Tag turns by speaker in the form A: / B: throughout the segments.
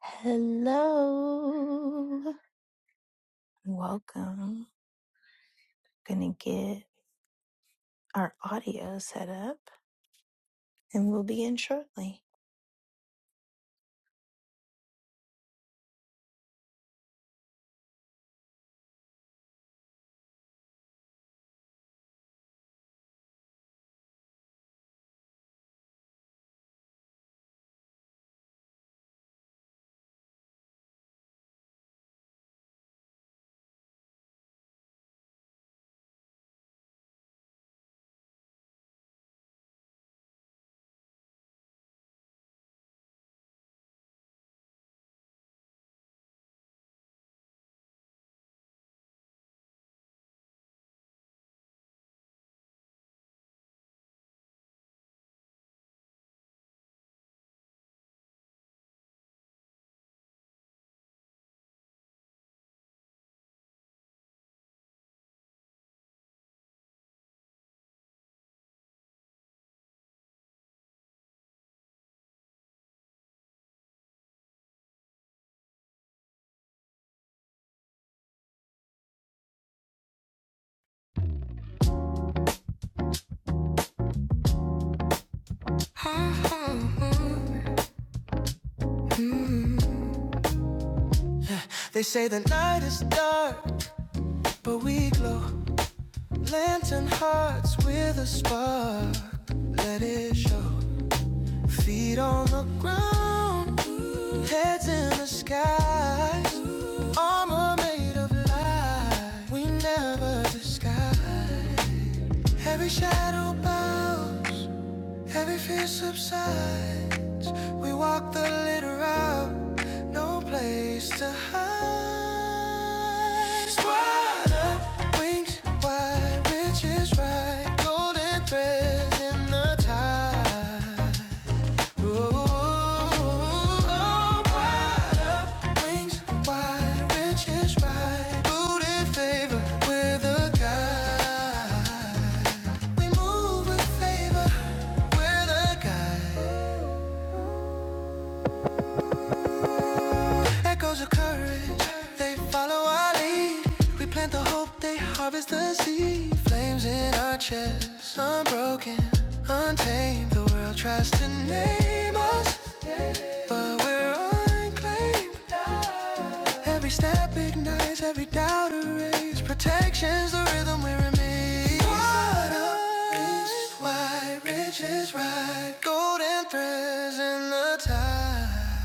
A: Hello. Welcome. Gonna get our audio set up and we'll begin shortly.
B: They say the night is dark, but we glow. Lantern hearts with a spark. Let it show. Feet on the ground, heads in the sky. Armor made of light, we never disguise. Every shadow bows. Heavy fear subsides. We walk the litter out. No place to hide. Squad up, wings wide, which is right. Golden threads in the tide. Ooh, wide up, wings wide, rich is right. Booty favor with a guy. We move with favor with a guy. Echoes of courage, they follow our lead. We plant the hope, they harvest the seed. Flames in our chests, unbroken, untamed. The world tries to name us, but we're unclaimed. Every step ignites, every doubt erased. Protection's the rhythm we remain. Water is wide, riches right, golden threads in the tide.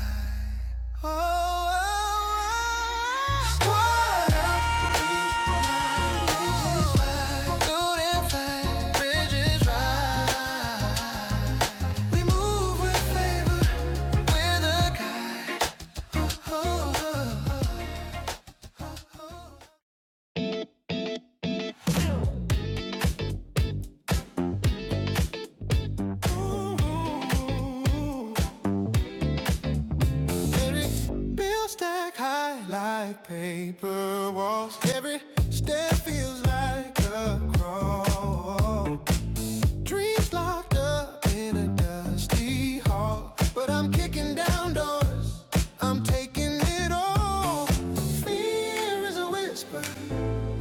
B: Like paper walls, every step feels like a crawl. Dreams locked up in a dusty hall. But I'm kicking down doors. I'm taking it all. Fear is a whisper.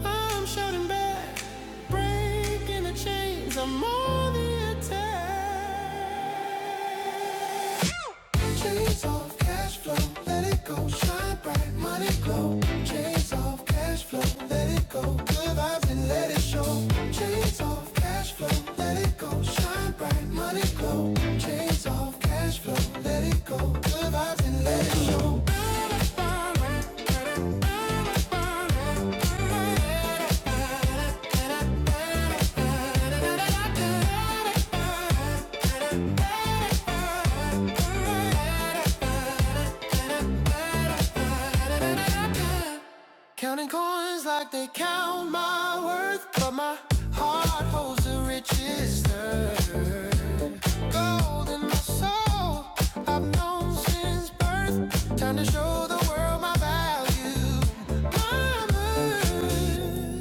B: I'm shouting back. Breaking the chains. I'm on the attack. Chains off, cash flow, let it go. Shine bright, money glow. Chains off, cash flow, let it go. Good vibes and let it show. Chains off, cash flow, let it go. Shine bright, money glow. Chains off, cash flow, let it go. Good vibes and let it show. Counting coins like they count my worth, but my heart holds the richest earth. gold in my soul. I've known since birth. Time to show the world my value. I'm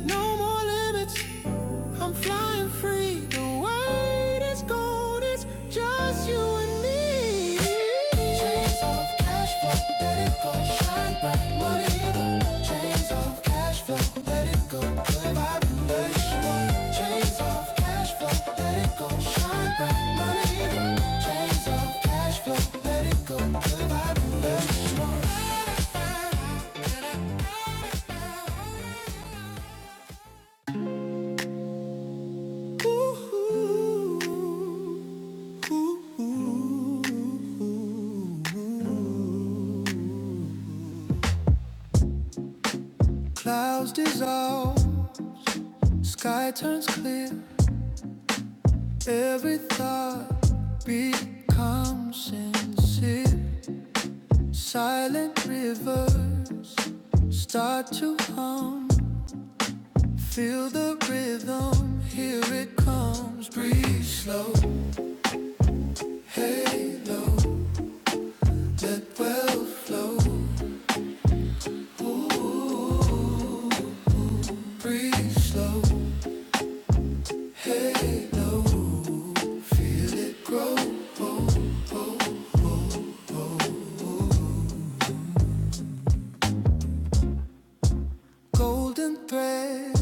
B: No more limits. I'm flying free. The world is gold. It's just you and me. Clouds dissolve, sky turns clear. Every thought becomes sincere. Silent rivers start to hum. Feel the rhythm, here it comes. Breathe slow, halo, let well flow. Ooh, Breathe slow, halo, feel it grow. Golden thread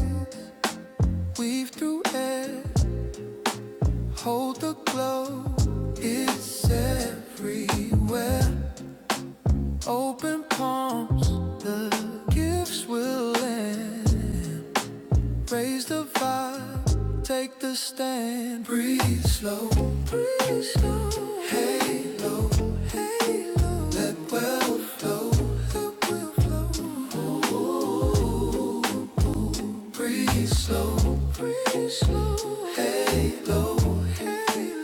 B: weave through air. Hold the glow, it's everywhere. Open palms, the gifts will end. Raise the vibe, take the stand. Breathe slow, breathe slow. Halo, halo. Let wealth flow, let wealth flow. Ooh. Breathe slow, breathe slow. Halo, halo.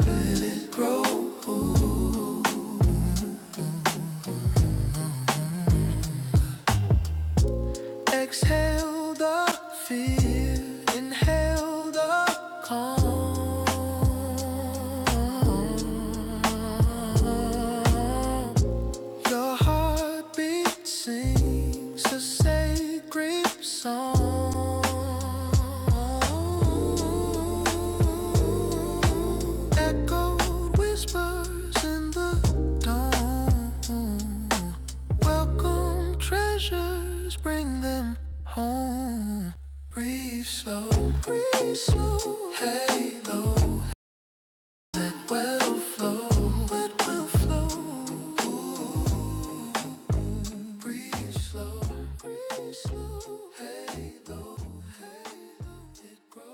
B: Let it grow. Exhale the fear, inhale the calm. Your heartbeat sings a sacred song. Echoed whispers in the dawn. Welcome treasures, bring them home. Breathe slow, breathe slow. Hey, low, well flow, it will flow. Breathe slow, breathe slow. Hey, though, hey, though, it grows.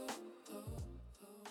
B: though, though.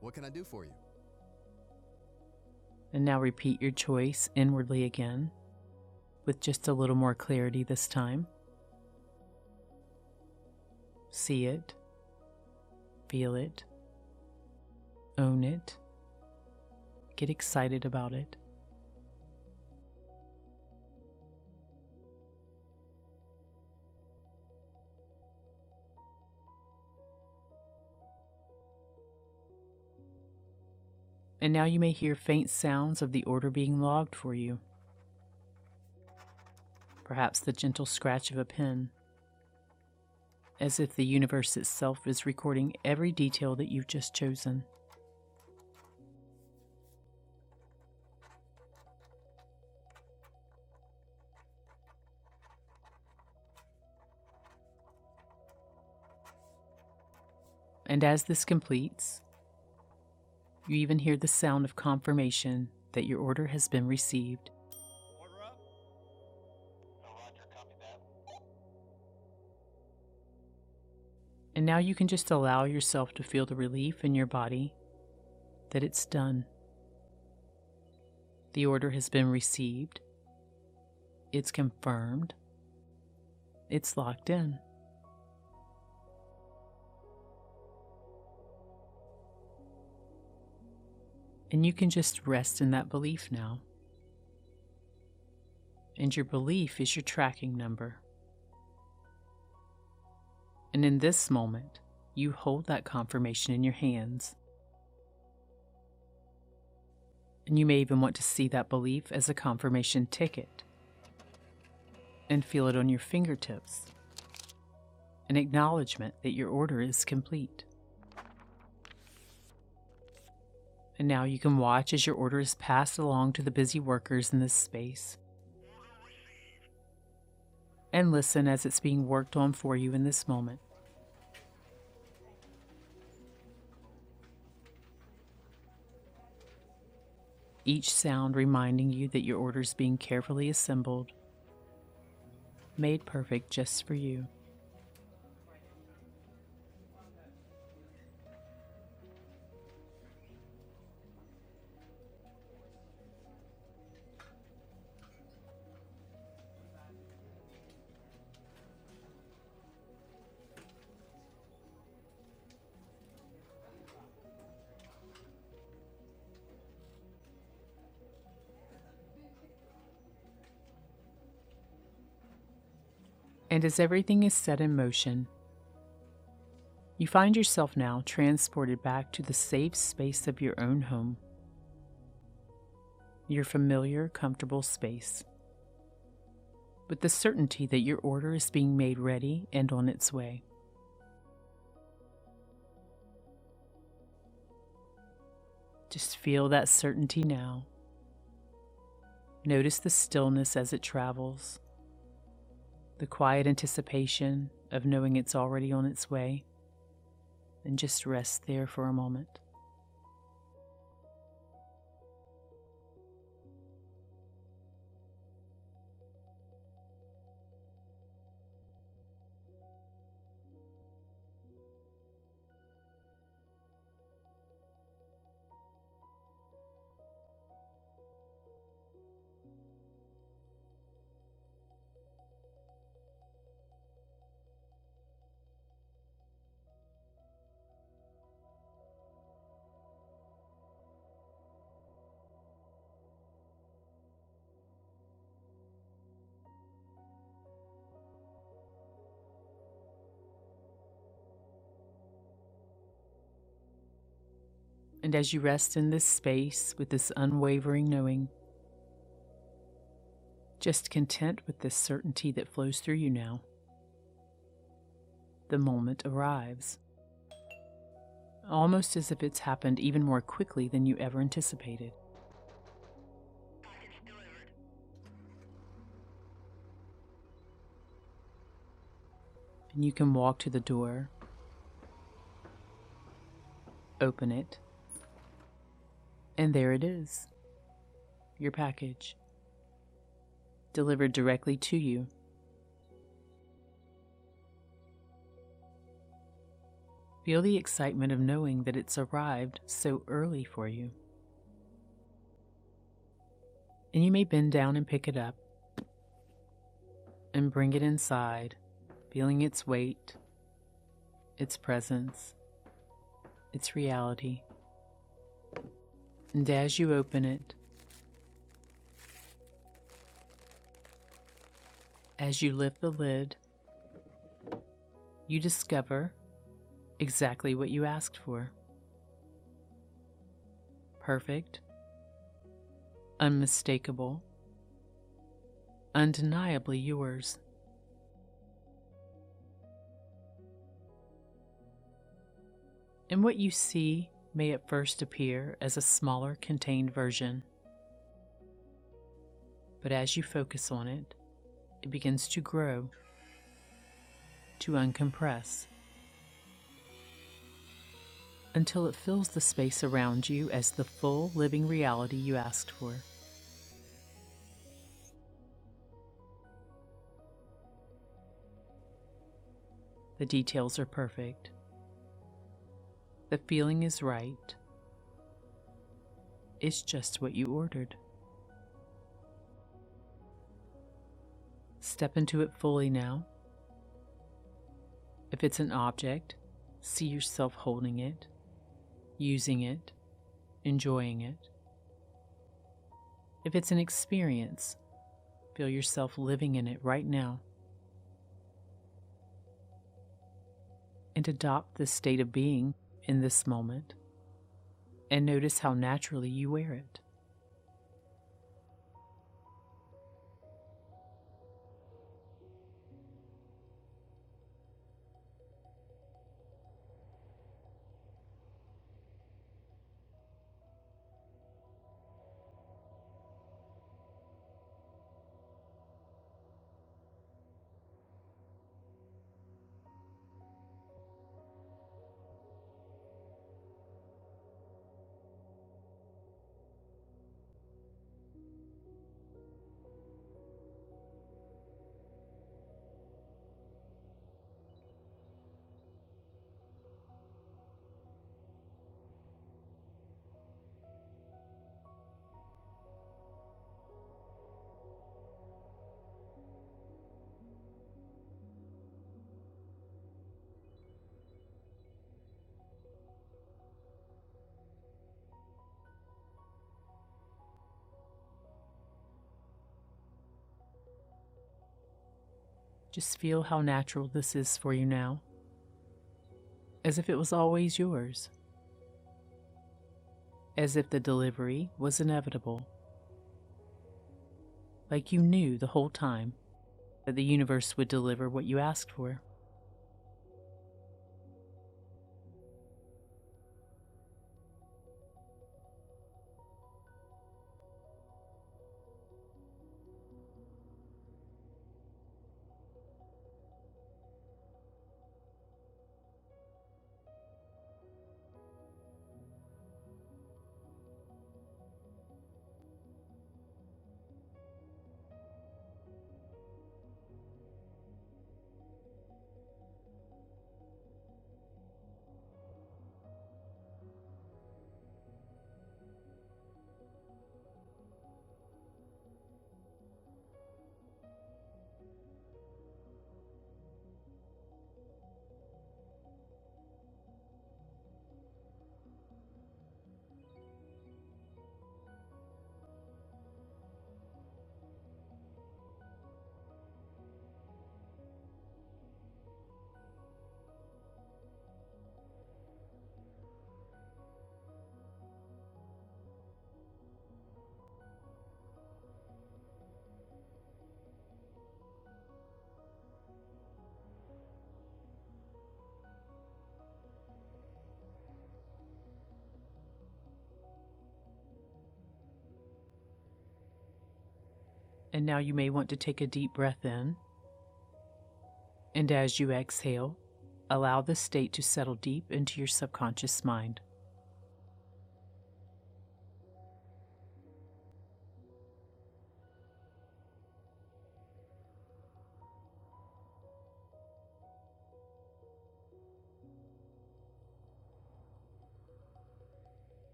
B: What can I do for you?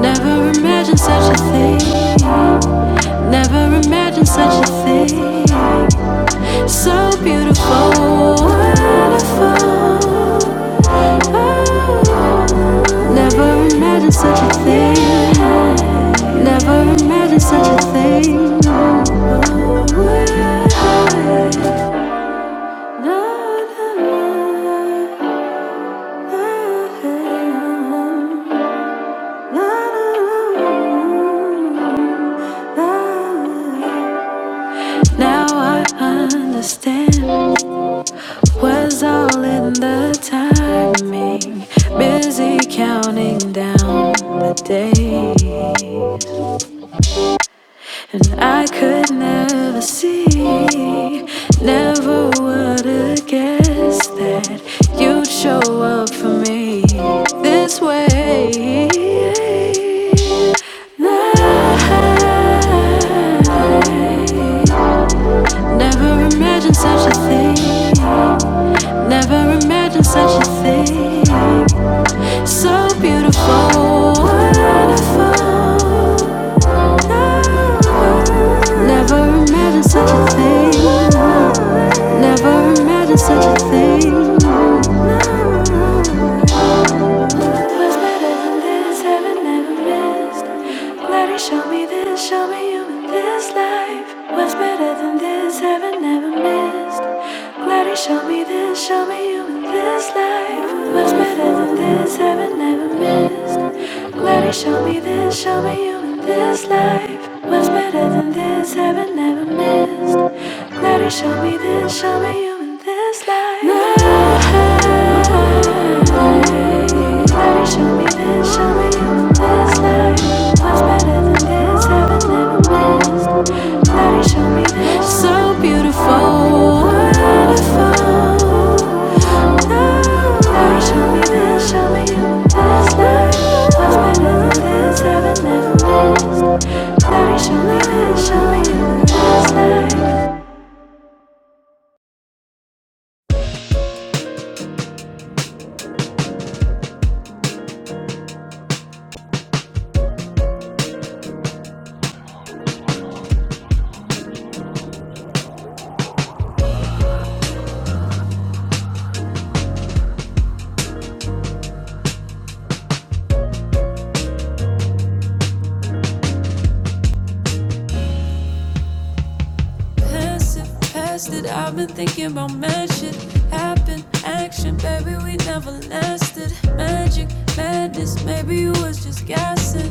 B: Never imagined such a thing. Never imagined such a thing. So beautiful, wonderful. Oh, never imagined such a thing. Never imagined such a thing. Now I understand. was all in the timing. Busy counting down the days, and I could never see, never would have guessed that you'd show up for me this way. Never imagined such a thing. Never imagined such a thing. So beautiful, wonderful. Never imagined such a thing. Never imagined such a thing. What's better than this? Heaven never missed. Lord, you show me this, show me you in this life. What's better than this? Heaven never missed. Glad you show me this, show me you in this life. What's better than this? Heaven never missed. Glad you show me this, show me you this life was better than this heaven never missed. Glad he showed me this, show me you in this life. Glad he showed me this, show me you in this life. Was better than this heaven never missed. Glad he showed me this. So beautiful, wonderful. I've been thinking about magic, happen, action, baby, we never lasted. Magic, madness, maybe you was just guessing.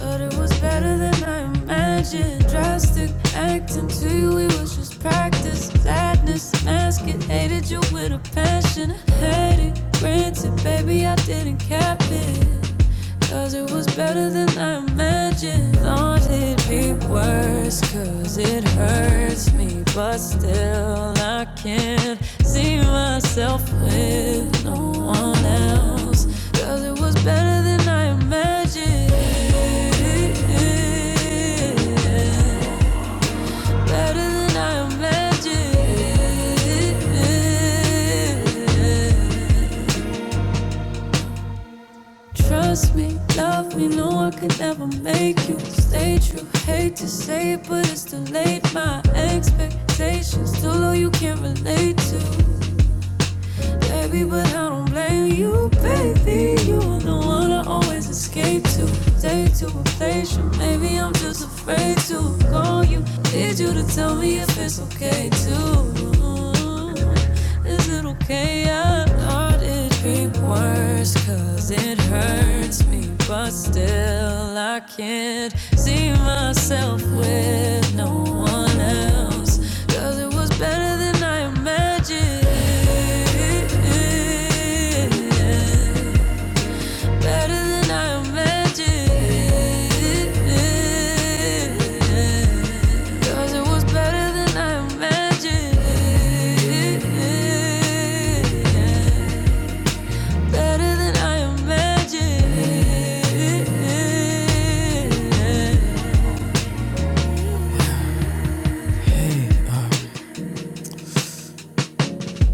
B: But it was better than I imagined. Drastic acting to you, it was just practice. Sadness, mask it. Hated you with a passion. I had it granted, baby, I didn't cap it. Cause it was better than I imagined. Thought it it be worse? Cause it hurts me, but still I can't see myself with no one else. Cause it was better than I imagined. Better than I imagined. Trust me, love me, no I could never make you stay true. Hate to say it, but it's too late. My expectations too low, you can't relate to, baby. But I don't blame you, baby. You are the one I always escape to. Stay too impatient, maybe I'm just afraid to call you. Need you to tell me if it's okay too. Is it okay? I started worse cause it hurts me but still i can't see myself with no one else cause it was better than i imagined better than i imagined cause it was better than i imagined better than I imagined.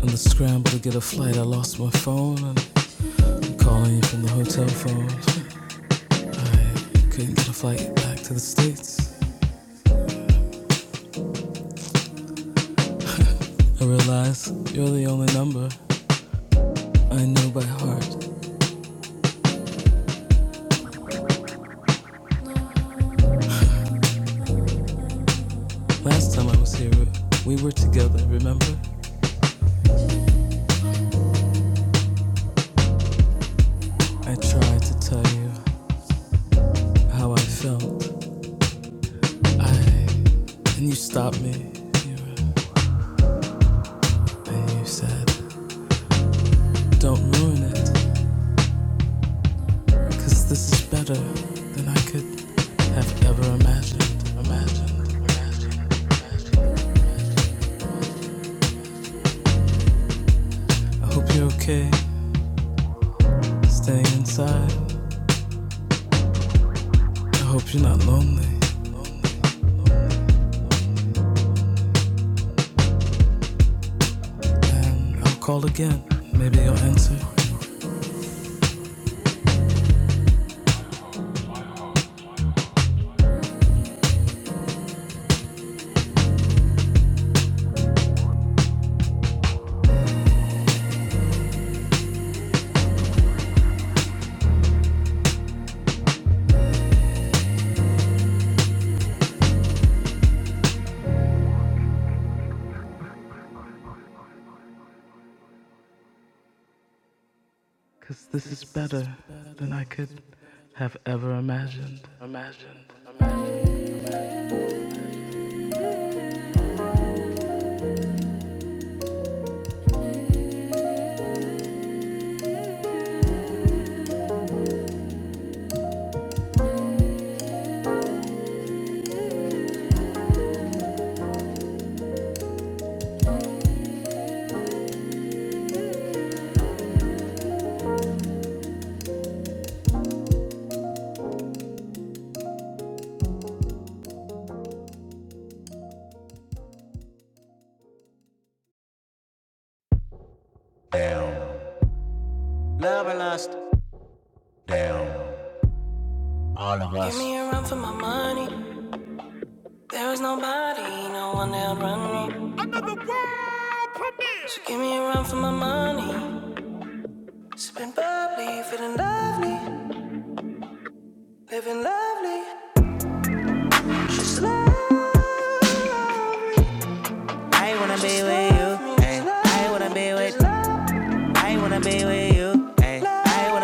B: In the scramble to get a flight, I lost my phone. I'm calling you from the hotel phone. I couldn't get a flight back to the States. I realized you're the only number I know by heart. Last time I was here, we were together, remember? I tried to tell you how I felt. I. And you stopped me. And you said, Don't ruin it. Cause this is better than I could have ever imagined. Imagined. imagined. I hope you're okay staying inside. I hope you're not lonely. And I'll call again. Maybe you'll answer. 'Cause this is better than I could have ever imagined. Imagined. imagined. Down, Love and lust. down, all of us. Give me a run for my money. There was nobody, no one that'd run me. Another world premiere. So give me a run for my money. Sipping bubbly, feeling lovely, living lovely. Just love me. I wanna be with you. I wanna be with. she's I wanna be with you. I wanna.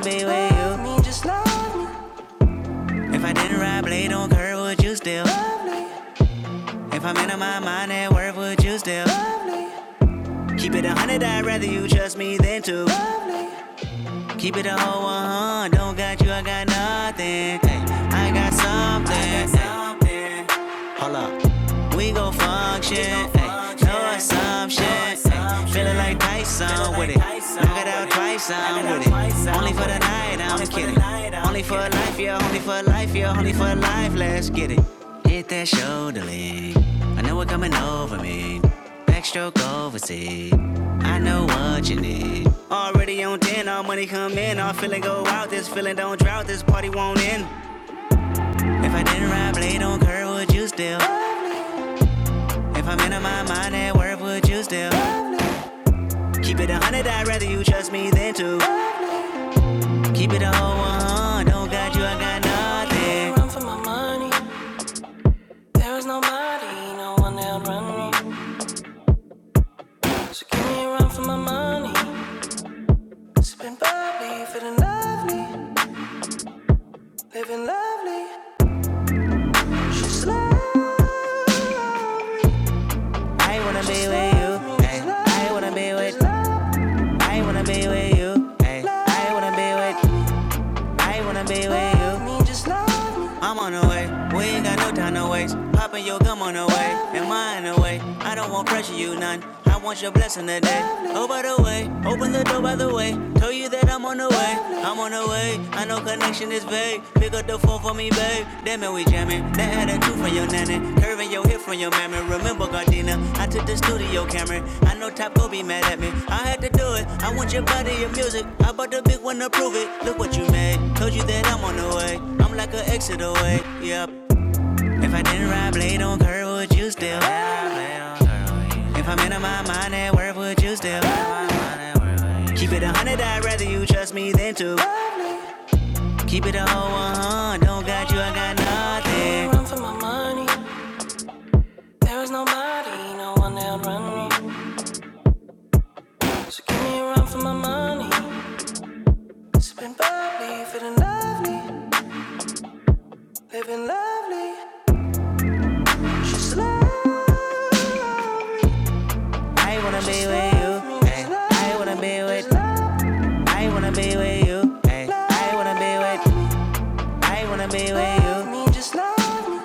B: be with you. just love me, If I didn't ride blade on curve, would you still? love me? Only for life, let's get it. Hit that shoulder lean. I know what coming over me. Backstroke overseas. I know what you need. Already on 10, all money come in. All feeling go out. This feeling don't drought. This party won't end. If I didn't ride blade on curve, would you still? If I'm in my mind at work, would you still? Keep it a hundred, I'd rather you trust me than two. Keep it a whole one. Don't got you, I got nothing. I Run for my money. There is nobody, no one that'll run me. So can't run for my money. Sipping bubbly, feeling lovely, living lovely. She's lovely. I wanna be with you. I wanna be with. I wanna be with you. I wanna be with. I wanna be with you. just love me. I'm on the way. We ain't got no time to waste. Popping your gum on the way. and mine in the way? I don't want pressure, you none. I want your blessing today. Oh, by the way, open the door, by the way. Tell you that I'm on the way. I'm on the way. I know connection is vague. Pick up the phone for me, babe. Damn Know we jamming, that had a two from your nanny, curving your hip from your mammy. Remember Gardena, I took the studio camera. I know Top Go be mad at me. I had to do it. I want your body, your music. I bought the big one to prove it. Look what you made. Told you that I'm on the way. I'm like an exit away. Yep. If I didn't ride blade on curve, would you still have If I'm in my mind at work, would you still have Keep it a hundred, I'd rather you trust me than to Keep it a whole one, don't got you, I got nothing. Run for my money. There is nobody, no one that'll run me. So give me a run for my money. Sipping bubbly, feeling lovely, living lovely. She's lovely. I wanna be with you. I wanna be with. I wanna be with you. I wanna be with. I wanna be with you. Just love me.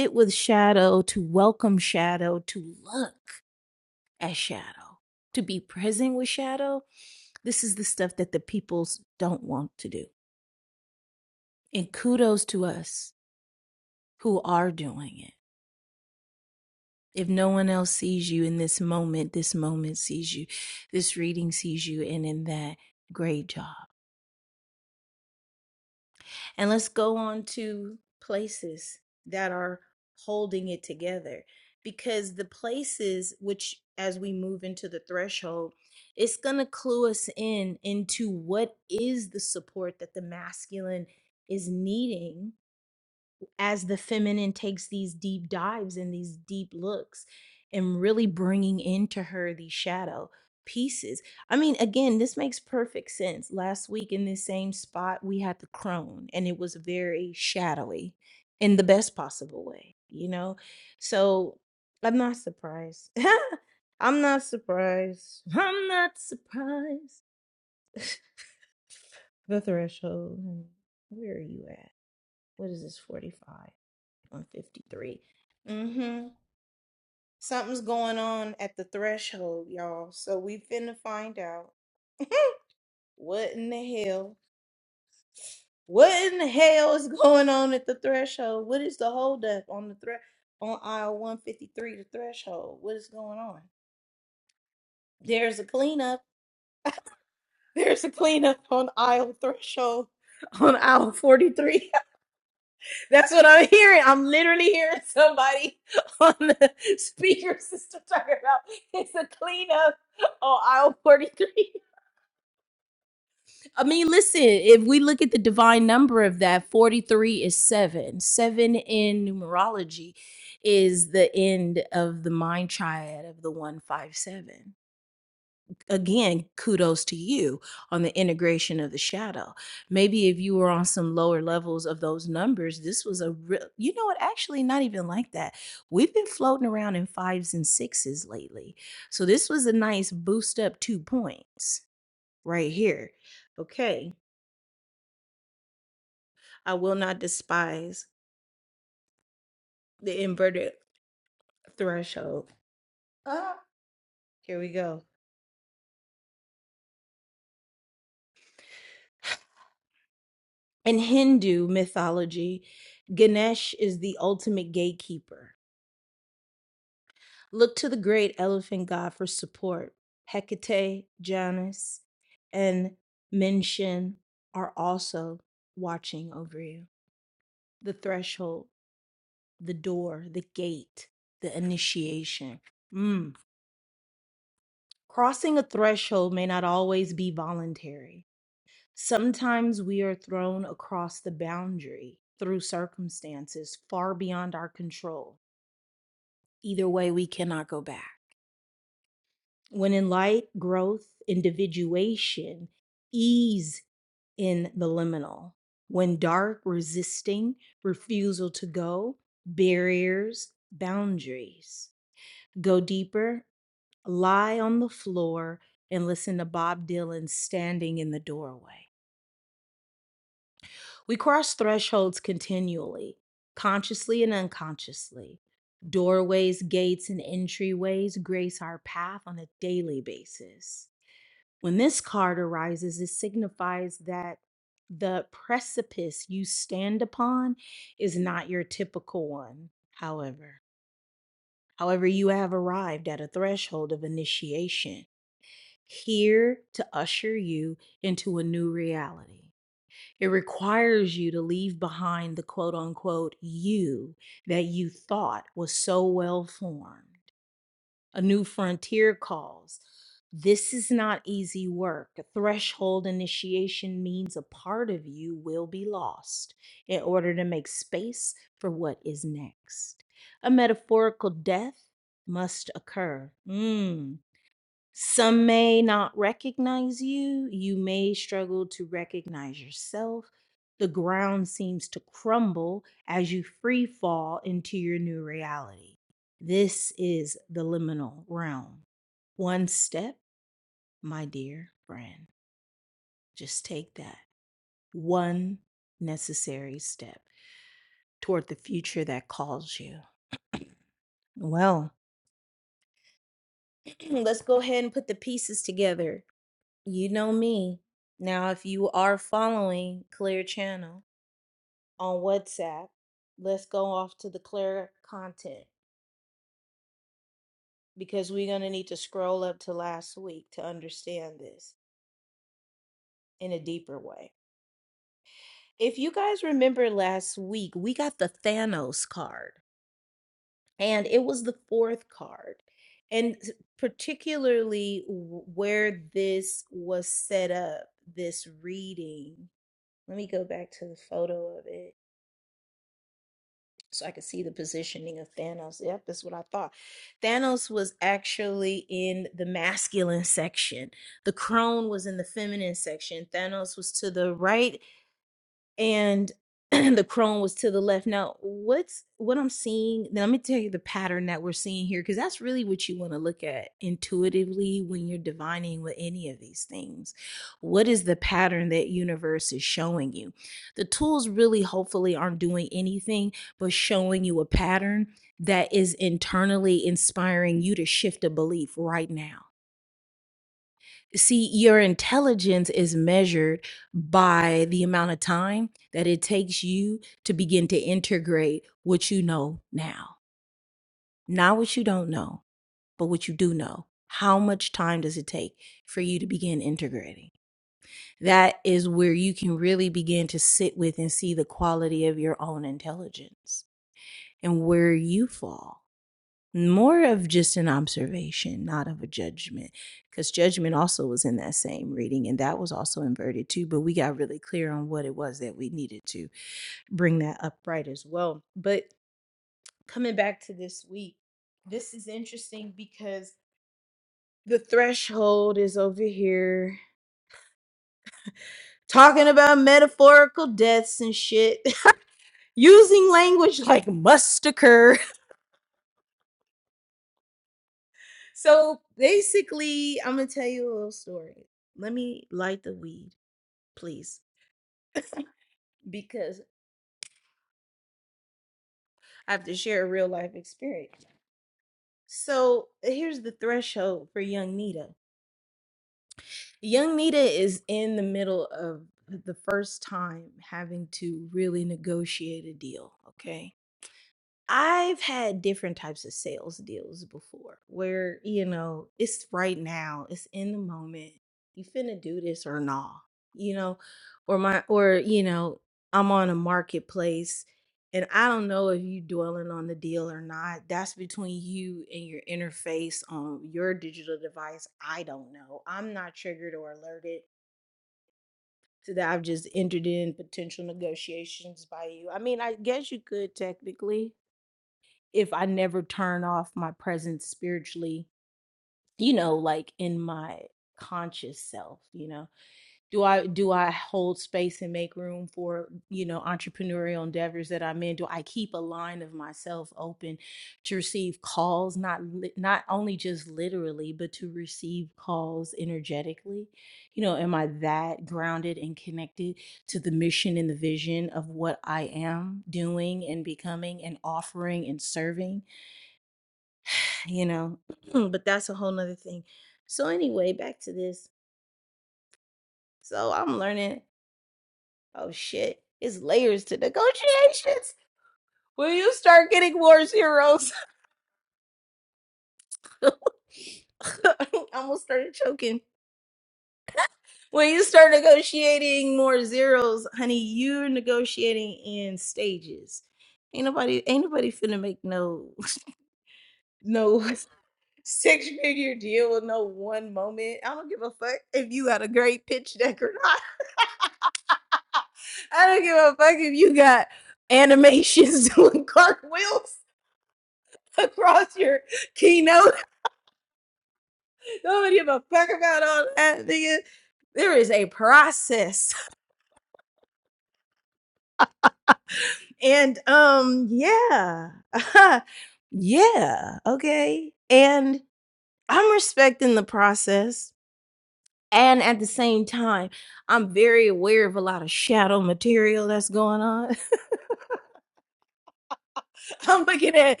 B: Look at that.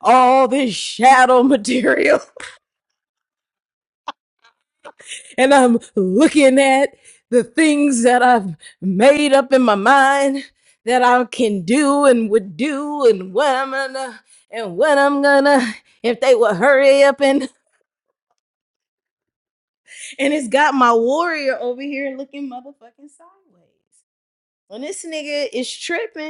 B: All this shadow material. and I'm looking at the things that I've made up in my mind that I can do and would do and what I'm gonna and what I'm gonna if they would hurry up and and it's got my warrior over here looking motherfucking sideways. When this nigga is tripping.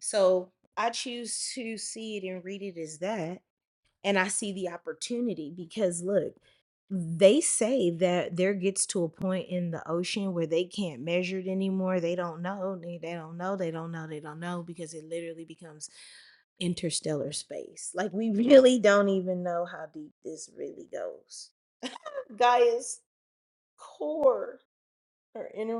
B: So I choose to see it and read it as that an opportunity because look. they say that there gets to a point in the ocean where they can't measure it anymore. They don't know. They, they don't know. They don't know. They don't know because it literally becomes interstellar space. Like we really don't even know how deep this really goes. Gaia's core or inner.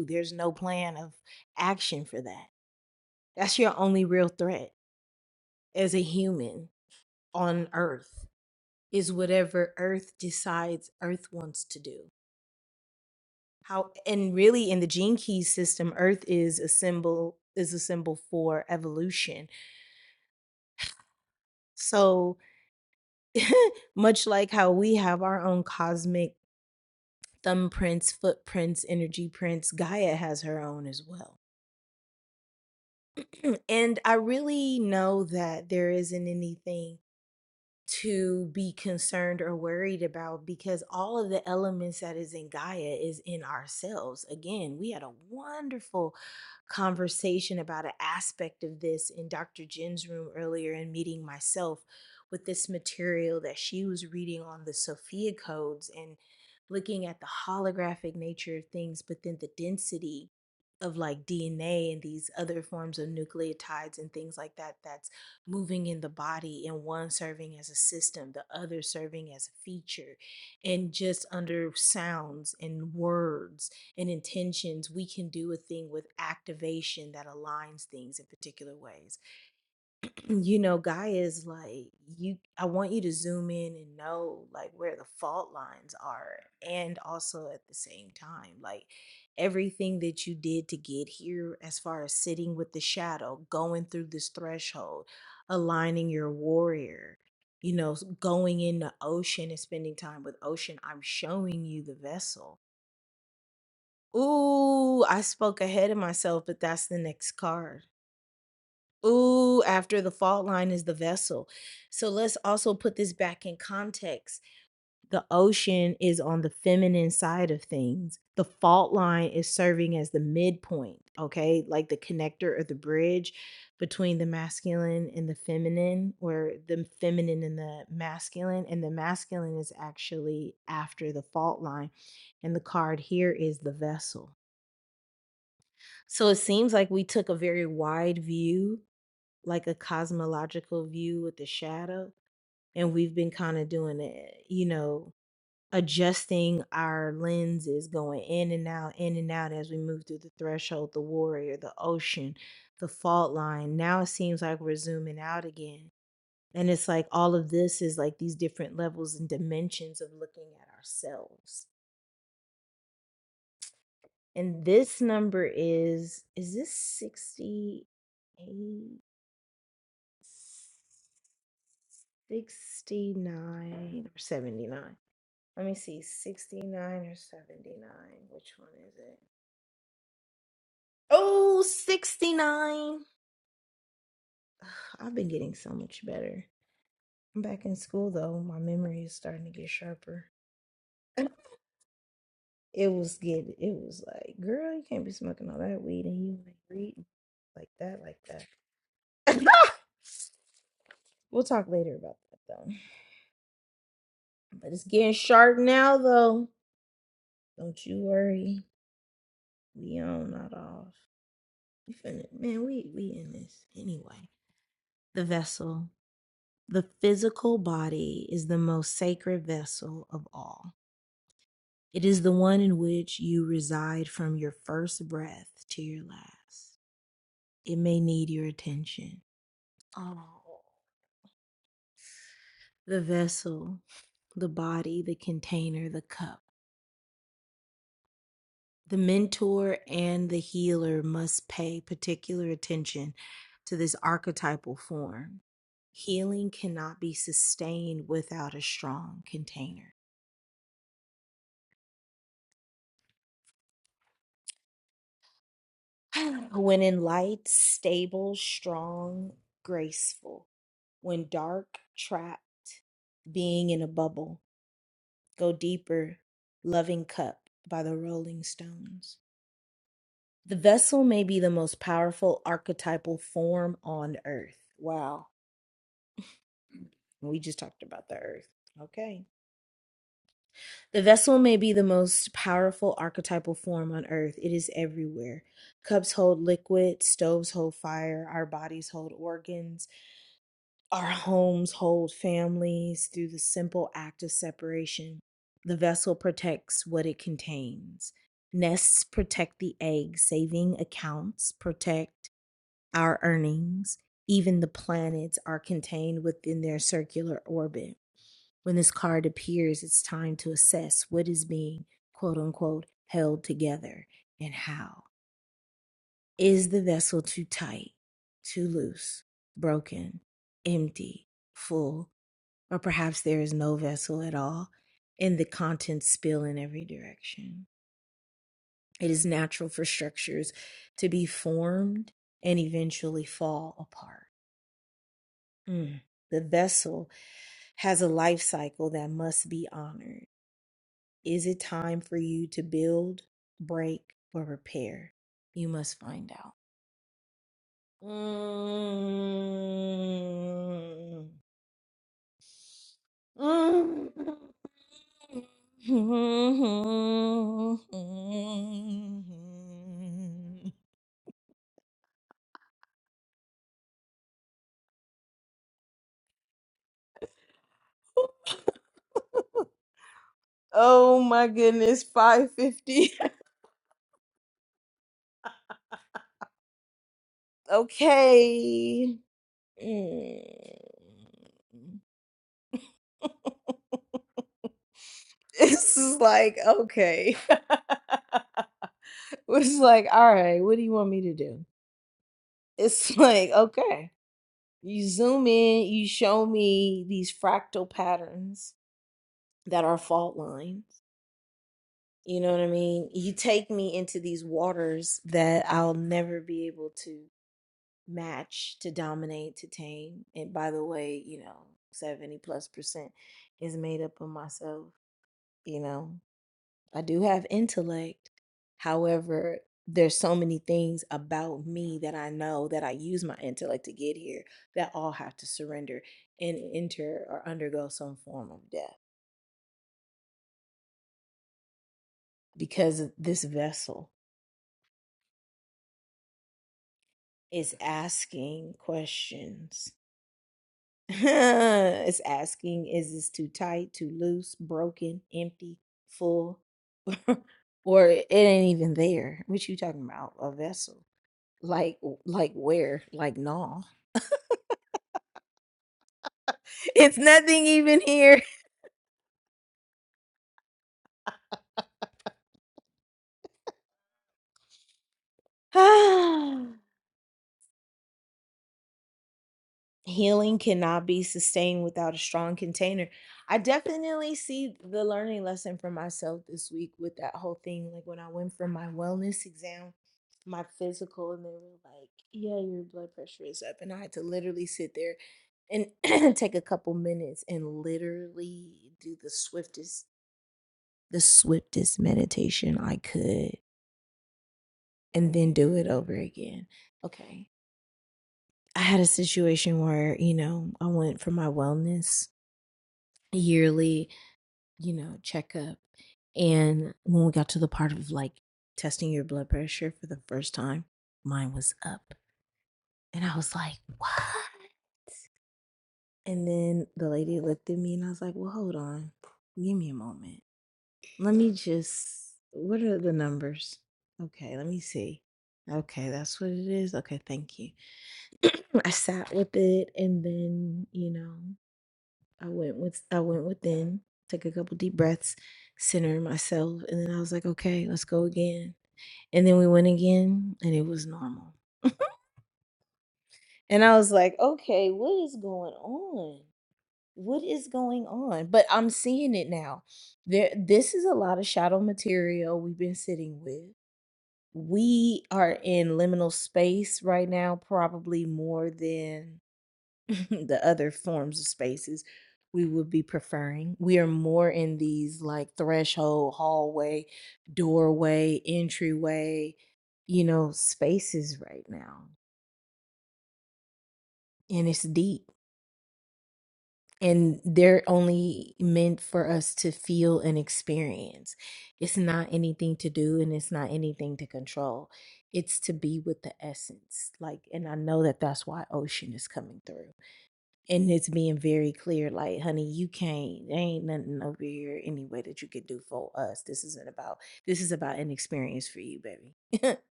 B: There's no plan of action for that. That's your only real threat, human on Earth, is whatever Earth decides Earth wants to do. How and really in the gene key system, Earth is a symbol is a symbol for evolution. So much like how we have our own cosmic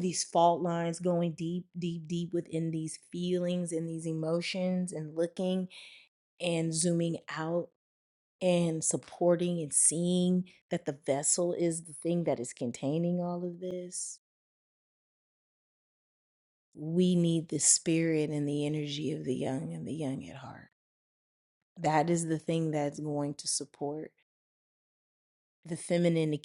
B: these fault lines, how the vessel is the thing that is containing all this. We need the spirit and the energy of the young and the young at heart. That is the thing that's going to support the feminine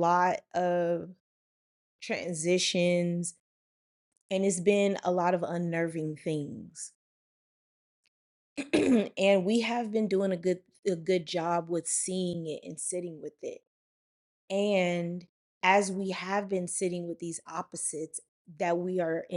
B: fly. we have good job with we have been sitting with these opposites that we are in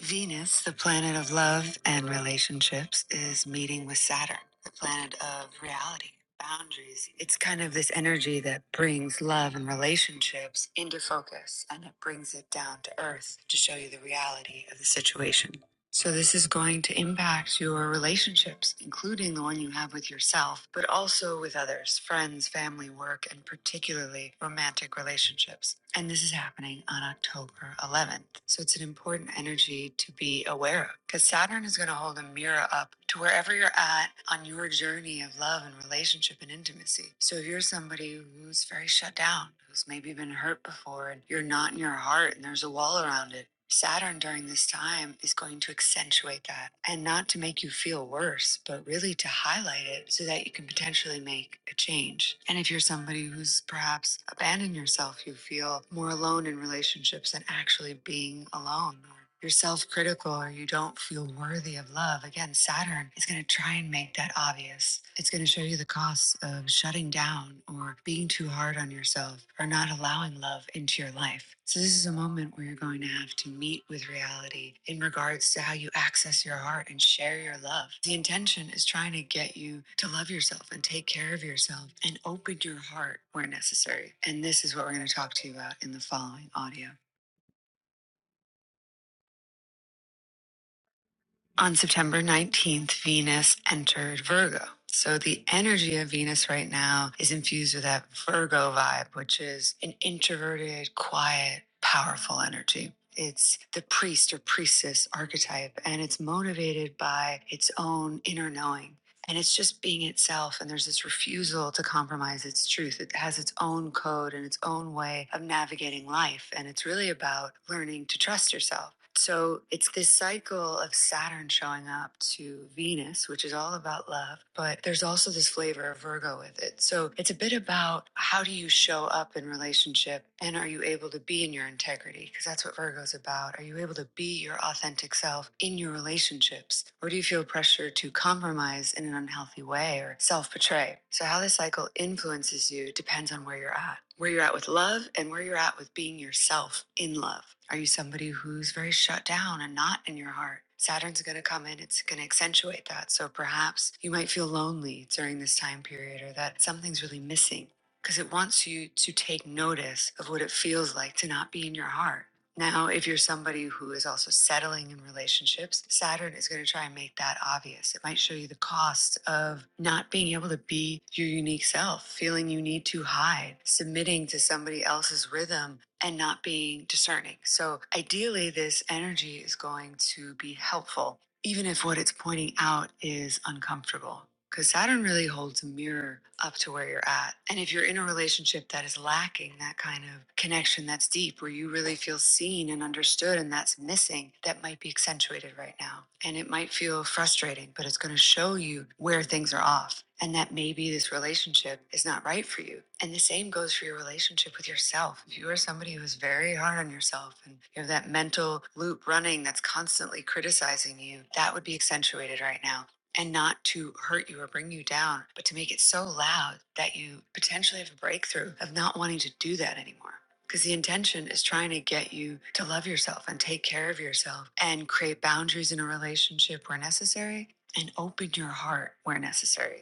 B: Venus, the planet of love and relationships, is meeting with Saturn, the planet of reality, boundaries. It's kind of this energy that brings love and relationships into focus and it brings it down to earth to show you the reality of the situation. So, this is going to impact your relationships, including the one you have with yourself, but also with others, friends, family, work, and particularly romantic relationships. And this is happening on October 11th. So, it's an important energy to be aware of because Saturn is going to hold a mirror up to wherever you're at on your journey of love and relationship and intimacy. So if you're somebody who's very shut down, who's maybe been hurt before and you're not in your heart and there's a wall around it, Saturn during this time is going to accentuate that and not to make you feel worse, but really to highlight it so that you can potentially make a change. And if you're somebody who's perhaps abandoned yourself, you feel more alone in relationships and actually being alone. You're self critical or you don't feel worthy of love. Again, Saturn is going to try and make that obvious. It's going to show you the costs of shutting down or being too hard on yourself or not allowing love into your life. So, this is a moment where you're going to have to meet with reality in regards to how you access your heart and share your love. The intention is trying to get you to love yourself and take care of yourself and open your heart where necessary. And this is what we're going to talk to you about in the following audio. On September 19th, Venus entered Virgo. So the energy of Venus right now is infused with that Virgo vibe, which is an introverted, quiet, powerful energy. It's the priest or priestess archetype, and it's motivated by its own inner knowing. And it's just being itself, and there's this refusal to compromise its truth. It has its own code and its own way of navigating life. And it's really about learning to trust yourself. So it's this cycle of Saturn showing up to Venus, which is all about love, but there's also this flavor of Virgo with it. So it's a bit about how do you show up in relationship and are you able to be in your integrity? Because that's what Virgo is about. Are you able to be your authentic self in your relationships? Or do you feel pressure to compromise in an unhealthy way or self betray? So how this cycle influences influences you depends on where you're at. Where you're at with love and where you're at with being yourself in love. Are you somebody who's very shut down and not in your heart? Saturn's going to come in, it's going to accentuate that. So perhaps you might feel lonely during this time period or that something's really missing because it wants you to take notice of what it feels like to not be in your heart. Now, if you're somebody who is also settling in relationships, Saturn is going to try and make that obvious. It might show you the cost of not being able to be your unique self, feeling you need to hide, submitting to somebody else's rhythm, and not being discerning. So, ideally, this energy is going to be helpful, even if what it's pointing out is uncomfortable. Because Saturn really holds a mirror up to where you're at. And if you're in a relationship that is lacking that kind of connection that's deep, where you really feel seen and understood, and that's missing, that might be accentuated right now. And it might feel frustrating, but it's going to show you where things are off and that maybe this relationship is not right for you. And the same goes for your relationship with yourself. If you are somebody who is very hard on yourself and you have that mental loop running that's constantly criticizing you, that would be accentuated right now and not to hurt you or bring you down, but to make it so loud that you potentially have a breakthrough of not wanting to do that anymore. Because the intention is trying to get you to love yourself and take care of yourself and create boundaries in a relationship where necessary and open your heart where necessary.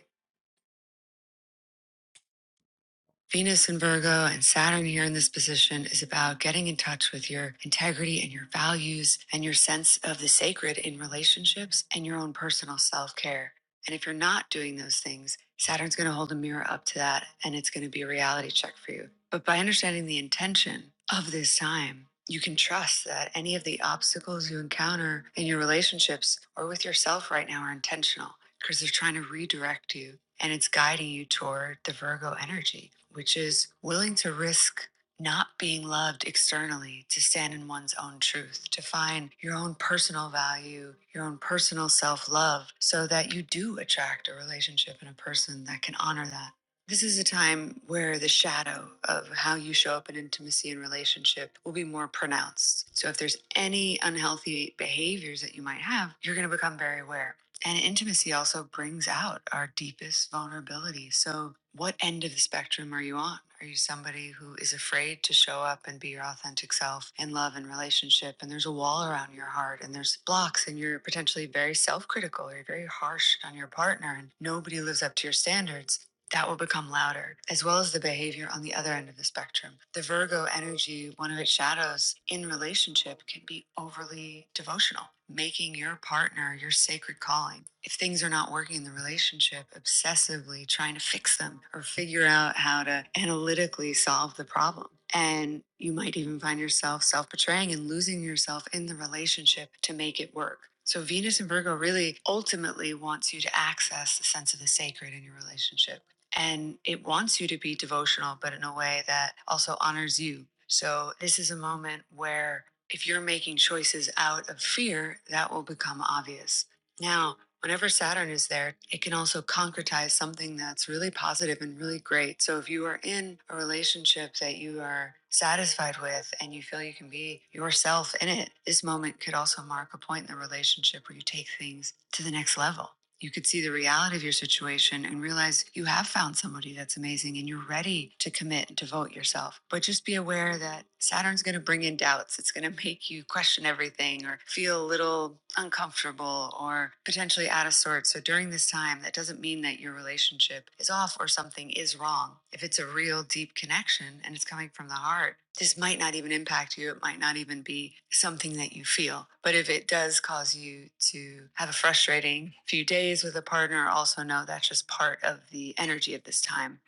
B: Venus in Virgo and Saturn here in this position is about getting in touch with your integrity and your values and your sense of the sacred in relationships and your own personal self care. And if you're not doing those things, Saturn's going to hold a mirror up to that and it's going to be a reality check for you. But by understanding the intention of this time, you can trust that any of the obstacles you encounter in your relationships or with yourself right now are intentional because they're trying to redirect you and it's guiding you toward the Virgo energy, which is willing to risk not being loved externally to stand in one's own truth, to find your own personal value, your own personal self love, so that you do attract a relationship and a person that can honor that. This is a time where the shadow of how you show up in intimacy and relationship will be more pronounced. So, if there's any unhealthy behaviors that you might have, you're going to become very aware. And intimacy also brings out our deepest vulnerability. So, what end of the spectrum are you on? Are you somebody who is afraid to show up and be your authentic self in love and relationship? And there's a wall around your heart and there's blocks, and you're potentially very self critical or you're very harsh on your partner, and nobody lives up to your standards that will become louder, as well as the behavior on the other end of the spectrum. The Virgo energy, one of its shadows in relationship, can be overly devotional, making your partner your sacred calling. If things are not working in the relationship, obsessively trying to fix them or figure out how to analytically solve the problem. And you might even find yourself self betraying and losing yourself in the relationship to make it work. So Venus and Virgo really ultimately wants you to access the sense of the sacred in your relationship and it wants you to be devotional, but in a way that also honors you. So, this is a moment where if you're making choices out of fear, that will become obvious. Now, whenever Saturn is there, it can also concretize something that's really positive and really great. So, if you are in a relationship that you are satisfied with and you feel you can be yourself in it, this moment could also mark a point in the relationship where you take things to the next level you could see the reality of your situation and realize you have found somebody that's amazing and you're ready to commit and devote yourself. But just be aware that Saturn's going to bring in doubts. It's going to make you question everything or feel a little uncomfortable or potentially out of sorts. So during this time, that doesn't mean that your relationship is off or something is wrong. If it's a real deep connection and it's coming from the heart, this might not even impact you. It might not even be something that you feel. But if it does cause you to have a frustrating few days with a partner, also know that's just part of the energy of this time.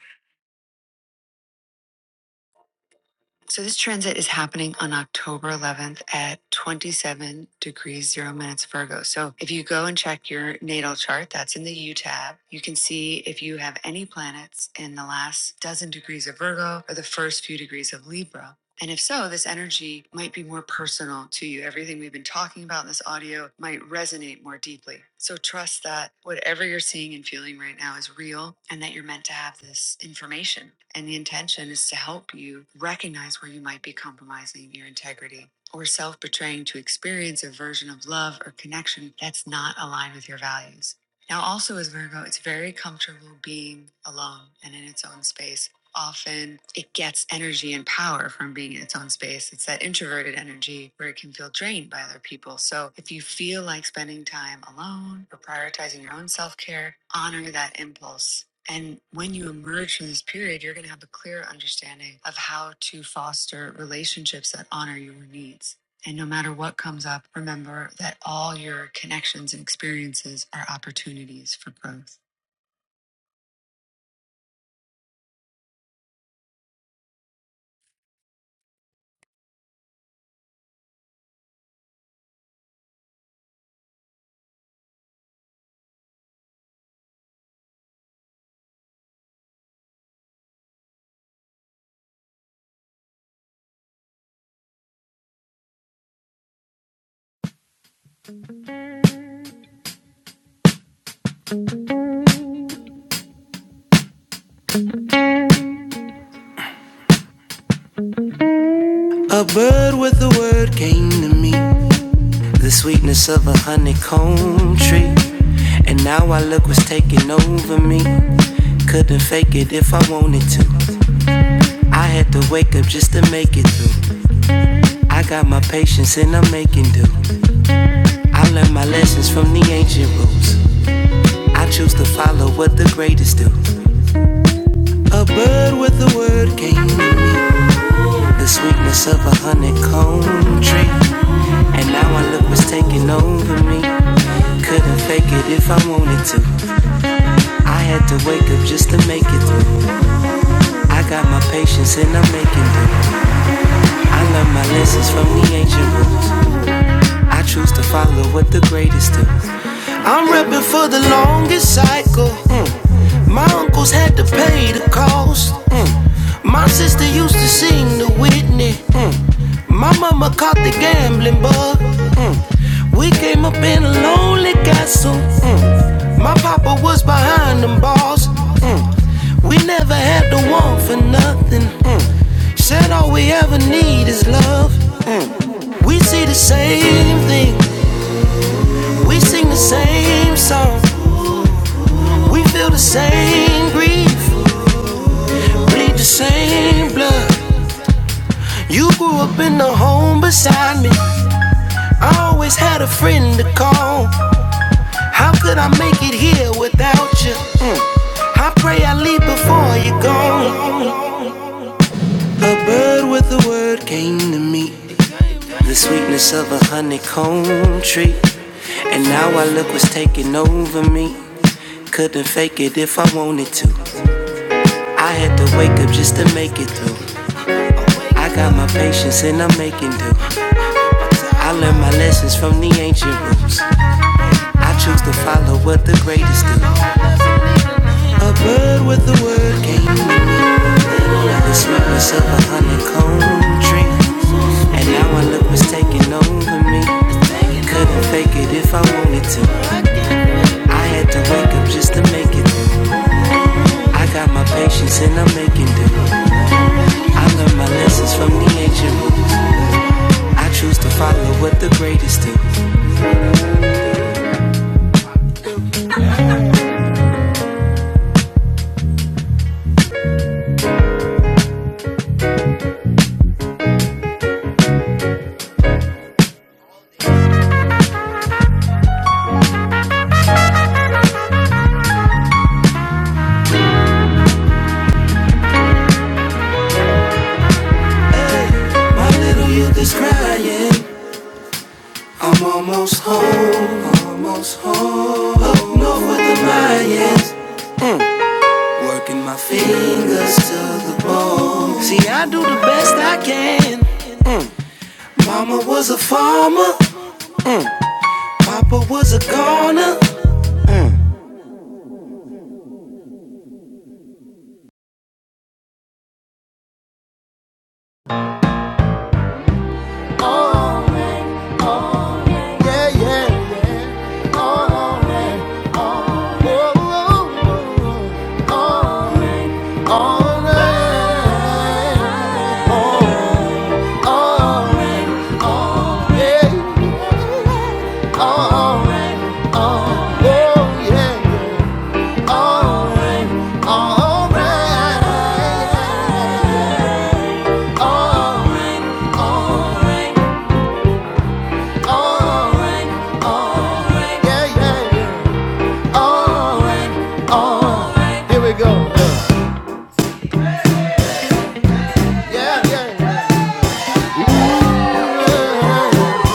B: So this transit is happening on October 11th at 27 degrees 0 minutes Virgo. So if you go and check your natal chart, that's in the U tab, you can see if you have any planets in the last dozen degrees of Virgo or the first few degrees of Libra. And if so, this energy might be more personal to you. Everything we've been talking about in this audio might resonate more deeply. So trust that whatever you're seeing and feeling right now is real and that you're meant to have this information. And the intention is to help you recognize where you might be compromising your integrity or self betraying to experience a version of love or connection that's not aligned with your values. Now, also as Virgo, it's very comfortable being alone and in its own space. Often it gets energy and power from being in its own space. It's that introverted energy where it can feel drained by other people. So, if you feel like spending time alone or prioritizing your own self care, honor that impulse. And when you emerge from this period, you're going to have a clear understanding of how to foster relationships that honor your needs. And no matter what comes up, remember that all your connections and experiences are opportunities for growth. Word with the word came to me, the sweetness of a honeycomb tree. And now I look what's taking over me. Couldn't fake it if I wanted to. I had to wake up just to make it through. I got my patience and I'm making do. I learned from the ancient rules. I choose to follow what the greatest do. Word with the word came to me. the sweetness of a honeycomb tree. And now I look what's taking over me. Couldn't fake it if I wanted to. I had to wake up just to make it through. I got my patience and I'm making do. I learned my lessons from the ancient roots. I choose to follow what the greatest do. I'm reppin' for the longest cycle. mm. My uncles had to pay the cost. mm. My sister used to sing the Whitney. mm. My mama caught the gambling bug. mm. We came up in a lonely castle. mm. My papa was behind them bars. mm. We never had to want for nothing. mm. Said all we ever need is love. Mm. We see the same thing, we sing the same song, we feel the same grief, bleed the same blood. You grew up in the home beside me. I always had a friend to call. How could I make it here without you? Mm. I pray I leave before you're gone. A bird with a word came to me. the sweetness of a honeycomb tree. And now I look what's taking over me. Couldn't fake it if I wanted to. I had to wake up just to make it through. I got my patience and I'm making do. I learned my lessons from the ancient roots. I choose to follow what the greatest do. A bird with the word came to me. The sweetness of a honeycomb tree. And now I look what's taking over me. Couldn't fake it if I wanted to. I had to wake up just to make it. through. I got my patience and I'm making do. I learned my lessons from the ancient rules. I choose to follow what the greatest do. Mm. Working my fingers to the bone. See, I do the best I can. Mm. Mama was a farmer. Mm. Papa was a goner. Alright, alright, alright. Alright, alright, yeah. oh, yeah. Alright, alright, oh, oh, oh, yeah, yeah, yeah. Here we go. Yeah, yeah, yeah.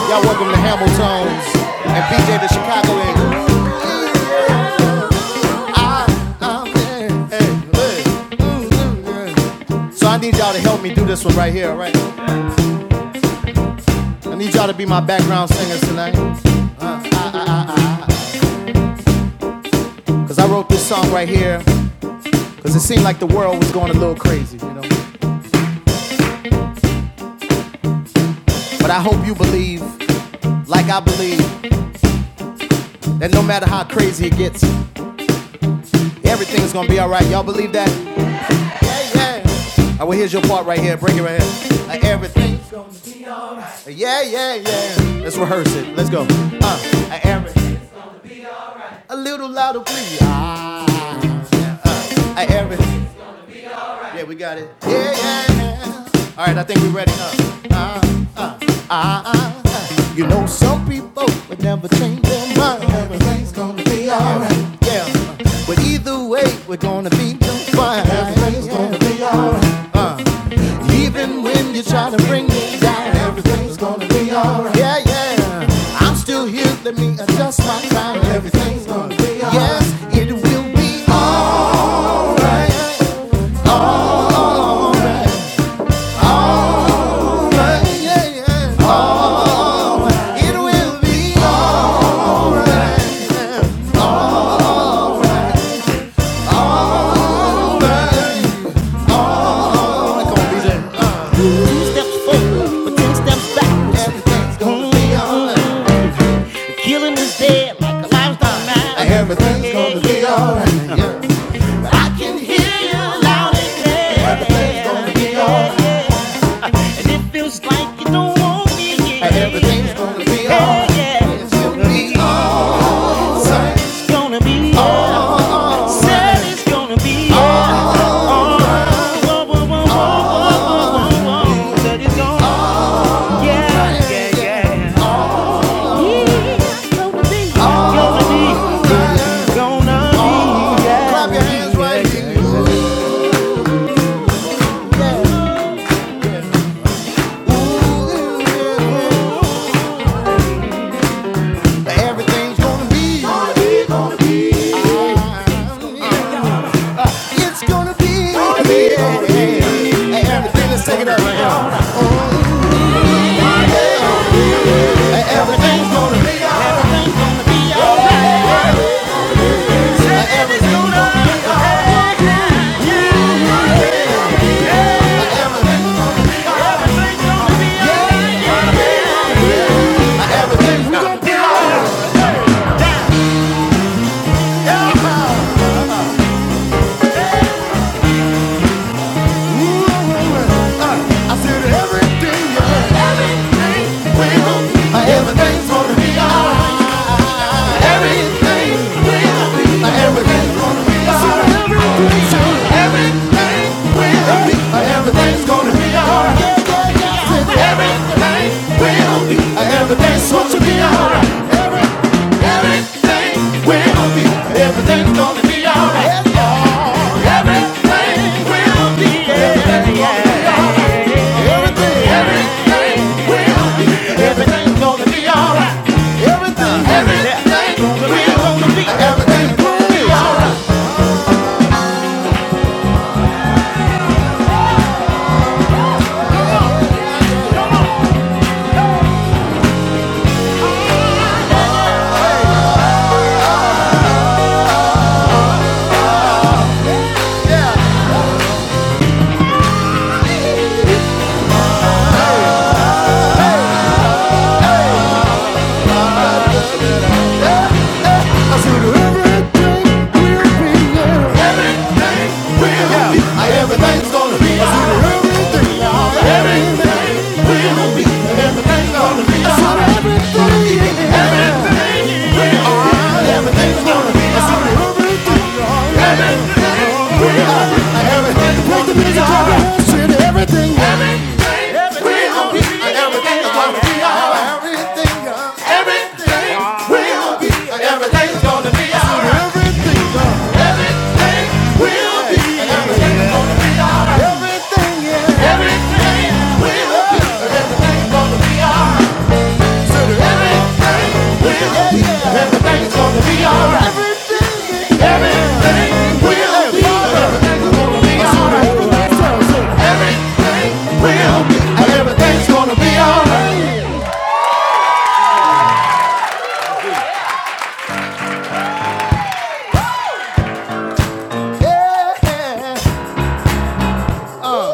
B: Y'all welcome to Hamilton's and PJ the Chicago Hey, hey. Mm, mm, yeah. So I need y'all to help me do this one right here, right? I need y'all to be my background singers tonight. Cause I wrote this song right here. Cause it seemed like the world was going a little crazy, you know. But I hope you believe, like I believe, that no matter how crazy it gets, everything's gonna be alright. Y'all believe that? Yeah, yeah. Alright, well here's your part right here. Bring it right here. Like everything's gonna Yeah, yeah, yeah. Let's rehearse it. Let's go. Uh, like everything. A little louder, please. Ah, like everything. Yeah, we got it. Yeah, yeah. yeah. All right, I think we're ready. Uh, uh, uh, uh, uh, uh. You know, some people would never change their mind. Everything's gonna be alright. Yeah, uh, but either way, we're gonna be just fine. Everything's gonna be alright. Even when you try to bring me down. Everything's gonna be alright. Yeah, yeah. I'm still here. Let me adjust my time. Everything's gonna be alright. Yes, it will be alright. Alright, yeah, yeah. It will be on. Two steps forward, but ten steps back. It'll mm-hmm. be on. Killing is dead like a livestock man. Everything's yeah, gonna be alright. Right. I can hear you loud and clear. Everything's gonna be alright. Yeah. And it feels like you don't want me here. Yeah. Everything's gonna be alright. Yeah. It's gonna be Whoa, alright. whoa, whoa, whoa, whoa, whoa, that is gone. Yeah, right. yeah, yeah. yeah. It's Gonna oh, be, yeah. Clap your hands right here. Yeah. Ooh, ooh, ooh, ooh. Everything's gonna be. Gonna be, gonna be. It's gonna be. Gonna be, gonna be. Everything, let's take it up right now. Everything's gonna be. yeah. Everything's gonna be. yeah. Everything's gonna be. Everything's gonna be. I said yeah. Everything will. Everything's gonna be alright. Everything will be. Everything's gonna be alright. Everything will be. Everything's gonna be alright. everything will be. Everything's it's supposed to be alright. Every, everything will be. Everything's gonna be alright. Oh, everything will be. Everything's gonna be alright. Everything, everything will be. Everything's gonna be alright. Everything, everything will be. Everything's gonna be alright. Everything will be yeah. Everything will be, Everything's gonna be alright. Everything, yeah. will be, everything's gonna be alright. everything, yeah. will be alright. yeah. everything's gonna be alright. Everything, yeah. will be, everything's gonna be alright. Everything, everything, yeah. Everything, everything's gonna be alright. Yeah. Uh.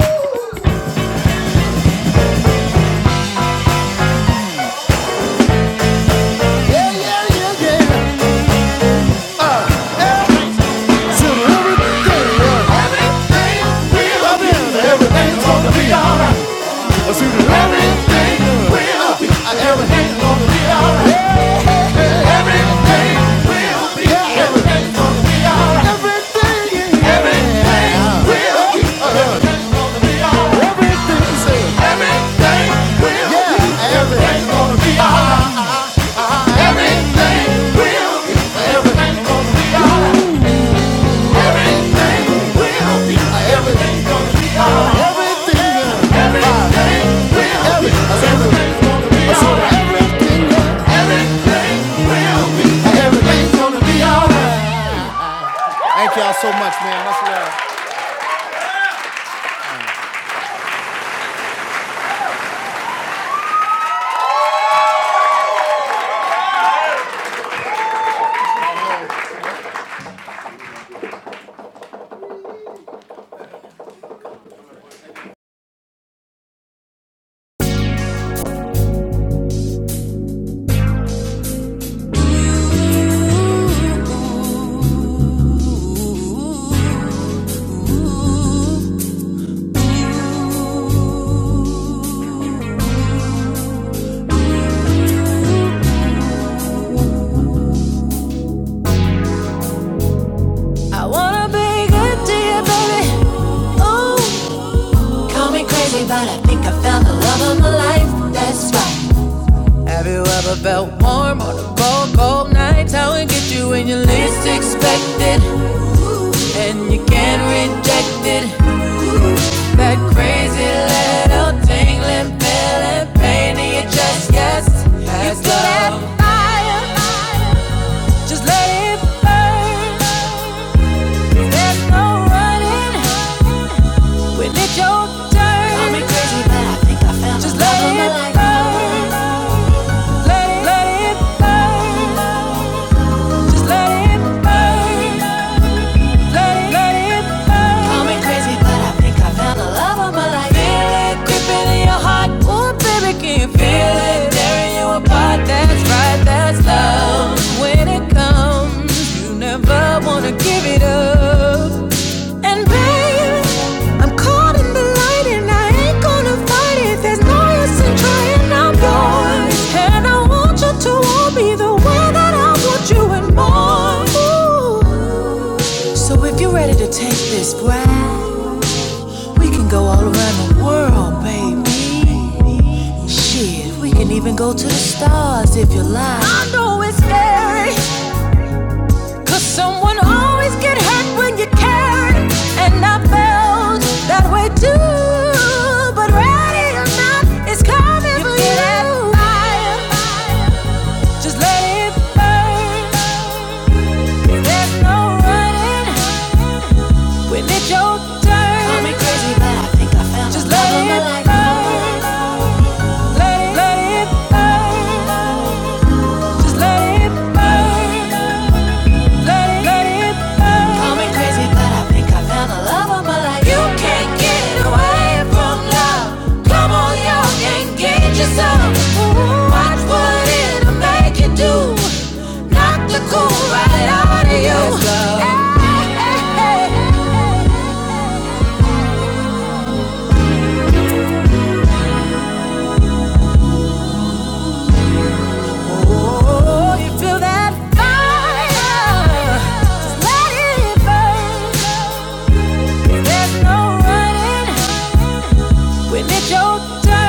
B: Yeah, yeah, yeah, yeah. Everything will be, in. everything's gonna be, Everything, everything, yeah. Say, everything be, everything's gonna be alright. everything, yeah. will be, everything's gonna be alright. everything, yeah. Everything will be, everything's gonna be alright. Thank y'all so much, man. Much love. I wanna be good to you, baby. Ooh, Call me crazy, but I think I found the love of my life. That's right. Have you ever felt warm on a cold, cold night? How it get you when you least expect it, and you can't reject it. That crazy little tingling feeling, pain in your chest, yes. Just- We can go all around the world, baby. Shit, we can even go to the stars if you like. I know it's scary. Cause someone always get hurt when you care, and I felt that way too. But ready or not, it's coming you for you. That fire. Just let it burn. There's no running. Call me crazy, but I think call me crazy, but I think I found. Just let, there's no. When it's your turn.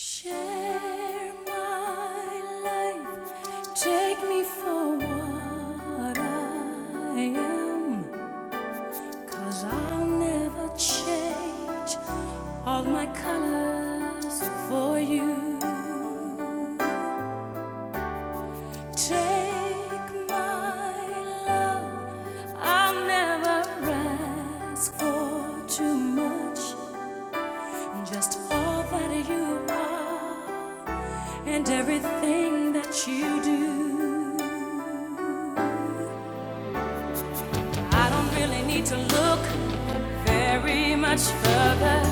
B: Share my life. Take me for what I am, i I'll never change all my colors for you. Take my love, I'll never ask for too much. Just all that you are and everything that you do. I don't really need to look very much further.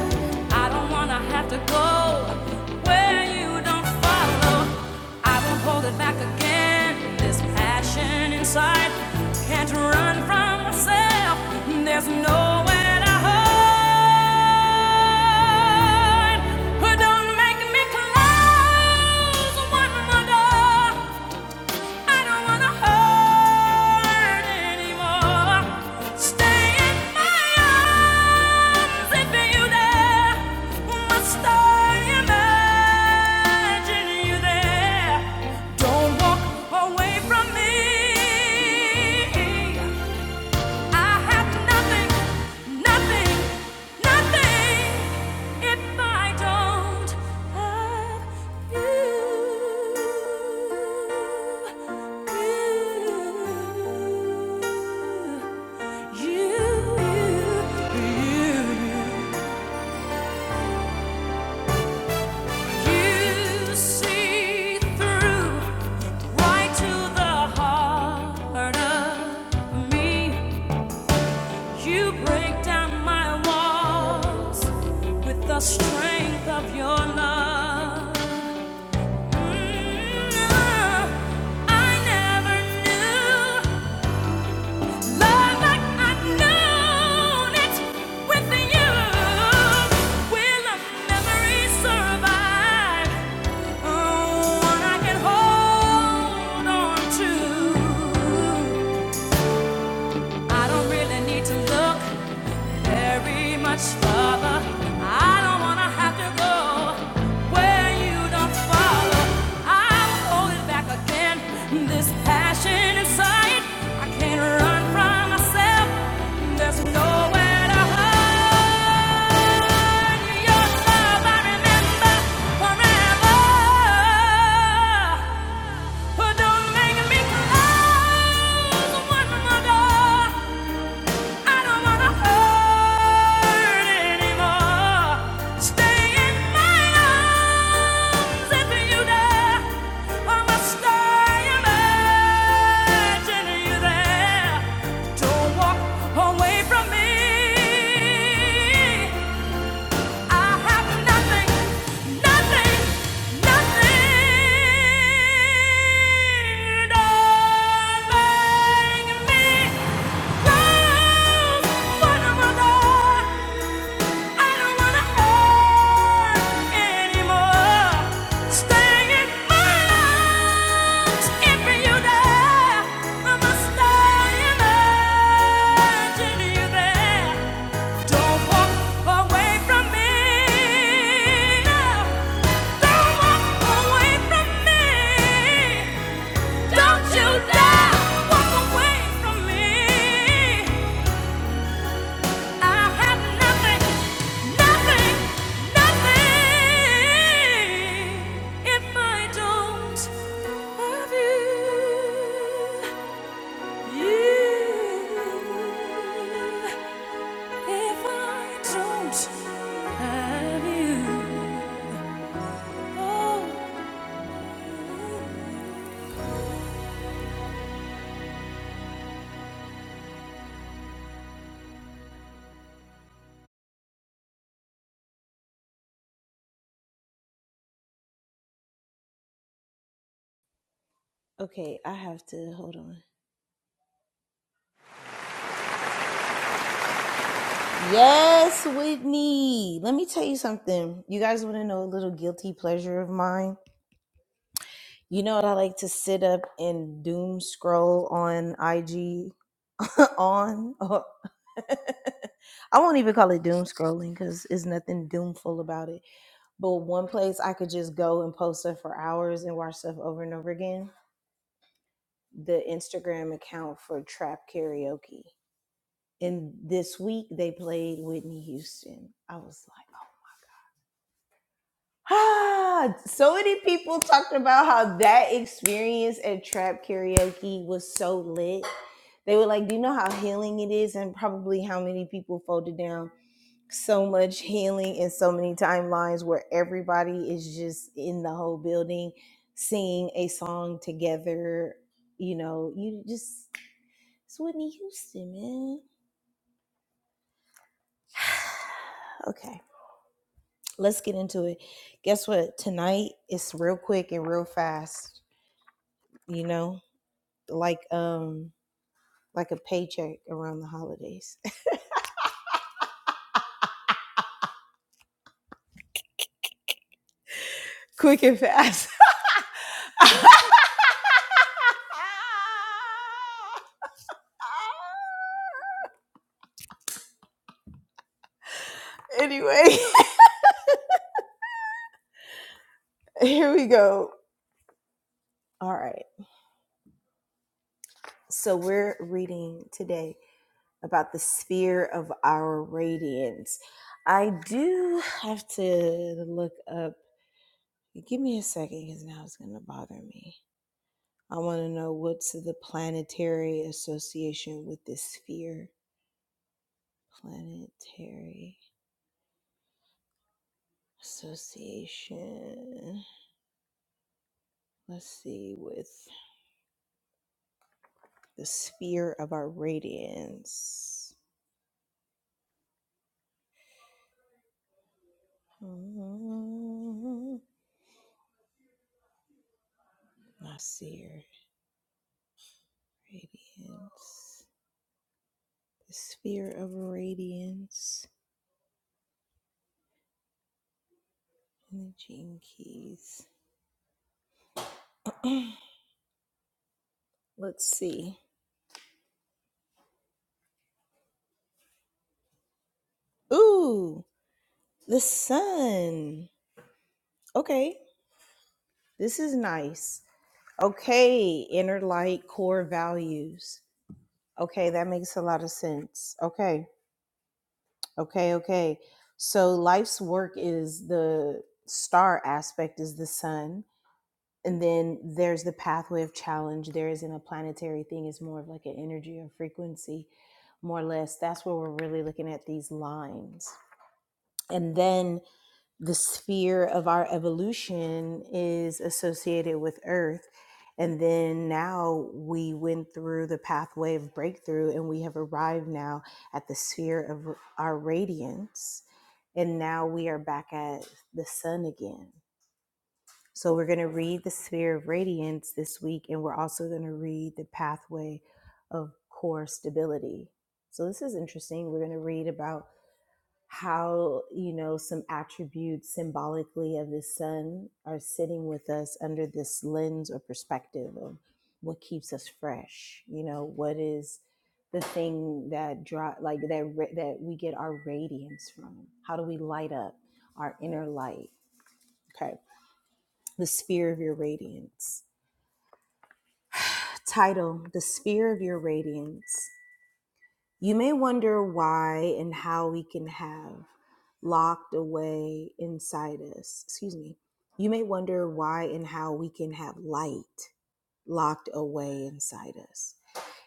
B: I don't wanna have to go where you don't follow. I won't hold it back again. This passion inside can't run from myself. There's nowhere to hide. But don't make me close one more door. I don't wanna hurt anymore. Stay in my arms if you dare. Must I imagine you there? Don't walk away from me. I have nothing, nothing, nothing if I don't have you. You, you, you, you, see through right to the strength of love. Mm, I never knew. Love like I've known it with you. There's nowhere to hide your love. I remember forever. But don't make me close one more door. I don't wanna hurt anymore. Stay in my arms if you dare. I must I imagine you there. Don't walk away from me. I have nothing, nothing, nothing. Don't bang me. Don't you dare walk away from me.
A: Okay, I have to hold on. Yes, Whitney. Let me tell you something. You guys want to know a little guilty pleasure of mine? You know what I like to sit up and doom scroll on IG on? I won't even call it doom scrolling because there's nothing doomful about it. But one place I could just go and post stuff for hours and watch stuff over and over again the Instagram account for Trap Karaoke. And this week they played Whitney Houston. I was like, ah, so many people talked about how that experience at Trap Karaoke was so lit. They were like, do you know how healing it is? And probably how many people folded down so much healing in so many timelines where everybody is just in the whole building singing a song together. You know, you just, it's Whitney Houston, man. okay, let's get into it. Guess what? Tonight it's real quick and real fast, you know, like, um, like a paycheck around the holidays. quick and fast. anyway, here we go. All right. So we're reading today about the sphere of our radiance. I do have to look up. Give me a second because now it's going to bother me. I want to know what's the planetary association with this sphere. Planetary association. Let's see, with the sphere of our radiance. Um, Nasir, Radiance, the Sphere of Radiance, and the Gene Keys. Let's see. Ooh, the Sun. Okay, this is nice. Okay, inner light, core values. Okay, that makes a lot of sense. Okay, okay, okay. So life's work is the star aspect is the sun and then there's the pathway of challenge there isn't a planetary thing it's more of like an energy or frequency more or less that's where we're really looking at these lines and then the sphere of our evolution is associated with earth and then now we went through the pathway of breakthrough and we have arrived now at the sphere of our radiance and now we are back at the sun again so we're going to read the sphere of radiance this week, and we're also going to read the pathway of core stability. So this is interesting. We're going to read about how, you know, some attributes symbolically of the sun are sitting with us under this lens or perspective of what keeps us fresh. You know, what is the thing that draw like that ra- that we get our radiance from? How do we light up our inner light? Okay the sphere of your radiance. Title The Sphere of Your Radiance. You may wonder why and how we can have locked away inside us. Excuse me. You may wonder why and how we can have light locked away inside us.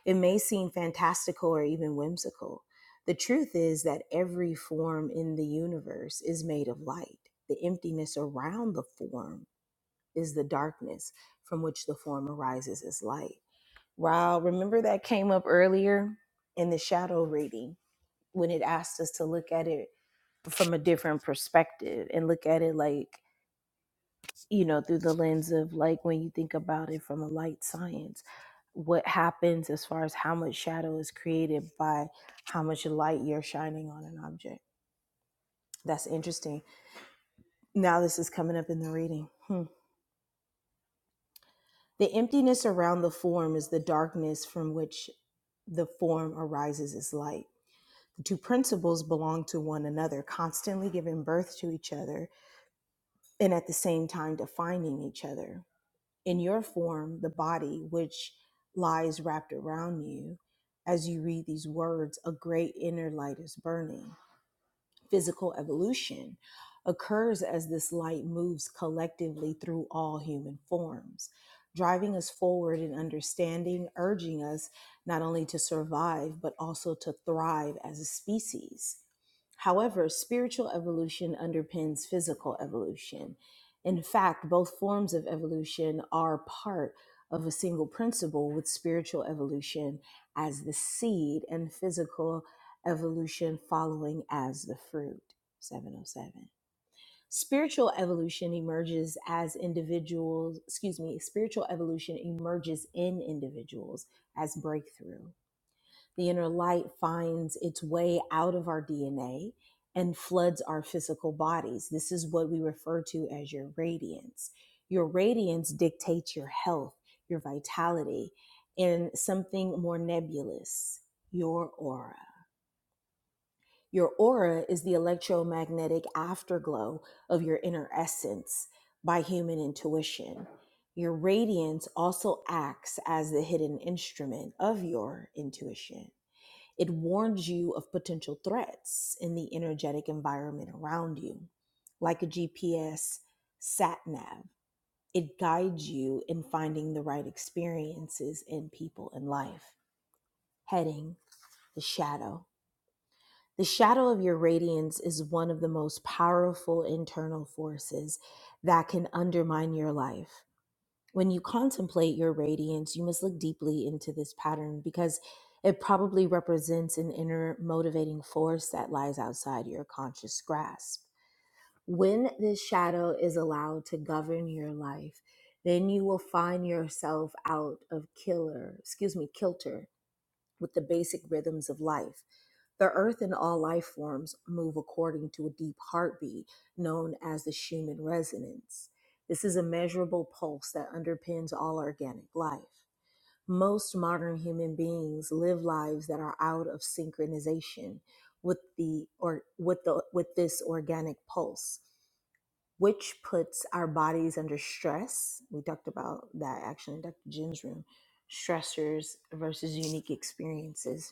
A: It may seem fantastical or even whimsical. The truth is that every form in the universe is made of light. The emptiness around the form is the darkness from which the form arises as light. Wow, remember that came up earlier in the shadow reading when it asked us to look at it from a different perspective and look at it like, you know, through the lens of like when you think about it from a light science, what happens as far as how much shadow is created by how much light you're shining on an object. That's interesting. Now this is coming up in the reading. Hmm. The emptiness around the form is the darkness from which the form arises as light. The two principles belong to one another, constantly giving birth to each other and at the same time defining each other. In your form, the body, which lies wrapped around you, as you read these words, a great inner light is burning physical evolution occurs as this light moves collectively through all human forms, driving us forward in understanding, urging us not only to survive, but also to thrive as a species. However, spiritual evolution underpins physical evolution. In fact, both forms of evolution are part of a single principle, with spiritual evolution as the seed and physical evolution following as the fruit. 707. Spiritual evolution emerges as individuals, excuse me, spiritual evolution emerges in individuals as breakthrough the inner light finds its way out of our DNA and floods our physical bodies. This is what we refer to as your radiance. Your radiance dictates your health, your vitality, and something more nebulous, your aura. Your aura is the electromagnetic afterglow of your inner essence by human intuition. Your radiance also acts as the hidden instrument of your intuition. It warns you of potential threats in the energetic environment around you. Like a GPS sat nav, it guides you in finding the right experiences and people in life. Heading the shadow. The shadow of your radiance is one of the most powerful internal forces that can undermine your life when you contemplate your radiance, you must look deeply into this pattern because it probably represents an inner motivating force that lies outside your conscious grasp. When this shadow is allowed to govern your life, then you will find yourself out of killer, excuse me, kilter with the basic rhythms of life. The earth and all life forms move according to a deep heartbeat known as the Schumann resonance. This is a measurable pulse that underpins all organic life. Most modern human beings live lives that are out of synchronization with the or with the with this organic pulse, which puts our bodies under stress. We talked about that actually in Dr. Jen's room, stressors versus unique experiences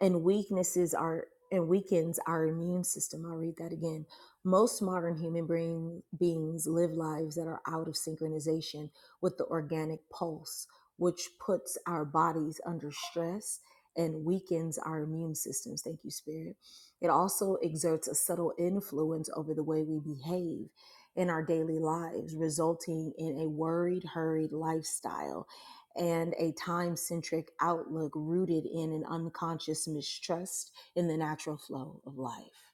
A: and weaknesses are and weakens our immune system. I'll read that again. Most modern human brain beings live lives that are out of synchronization with the organic pulse, which puts our bodies under stress and weakens our immune systems. Thank you, Spirit. It also exerts a subtle influence over the way we behave in our daily lives, resulting in a worried, hurried lifestyle and a time centric outlook rooted in an unconscious mistrust in the natural flow of life.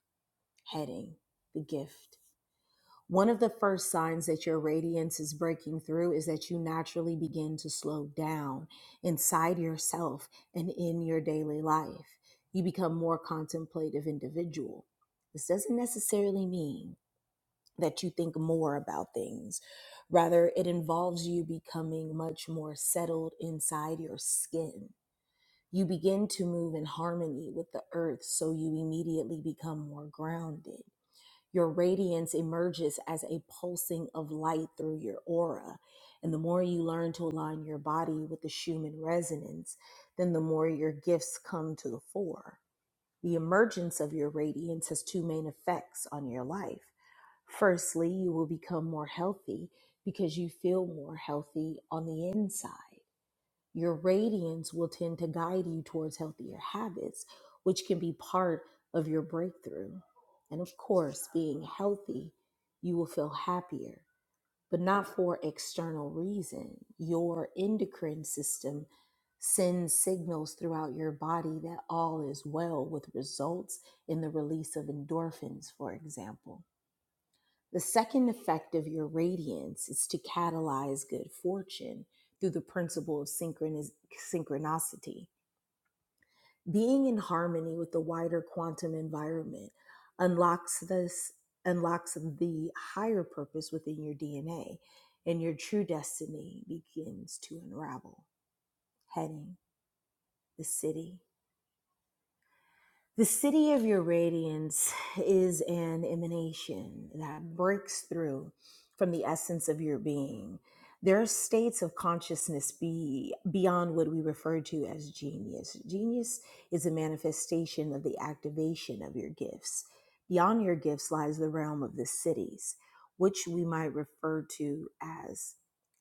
A: Heading The Gift. One of the first signs that your radiance is breaking through is that you naturally begin to slow down inside yourself and in your daily life. You become more contemplative individual. This doesn't necessarily mean that you think more about things. Rather, it involves you becoming much more settled inside your skin. You begin to move in harmony with the earth, so you immediately become more grounded. Your radiance emerges as a pulsing of light through your aura. And the more you learn to align your body with the Schumann resonance, then the more your gifts come to the fore. The emergence of your radiance has two main effects on your life. Firstly, you will become more healthy because you feel more healthy on the inside. Your radiance will tend to guide you towards healthier habits, which can be part of your breakthrough. And of course, being healthy, you will feel happier, but not for external reason. Your endocrine system sends signals throughout your body that all is well with results in the release of endorphins, for example the second effect of your radiance is to catalyze good fortune through the principle of synchronis- synchronicity. Being in harmony with the wider quantum environment unlocks this unlocks the higher purpose within your DNA and your true destiny begins to unravel. Heading the city The city of your radiance is an emanation that breaks through from the essence of your being. There are states of consciousness be, beyond what we refer to as genius. Genius is a manifestation of the activation of your gifts. Beyond your gifts lies the realm of the cities, which we might refer to as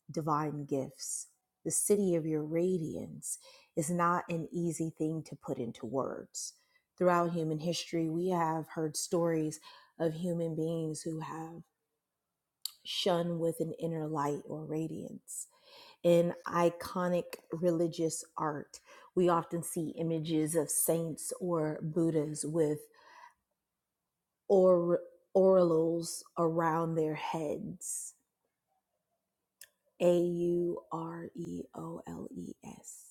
A: divine gifts. The city of your radiance is not an easy thing to put into words throughout human history, we have heard stories of human beings who have shone with an inner light or radiance. In iconic religious art, we often see images of saints or Buddhas with or- aureoles around their heads. A U R E O L E S.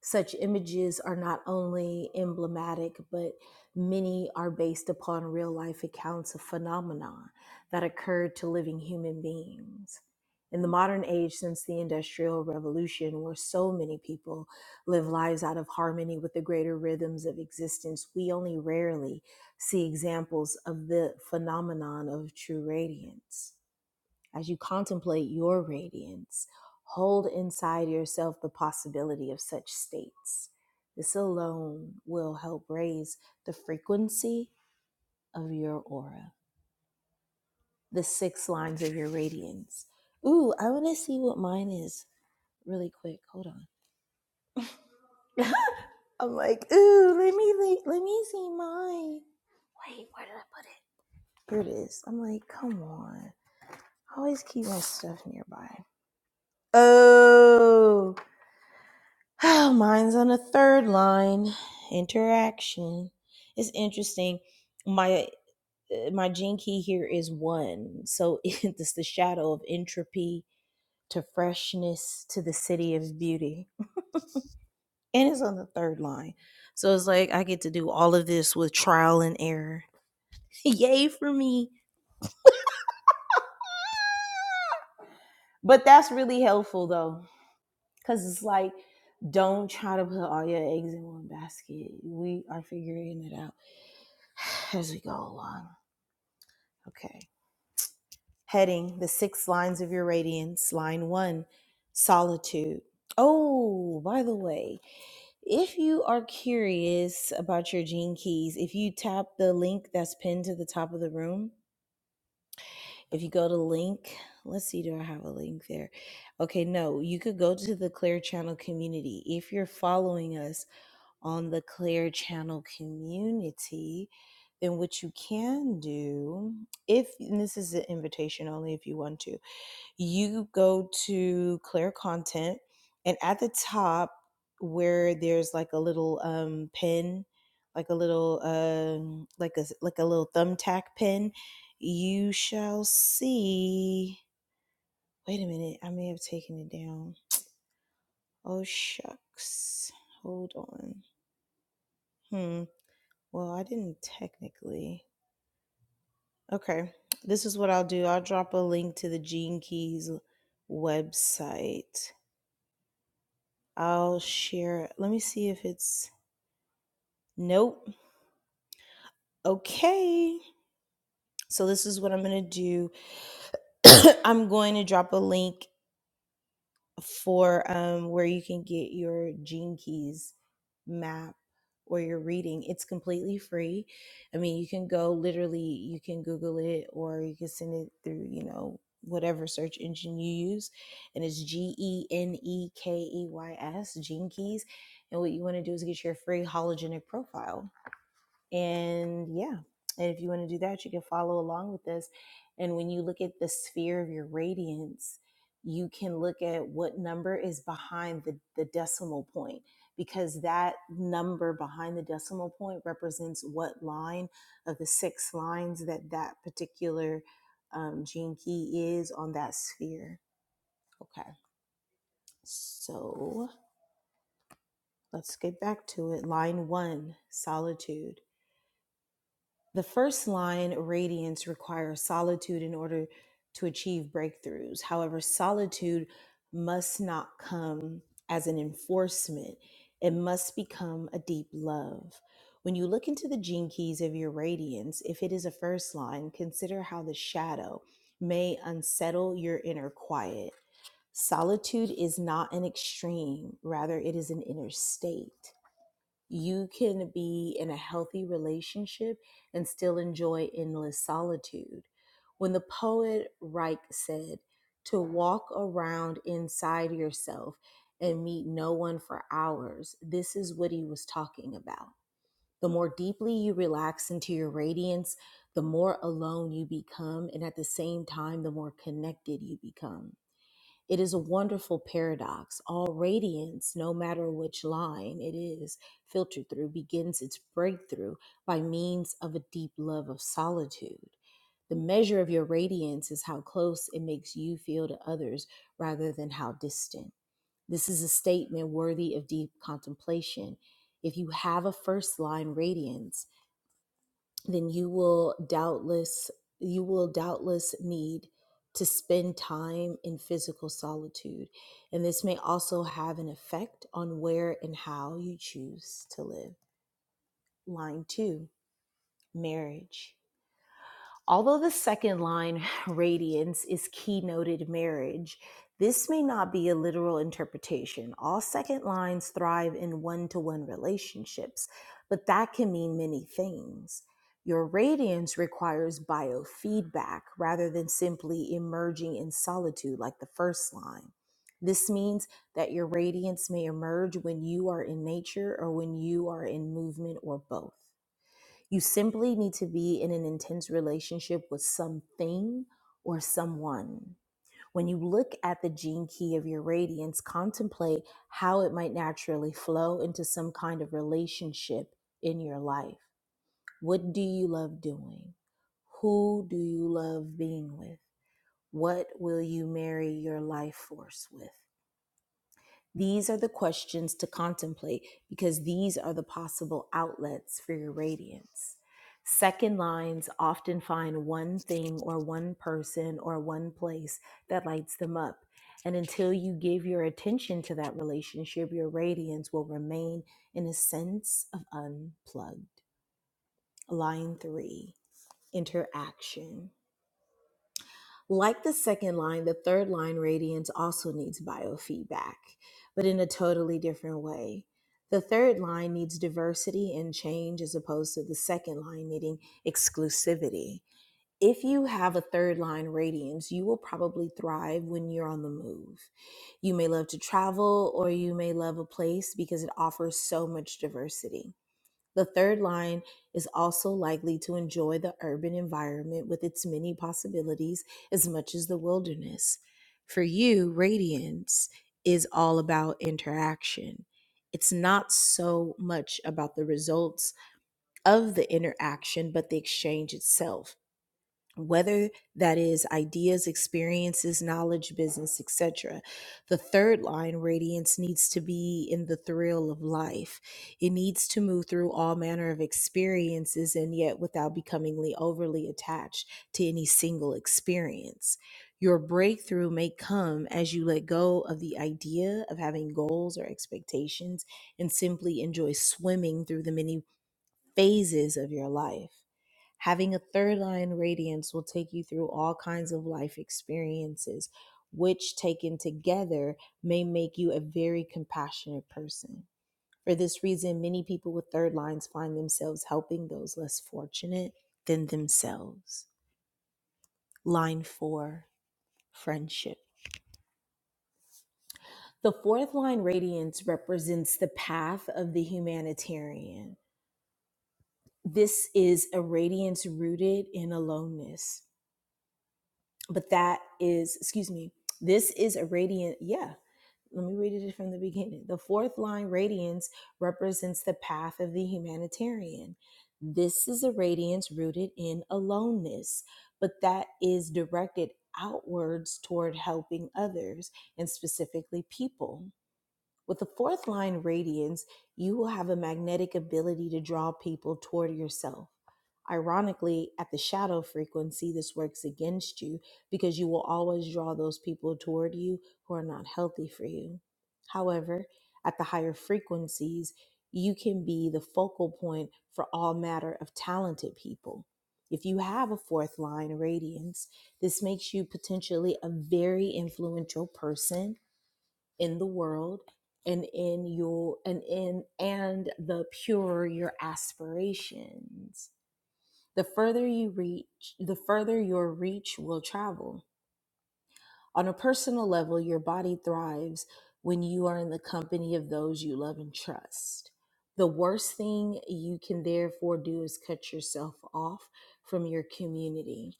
A: Such images are not only emblematic, but many are based upon real life accounts of phenomena that occurred to living human beings. In the modern age, since the Industrial Revolution, where so many people live lives out of harmony with the greater rhythms of existence, we only rarely see examples of the phenomenon of true radiance as you contemplate your radiance, hold inside yourself the possibility of such states. This alone will help raise the frequency of your aura, the six lines of your radiance. Ooh, I want to see what mine is really quick. Hold on. I'm like, ooh, let me le- let me see mine. Wait, where did I put it? Here it is. I'm like, come on. I always keep my stuff nearby. Oh. Oh, mine's on the third line. Interaction. It's interesting. My uh, my gene key here is one, so it's the shadow of entropy to freshness to the city of beauty, and it's on the third line. So it's like I get to do all of this with trial and error. Yay for me! But that's really helpful though, because it's like don't try to put all your eggs in one basket. We are figuring it out as we go along. Okay. Heading the six lines of your radiance. Line one, solitude. Oh, by the way, if you are curious about your gene keys, if you tap the link that's pinned to the top of the room, if you go to link, let's see, do I have a link there? Okay, no, you could go to the Clear Channel community. If you're following us, on the Claire Channel community, then what you can do, if and this is an invitation only if you want to, you go to Claire Content, and at the top where there's like a little um, pin, like a little um, like a like a little thumbtack pin, you shall see. Wait a minute, I may have taken it down. Oh shucks, hold on. Hmm. Well, I didn't technically. Okay. This is what I'll do. I'll drop a link to the Gene Keys website. I'll share. Let me see if it's. Nope. Okay. So this is what I'm going to do. I'm going to drop a link for um, where you can get your Gene Keys map or you're reading. It's completely free. I mean, you can go literally, you can Google it or you can send it through, you know, whatever search engine you use. And it's G E N E K E Y S, Gene Keys. And what you want to do is get your free hologenic profile and yeah, and if you want to do that, you can follow along with us. And when you look at the sphere of your radiance, you can look at what number is behind the, the decimal point because that number behind the decimal point represents what line of the six lines that that particular um, gene key is on that sphere. Okay, so let's get back to it. Line one, solitude. The first line, radiance, requires solitude in order to achieve breakthroughs. However, solitude must not come as an enforcement, it must become a deep love. When you look into the gene keys of your radiance, if it is a first line, consider how the shadow may unsettle your inner quiet. Solitude is not an extreme, rather, it is an inner state. You can be in a healthy relationship and still enjoy endless solitude. When the poet Reich said, to walk around inside yourself and meet no one for hours, this is what he was talking about. The more deeply you relax into your radiance, the more alone you become, and at the same time, the more connected you become. It is a wonderful paradox. All radiance, no matter which line it is filtered through, begins its breakthrough by means of a deep love of solitude. The measure of your radiance is how close it makes you feel to others rather than how distant. This is a statement worthy of deep contemplation. If you have a first line radiance, then you will doubtless you will doubtless need to spend time in physical solitude and this may also have an effect on where and how you choose to live line 2 marriage Although the second line, radiance, is keynoted marriage, this may not be a literal interpretation. All second lines thrive in one to one relationships, but that can mean many things. Your radiance requires biofeedback rather than simply emerging in solitude like the first line. This means that your radiance may emerge when you are in nature or when you are in movement or both. You simply need to be in an intense relationship with something or someone. When you look at the gene key of your radiance, contemplate how it might naturally flow into some kind of relationship in your life. What do you love doing? Who do you love being with? What will you marry your life force with? These are the questions to contemplate because these are the possible outlets for your radiance. Second lines often find one thing or one person or one place that lights them up. And until you give your attention to that relationship, your radiance will remain in a sense of unplugged. Line three interaction. Like the second line, the third line radiance also needs biofeedback, but in a totally different way. The third line needs diversity and change as opposed to the second line needing exclusivity. If you have a third line radiance, you will probably thrive when you're on the move. You may love to travel or you may love a place because it offers so much diversity the third line is also likely to enjoy the urban environment with its many possibilities as much as the wilderness. For you, radiance is all about interaction. It's not so much about the results of the interaction, but the exchange itself whether that is ideas, experiences, knowledge, business, etc. The third line, radiance, needs to be in the thrill of life. It needs to move through all manner of experiences and yet without becomingly overly attached to any single experience. Your breakthrough may come as you let go of the idea of having goals or expectations and simply enjoy swimming through the many phases of your life. Having a third line radiance will take you through all kinds of life experiences, which taken together may make you a very compassionate person. For this reason, many people with third lines find themselves helping those less fortunate than themselves. Line four, friendship. The fourth line radiance represents the path of the humanitarian. This is a radiance rooted in aloneness but that is excuse me this is a radiant yeah let me read it from the beginning the fourth line radiance represents the path of the humanitarian this is a radiance rooted in aloneness but that is directed outwards toward helping others and specifically people with the fourth line radiance, you will have a magnetic ability to draw people toward yourself. Ironically, at the shadow frequency, this works against you because you will always draw those people toward you who are not healthy for you. However, at the higher frequencies, you can be the focal point for all matter of talented people. If you have a fourth line radiance, this makes you potentially a very influential person in the world and in your and in and the purer your aspirations the further you reach the further your reach will travel on a personal level your body thrives when you are in the company of those you love and trust the worst thing you can therefore do is cut yourself off from your community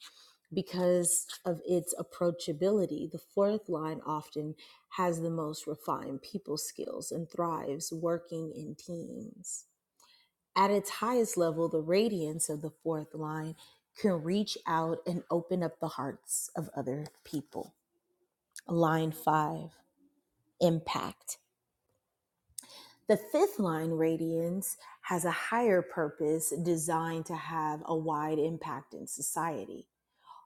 A: because of its approachability. The fourth line often has the most refined people skills and thrives working in teams. At its highest level, the radiance of the fourth line can reach out and open up the hearts of other people. Line five, impact. The fifth line radiance has a higher purpose designed to have a wide impact in society.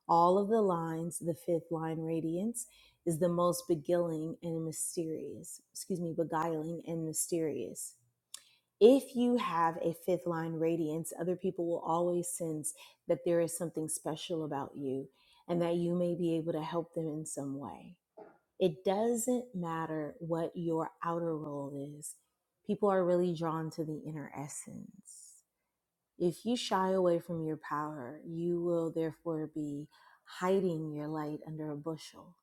A: all of the lines, the fifth line radiance is the most beguiling and mysterious, excuse me, beguiling and mysterious. If you have a fifth line radiance, other people will always sense that there is something special about you and that you may be able to help them in some way. It doesn't matter what your outer role is, people are really drawn to the inner essence. If you shy away from your power, you will therefore be hiding your light under a bushel.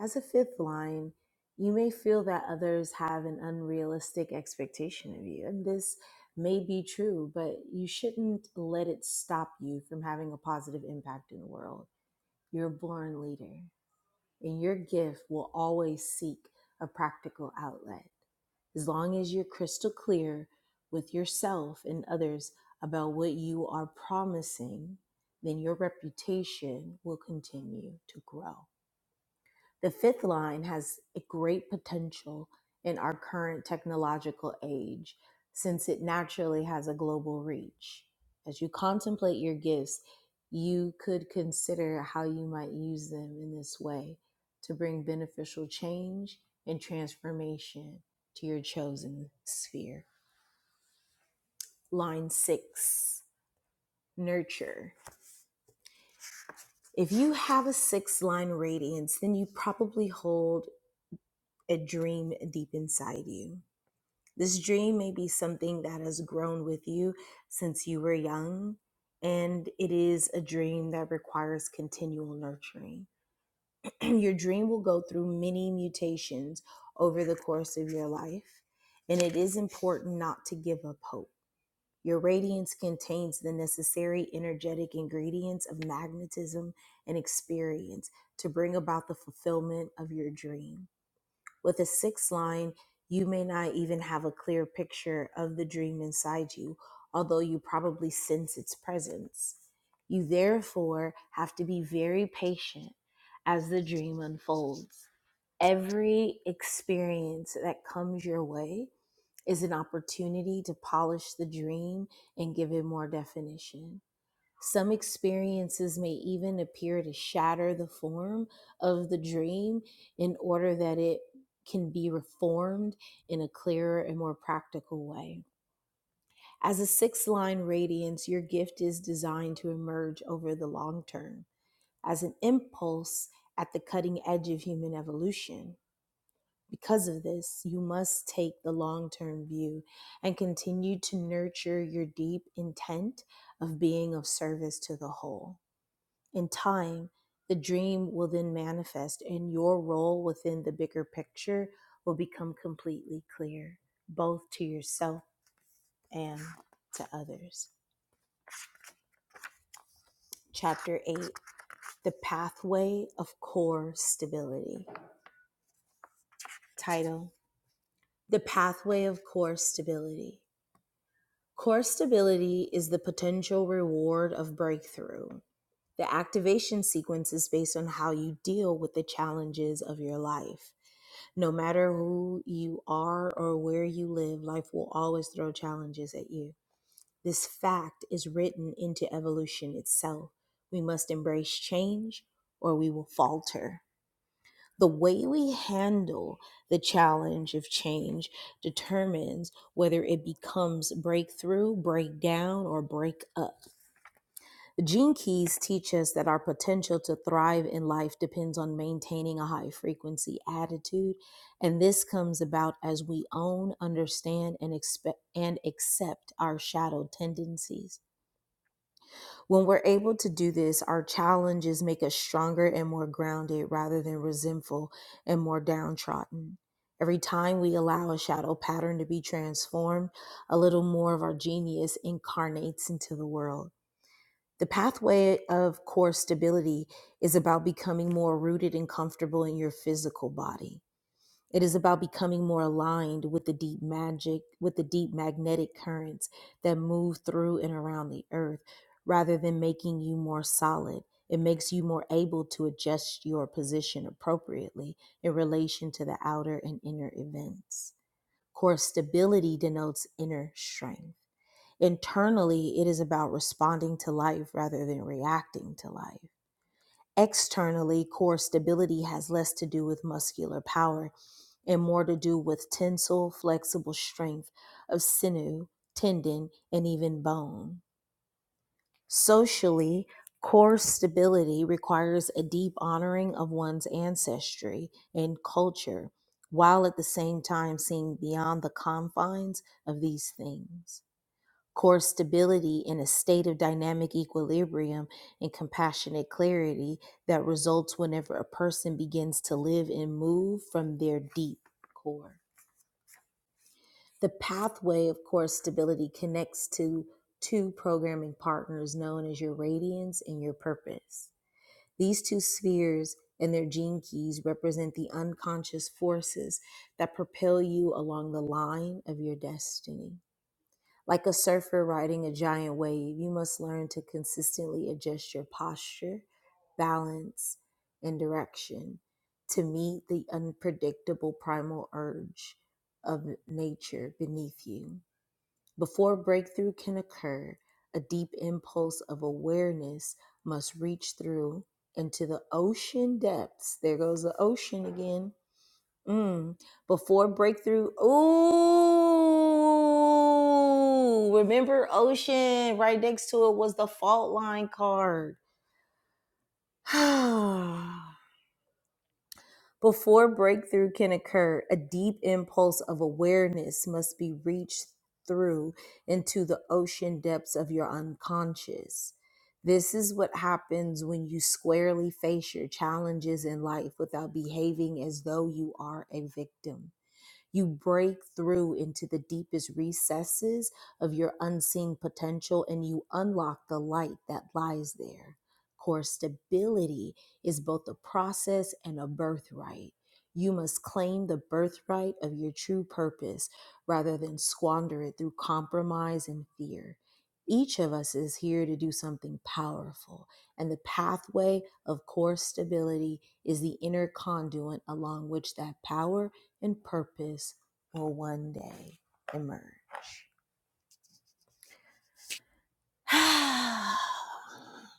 A: As a fifth line, you may feel that others have an unrealistic expectation of you, and this may be true, but you shouldn't let it stop you from having a positive impact in the world. You're a born leader and your gift will always seek a practical outlet as long as you're crystal clear with yourself and others about what you are promising, then your reputation will continue to grow. The fifth line has a great potential in our current technological age since it naturally has a global reach. As you contemplate your gifts, you could consider how you might use them in this way to bring beneficial change and transformation to your chosen sphere. Line six, nurture. If you have a six line radiance, then you probably hold a dream deep inside you. This dream may be something that has grown with you since you were young, and it is a dream that requires continual nurturing. your dream will go through many mutations over the course of your life, and it is important not to give up hope. Your radiance contains the necessary energetic ingredients of magnetism and experience to bring about the fulfillment of your dream. With a sixth line, you may not even have a clear picture of the dream inside you, although you probably sense its presence. You therefore have to be very patient as the dream unfolds. Every experience that comes your way is an opportunity to polish the dream and give it more definition. Some experiences may even appear to shatter the form of the dream in order that it can be reformed in a clearer and more practical way. As a six line radiance, your gift is designed to emerge over the long term as an impulse at the cutting edge of human evolution. Because of this, you must take the long term view and continue to nurture your deep intent of being of service to the whole. In time, the dream will then manifest, and your role within the bigger picture will become completely clear, both to yourself and to others. Chapter 8 The Pathway of Core Stability. Title The Pathway of Core Stability. Core stability is the potential reward of breakthrough. The activation sequence is based on how you deal with the challenges of your life. No matter who you are or where you live, life will always throw challenges at you. This fact is written into evolution itself. We must embrace change or we will falter. The way we handle the challenge of change determines whether it becomes breakthrough, breakdown, or break up. The Gene Keys teach us that our potential to thrive in life depends on maintaining a high frequency attitude, and this comes about as we own, understand, and expect and accept our shadow tendencies. When we're able to do this, our challenges make us stronger and more grounded rather than resentful and more downtrodden. Every time we allow a shadow pattern to be transformed, a little more of our genius incarnates into the world. The pathway of core stability is about becoming more rooted and comfortable in your physical body. It is about becoming more aligned with the deep magic, with the deep magnetic currents that move through and around the earth, rather than making you more solid. It makes you more able to adjust your position appropriately in relation to the outer and inner events. Core stability denotes inner strength. Internally, it is about responding to life rather than reacting to life. Externally, core stability has less to do with muscular power and more to do with tensile, flexible strength of sinew, tendon, and even bone. Socially, core stability requires a deep honoring of one's ancestry and culture, while at the same time seeing beyond the confines of these things core stability in a state of dynamic equilibrium and compassionate clarity that results whenever a person begins to live and move from their deep core. The pathway of core stability connects to two programming partners known as your radiance and your purpose. These two spheres and their gene keys represent the unconscious forces that propel you along the line of your destiny. Like a surfer riding a giant wave, you must learn to consistently adjust your posture, balance, and direction to meet the unpredictable primal urge of nature beneath you. Before breakthrough can occur, a deep impulse of awareness must reach through into the ocean depths. There goes the ocean again Mm. Before breakthrough. Ooh. Remember Ocean? Right next to it was the fault line card. Before breakthrough can occur, a deep impulse of awareness must be reached through into the ocean depths of your unconscious. This is what happens when you squarely face your challenges in life without behaving as though you are a victim. You break through into the deepest recesses of your unseen potential and you unlock the light that lies there. Core stability is both a process and a birthright. You must claim the birthright of your true purpose rather than squander it through compromise and fear. Each of us is here to do something powerful, and the pathway of core stability is the inner conduit along which that power and purpose will one day emerge. 7:30.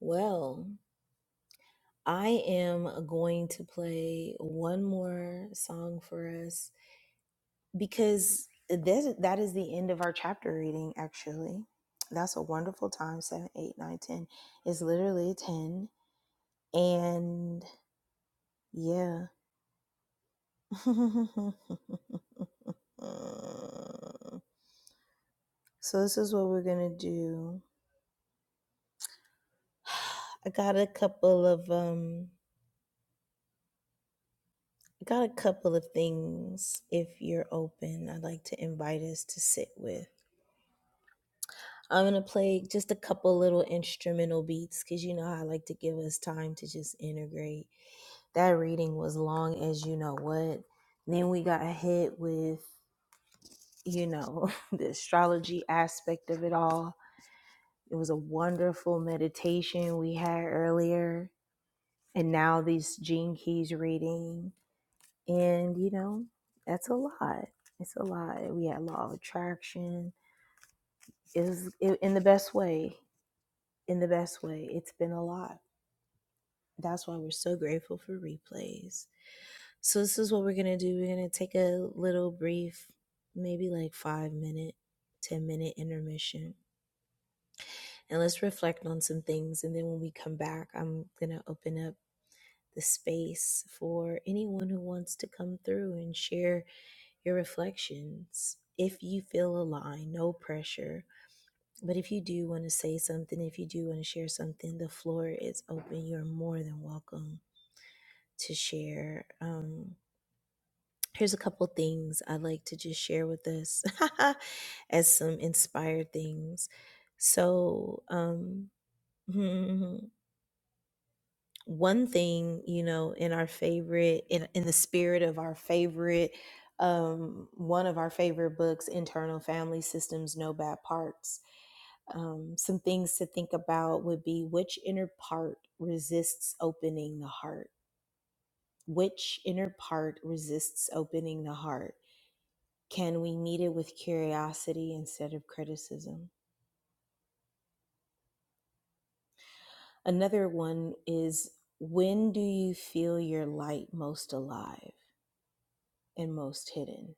A: Well, I am going to play one more song for us because this that is the end of our chapter reading actually. That's a wonderful time. Seven, eight, nine, ten. 8, is literally 10 and yeah. so this is what we're going to do. I got a couple of um I got a couple of things if you're open. I'd like to invite us to sit with. I'm going to play just a couple little instrumental beats cuz you know I like to give us time to just integrate. That reading was long as you know what. Then we got hit with, you know, the astrology aspect of it all. It was a wonderful meditation we had earlier and now these gene keys reading And, you know, that's a lot. It's a lot. We had law of attraction. Is i- in the best way. In the best way. It's been a lot. That's why we're so grateful for replays. So this is what we're gonna do. We're gonna take a little brief, maybe like five minute, ten minute intermission. And let's reflect on some things. And then when we come back, I'm gonna open up the space for anyone who wants to come through and share your reflections. If you feel aligned, no pressure. But if you do want to say something, if you do want to share something, the floor is open. You're more than welcome to share. Um, here's a couple things I'd like to just share with us as some inspired things. So, um, hmm, hmm, hmm. one thing you know in our favorite in, in the spirit of our favorite um, one of our favorite books internal family systems no bad parts um, some things to think about would be which inner part resists opening the heart which inner part resists opening the heart can we meet it with curiosity instead of criticism another one is when do you feel your light most alive and most hidden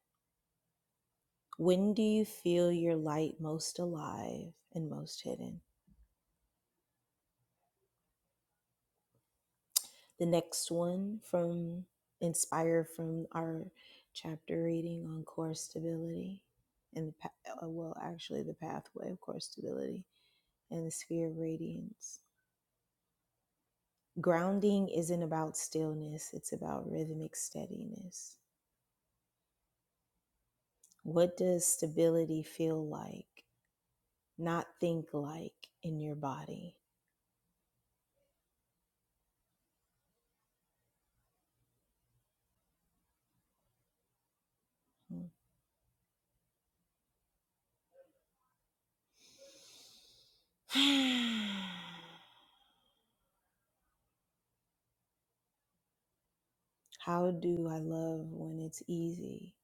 A: When do you feel your light most alive and most hidden? The next one from inspired from our chapter reading on core stability and the pa- uh, well, actually the pathway of core stability and the sphere of radiance. Grounding isn't about stillness; it's about rhythmic steadiness. What does stability feel like? Not think like in your body. Hmm. How do I love when it's easy?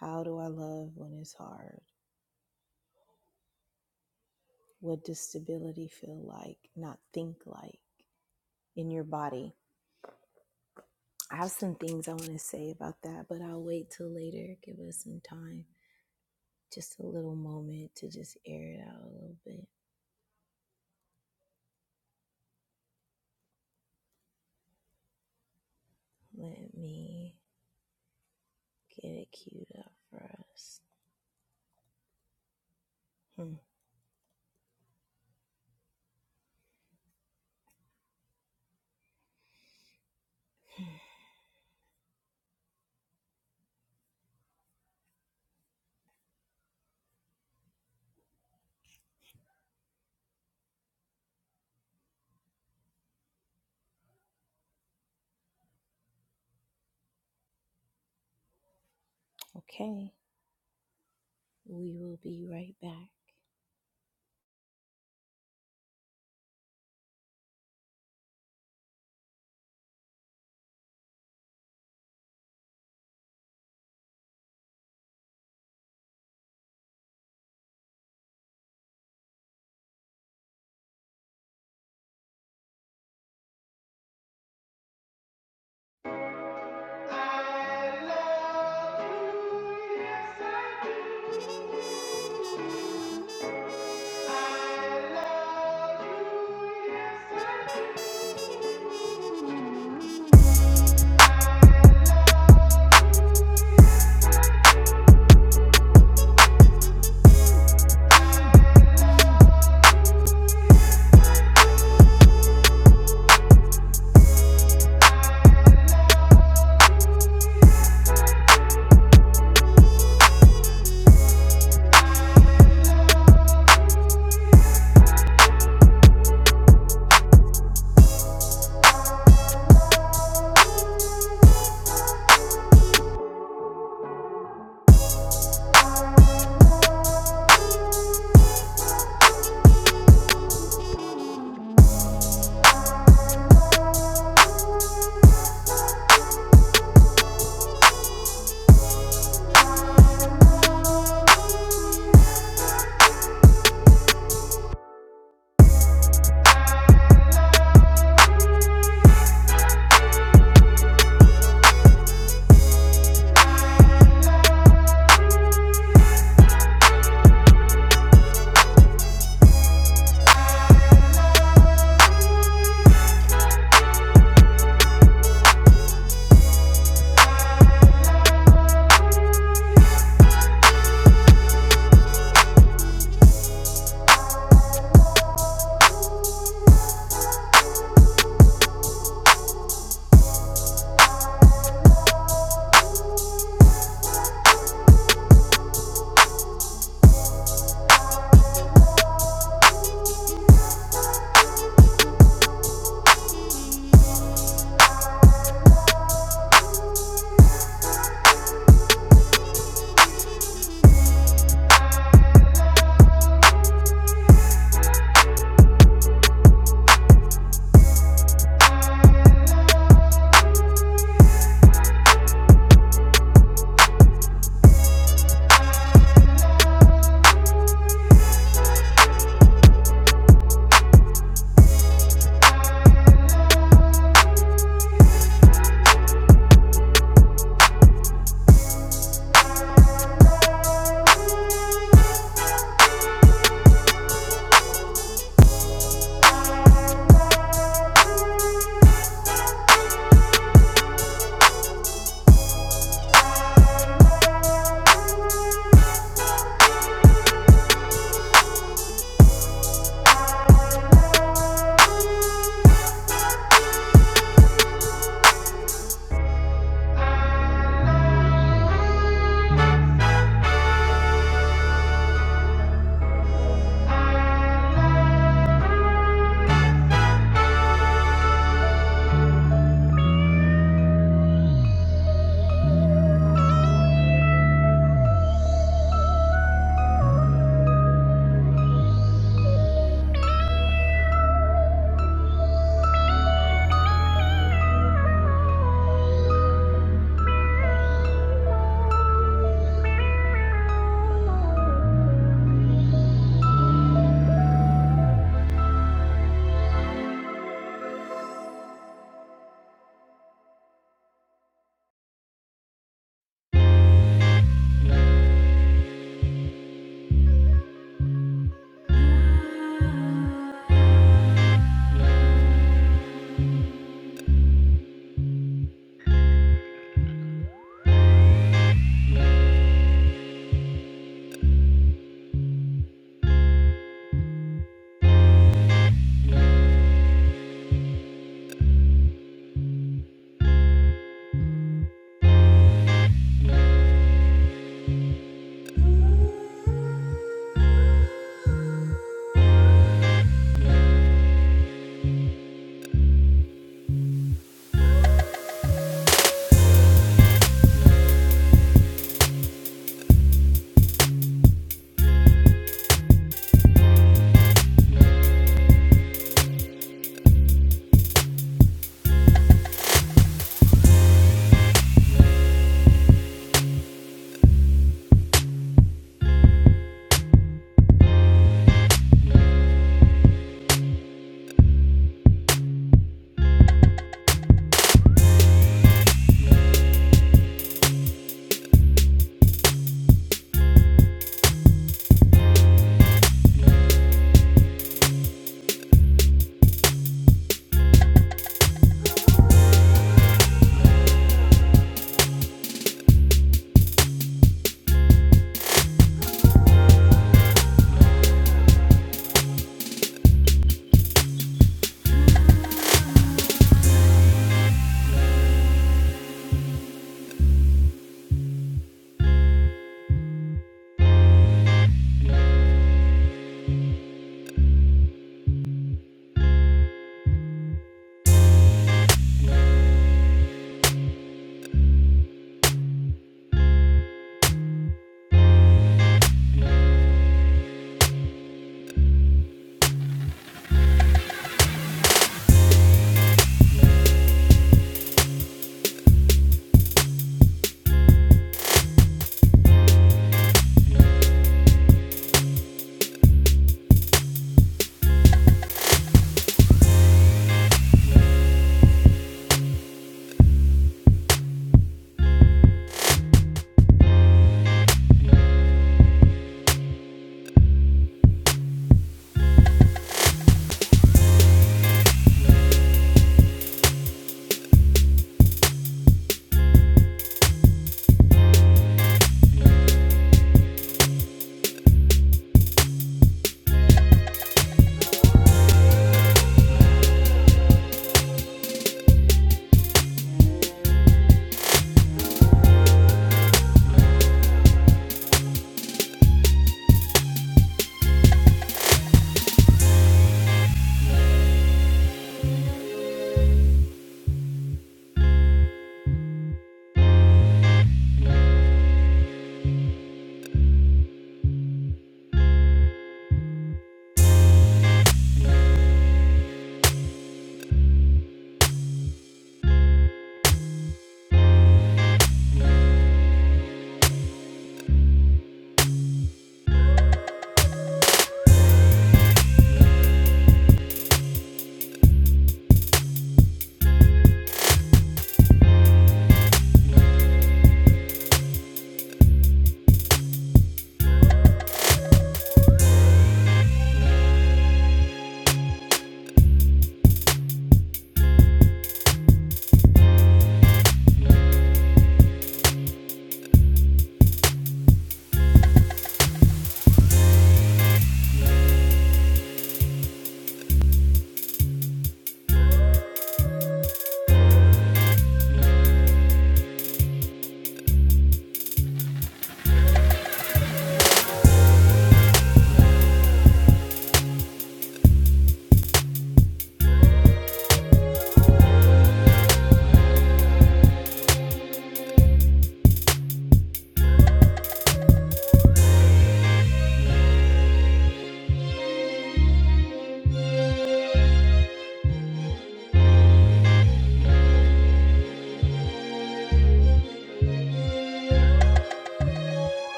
A: How do I love when it's hard? What does stability feel like, not think like in your body? I have some things I want to say about that, but I'll wait till later. Give us some time, just a little moment to just air it out a little bit. Let me get it queued up for us. Hmm, Okay, we will be right back.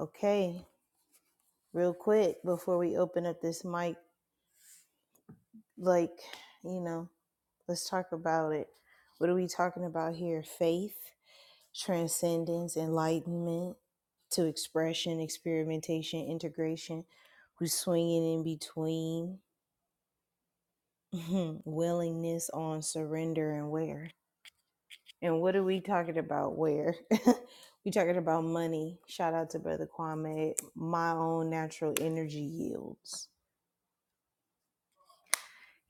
A: okay, real quick before we open up this mic like you know let's talk about it what are we talking about here faith transcendence enlightenment to expression experimentation integration we're swinging in between willingness on surrender and where and what are we talking about where we talking about money shout out to brother kwame my own natural energy yields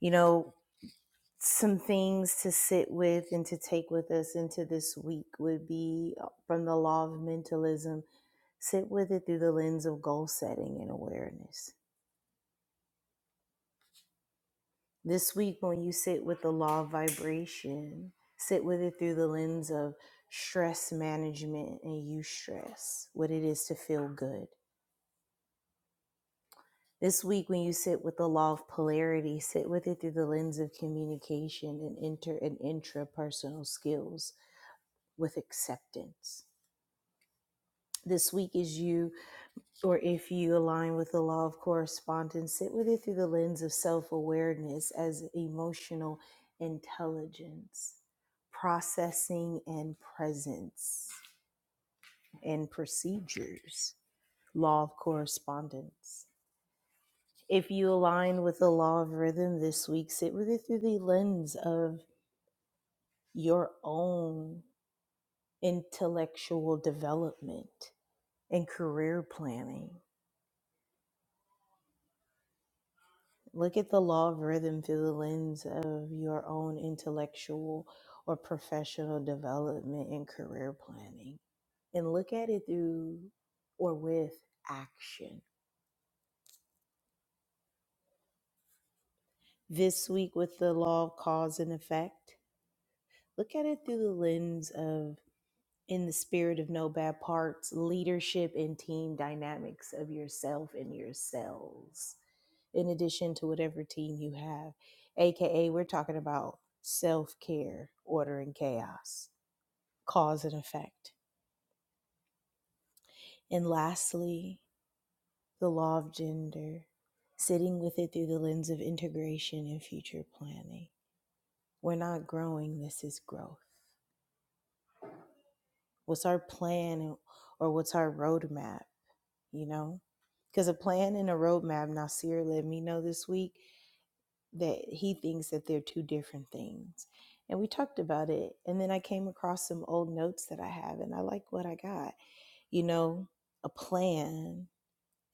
A: you know some things to sit with and to take with us into this week would be uh, from the law of mentalism sit with it through the lens of goal setting and awareness this week when you sit with the law of vibration sit with it through the lens of stress management and you stress what it is to feel good this week when you sit with the law of polarity sit with it through the lens of communication and inter and intrapersonal skills with acceptance this week is you, or if you align with the law of correspondence, sit with it through the lens of self awareness as emotional intelligence, processing and presence and procedures, law of correspondence. If you align with the law of rhythm this week, sit with it through the lens of your own intellectual development and career planning Look at the law of rhythm through the lens of your own intellectual or professional development and career planning. And look at it through or with action. This week, with the law of cause and effect, look at it through the lens of in the spirit of no bad parts, leadership and team dynamics of yourself and yourselves, in addition to whatever team you have. AKA, we're talking about self care, order, and chaos, cause and effect. And lastly, the law of gender, sitting with it through the lens of integration and future planning. We're not growing, this is growth. What's our plan or what's our roadmap? you know? Because a plan and a roadmap, Nasir let me know this week that he thinks that they're two different things. And we talked about it. And then I came across some old notes that I have, and I like what I got. You know, a plan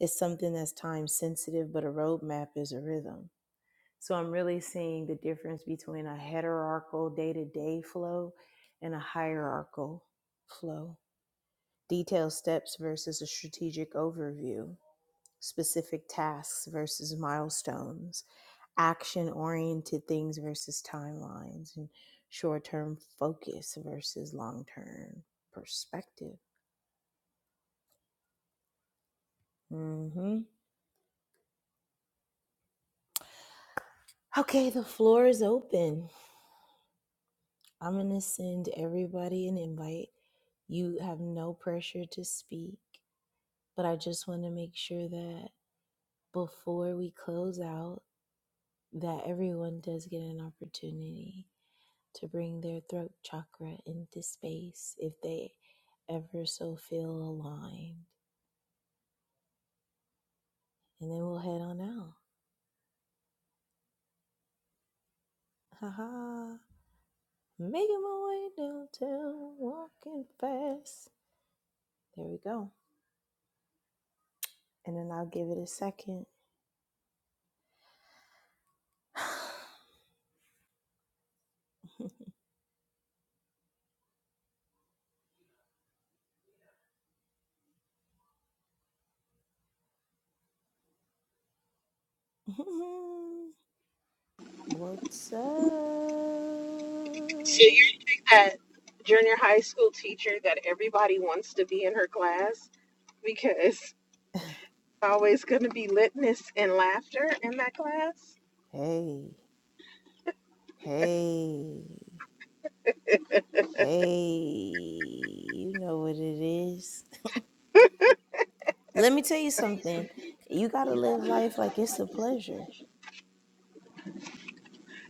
A: is something that's time sensitive, but a roadmap is a rhythm. So I'm really seeing the difference between a hierarchical day to day flow and a hierarchical flow. Detailed steps versus a strategic overview specific tasks versus milestones, action oriented things versus timelines, and short term focus versus long term perspective. hmm Okay, the floor is open. I'm going to send everybody an invite. You have no pressure to speak, but I just want to make sure that before we close out, that everyone does get an opportunity. to bring their throat chakra into space if they ever so feel aligned. And then we'll head on out. Haha. Making my way downtown, walking fast. There we go. And then I'll give it a second. What's up?
C: So you're that junior high school teacher that everybody wants to be in her class because it's always going to be litness and laughter in that class.
A: Hey, hey, hey. You know what it is. Let me tell you something. You got to live life like it's a pleasure.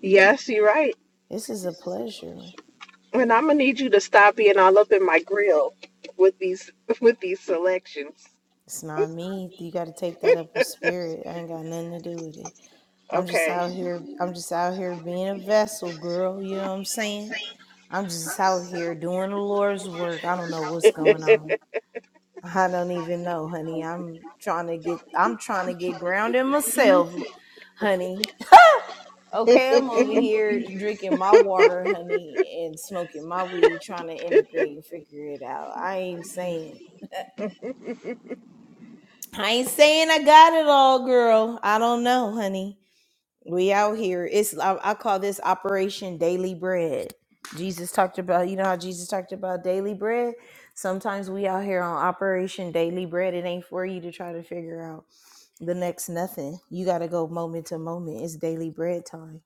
C: Yes, you're right.
A: This is a pleasure.
C: And I'm gonna need you to stop being all up in my grill with these with these selections.
A: It's not me. You got to take that up with spirit. I ain't got nothing to do with it. I'm just
C: Okay.
A: out here. I'm just out here being a vessel, girl. You know what I'm saying? I'm just out here doing the Lord's work. I don't know what's going on. I don't even know, honey. I'm trying to get. I'm trying to get grounded myself, honey. Okay, I'm over here drinking my water, honey, and smoking my weed, trying to integrate and figure it out. I ain't saying, I ain't saying I got it all, girl. I don't know, honey. We out here. It's I, I call this Operation Daily Bread. Jesus talked about, you know how Jesus talked about daily bread. Sometimes we out here on Operation Daily Bread. It ain't for you to try to figure out the next nothing. You got to go moment to moment. It's daily bread time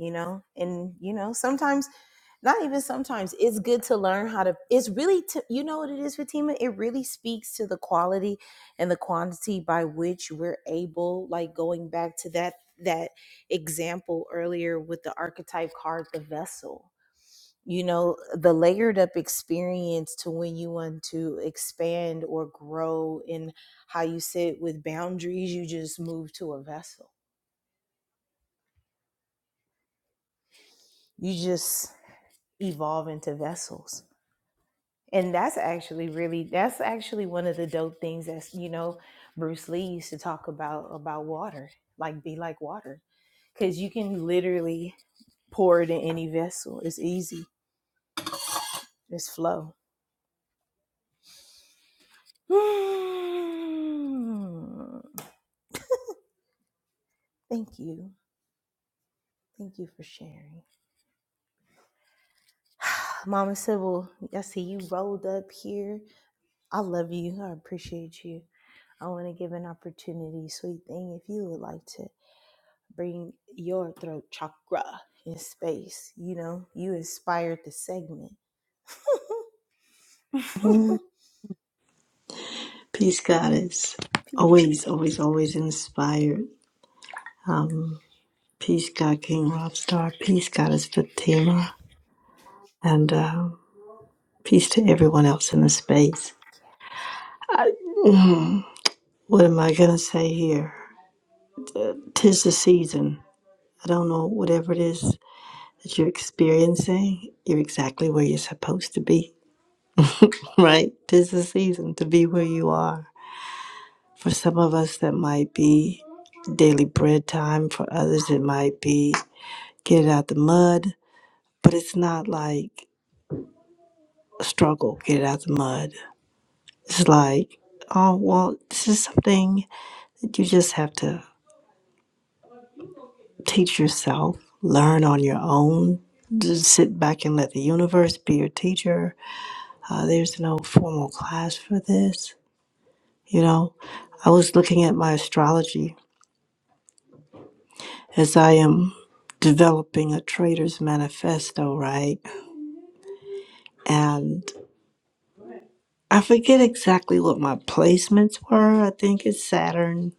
A: you know and you know sometimes not even sometimes it's good to learn how to it's really to you know what it is fatima it really speaks to the quality and the quantity by which we're able like going back to that that example earlier with the archetype card the vessel you know the layered up experience to when you want to expand or grow in how you sit with boundaries you just move to a vessel you just evolve into vessels And that's actually really that's actually one of the dope things that's you know Bruce Lee used to talk about about water, like be like water, because you can literally pour it in any vessel. It's easy. It's flow. Hmm. Thank you. Thank you for sharing. Mama Sybil, I see you rolled up here. I love you. I appreciate you. I want to give an opportunity, sweet thing, if you would like to. bring your throat chakra in space. You know, you inspired the segment.
D: Peace God is always,
A: Peace.
D: always, always inspired. Um, peace God King Rob Star. Peace God is Fatima. And uh, peace to everyone else in the space. What am I going to say here? Tis the season. I don't know, whatever it is that you're experiencing, you're exactly where you're supposed to be, right? Tis the season to be where you are. For some of us, that might be daily bread time. For others, it might be get it out the mud but it's not like a struggle get it out the mud it's like oh well this is something that you just have to teach yourself learn on your own just sit back and let the universe be your teacher uh, there's no formal class for this you know i was looking at my astrology as i am developing a trader's manifesto right and. I forget exactly what my placements were. I think it's Saturn,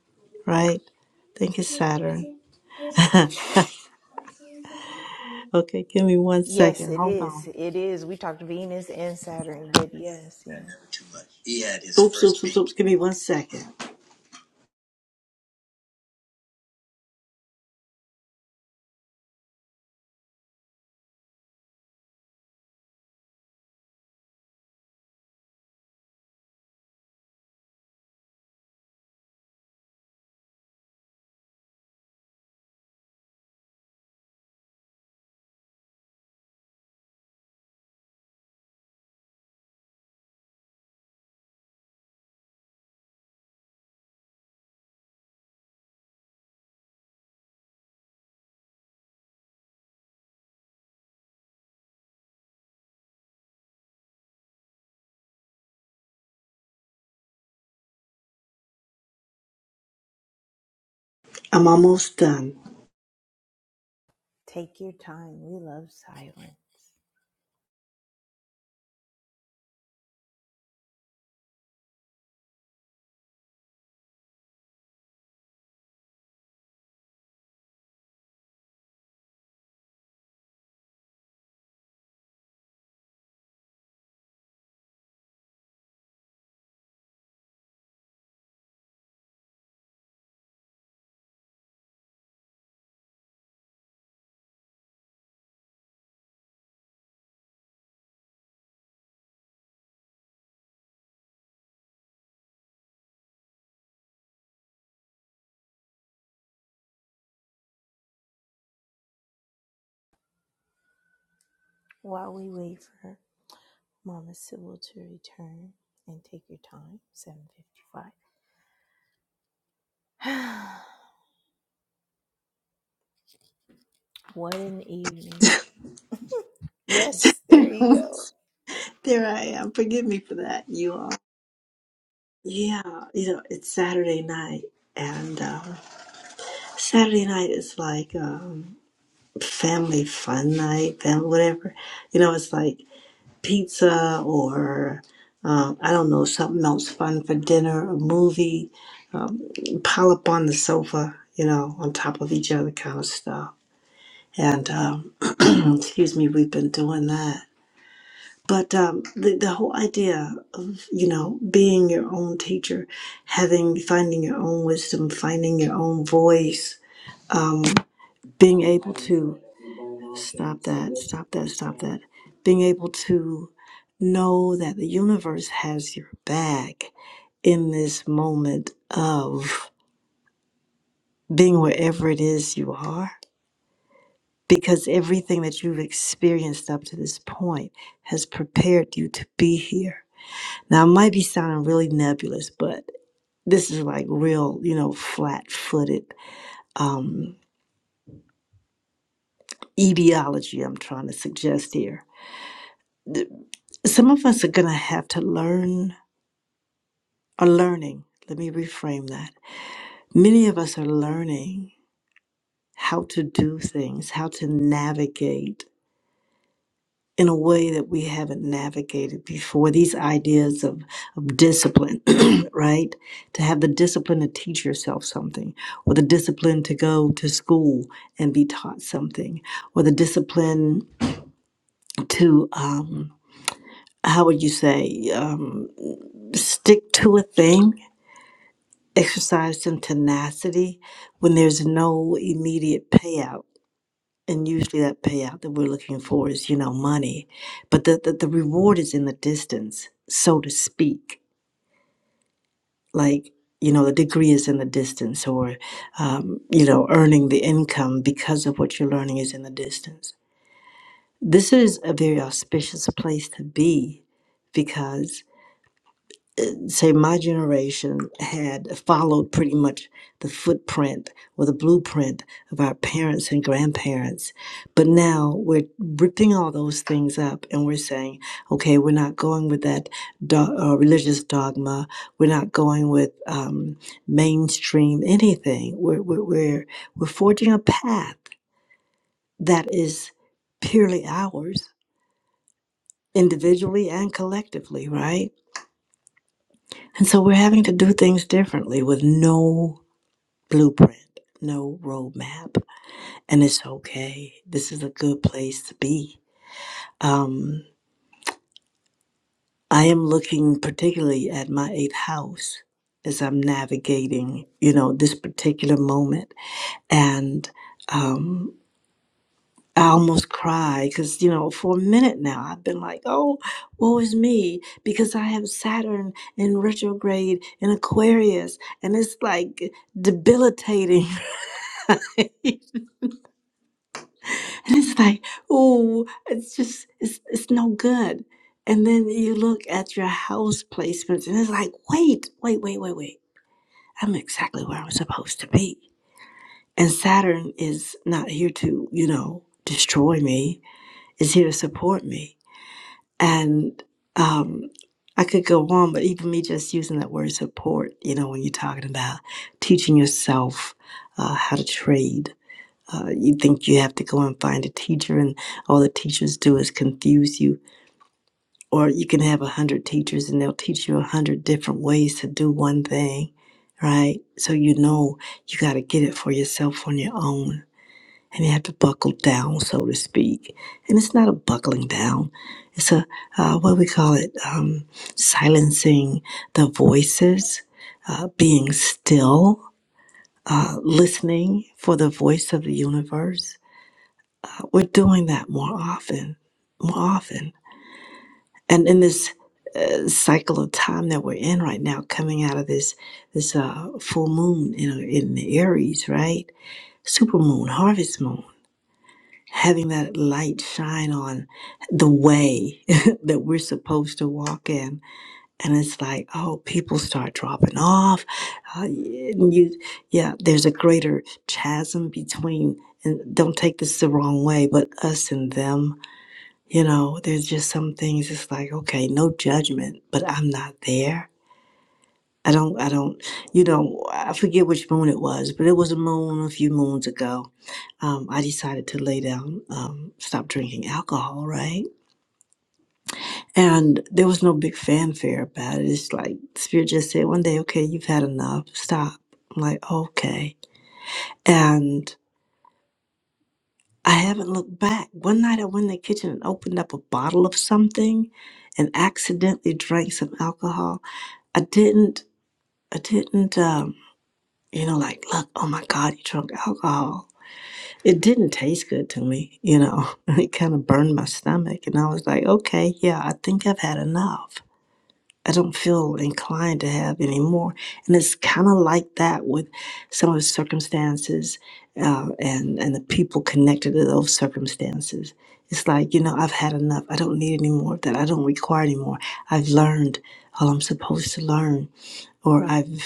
D: right? I think it's Saturn. Okay, give me one
A: Yes,
D: second.
A: it
D: Hold
A: is.
D: on.
A: It is. We talked Venus and Saturn, but yes, yeah.
D: He had his oops, first oops, oops, oops. Give me one second. I'm almost done.
A: Take your time. We love silence. While we wait for Mama Sybil to return and take your time, 755. what an evening. Yes, there you
D: there
A: go.
D: I am. Forgive me for that, you all. Yeah, you know, it's Saturday night. And uh, Saturday night is like um, family fun night, family whatever. You know, it's like pizza or um, I don't know something else fun for dinner, a movie, um, pile up on the sofa, you know, on top of each other, kind of stuff. And um, excuse me, we've been doing that. But um, the the whole idea of you know being your own teacher, having finding your own wisdom, finding your own voice, um, being able to Stop that, stop that, stop that. Being able to know that the universe has your back in this moment of being wherever it is you are, because everything that you've experienced up to this point has prepared you to be here. Now, it might be sounding really nebulous, but this is like real, you know, flat footed um, etiology I'm trying to suggest here. The- Some of us are going to have to learn are learning. Let me reframe that. Many of us are learning how to do things, how to navigate in a way that we haven't navigated before. These ideas of, of discipline, right? To have the discipline to teach yourself something, or the discipline to go to school and be taught something, or the discipline to, um, how would you say, um, stick to a thing exercise some tenacity when there's no immediate payout. And usually that payout that we're looking for is, you know, money. But the, the, the reward is in the distance, so to speak. Like, you know, the degree is in the distance, or, um, you know, earning the income because of what you're learning is in the distance. This is a very auspicious place to be because say my generation had followed pretty much the footprint or the blueprint of our parents and grandparents but now we're ripping all those things up and we're saying okay we're not going with that do- uh, religious dogma we're not going with um, mainstream anything we're, we're, we're, we're forging a path that is purely ours individually and collectively right and so we're having to do things differently with no blueprint, no roadmap, and it's okay. This is a good place to be. Um, I am looking particularly at my eighth house as I'm navigating, you know, this particular moment, and um, I almost cry because you know, for a minute now, I've been like, "Oh, woe is me," because I have Saturn in retrograde in Aquarius, and it's like debilitating. And it's like, oh, it's just, it's, it's no good. And then you look at your house placements and it's like, wait, wait, wait, wait, wait. I'm exactly where I'm supposed to be. And Saturn is not here to, you know, destroy me, it's here to support me. And um, I could go on, but even me just using that word support, you know, when you're talking about teaching yourself uh, how to trade uh, you think you have to go and find a teacher, and all the teachers do is confuse you. Or you can have a hundred teachers, and they'll teach you a hundred different ways to do one thing, right? So you know you got to get it for yourself on your own, and you have to buckle down, so to speak. And it's not a buckling down; it's a uh, what do we call it um, silencing the voices, uh, being still, uh, listening for the voice of the universe we're doing that more often, more often. And in this uh, cycle of time that we're in right now, coming out of this this uh, full moon, you know, in the Aries, right? Super moon, harvest moon, having that light shine on the way that we're supposed to walk in, and it's like, oh, people start dropping off. Uh, and you, yeah, there's a greater chasm between, and don't take this the wrong way, but us and them you know, there's just some things it's like, okay, no judgment, but I'm not there. I don't, I don't, you know, I forget which moon it was, but it was a moon a few moons ago. Um, I decided to lay down, um, stop drinking alcohol, right? And there was no big fanfare about it. It's like, Spirit just said one day, okay, you've had enough, stop. I'm like, okay. And I haven't looked back. One night I went in the kitchen and opened up a bottle of something and accidentally drank some alcohol I didn't, I didn't, um, you know, like, look, oh my God, you drunk alcohol. It didn't taste good to me, you know. It kind of burned my stomach. And I was like, okay, yeah, I think I've had enough. I don't feel inclined to have any more. And it's kind of like that with some of the circumstances uh, and, and the people connected to those circumstances. It's like, you know, I've had enough. I don't need any more of that. I don't require any more. I've learned all I'm supposed to learn or I've,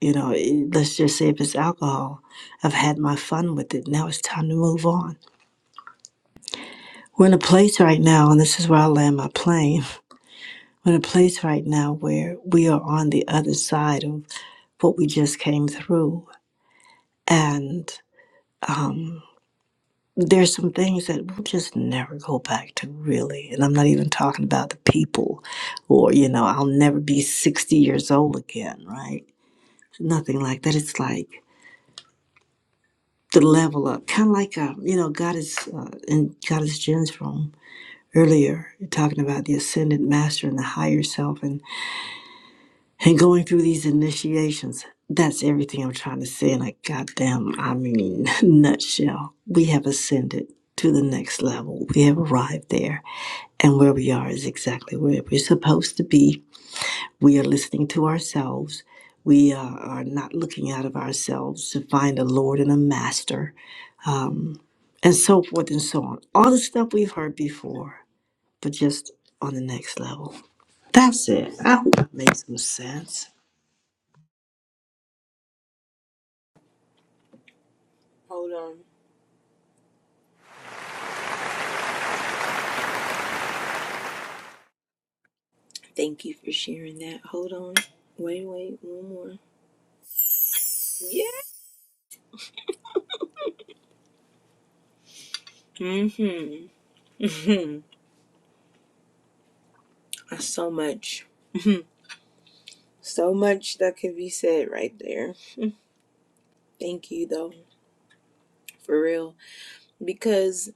D: you know, eh, let's just say if it's alcohol, I've had my fun with it. Now it's time to move on. We're in a place right now, and this is where I land my plane. We're in a place right now where we are on the other side of what we just came through. And um, there's some things that we'll just never go back to, really. And I'm not even talking about the people or, you know, I'll never be 60 years old again, right? Nothing like that. It's like, to level up, kind of like uh, you know, God is uh, in God is Jen's room earlier, talking about the ascendant master and the higher self, and and going through these initiations. That's everything I'm trying to say in a goddamn, I mean, nutshell. We have ascended to the next level. We have arrived there, and where we are is exactly where we're supposed to be. We are listening to ourselves. We uh, are not looking out of ourselves to find a Lord and a Master um, and so forth and so on. All the stuff we've heard before, but just on the next level. That's it. I hope that makes some sense.
A: Hold on. Thank you for sharing that. Hold on. Wait, wait, one more. Yeah. Mm-hmm. Mm-hmm. That's so much. Mhm. so much that can be said right there. Thank you though, for real. Because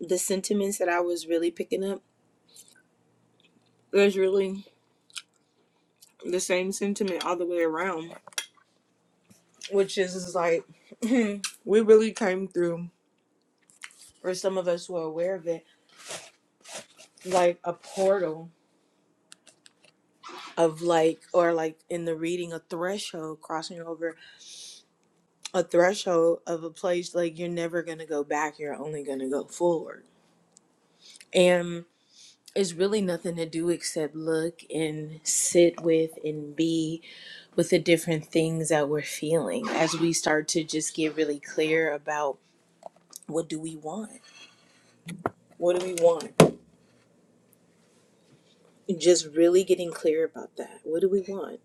A: the sentiments that I was really picking up, there's really the same sentiment all the way around. Which is, is like we really came through or some of us were aware of it, like a portal of like or like in the reading a threshold crossing over a threshold of a place like you're never going to go back you're only going to go forward and it's really nothing to do except look and sit with and be with the different things that we're feeling as we start to just get really clear about what do we want what do we want just really getting clear about that what do we want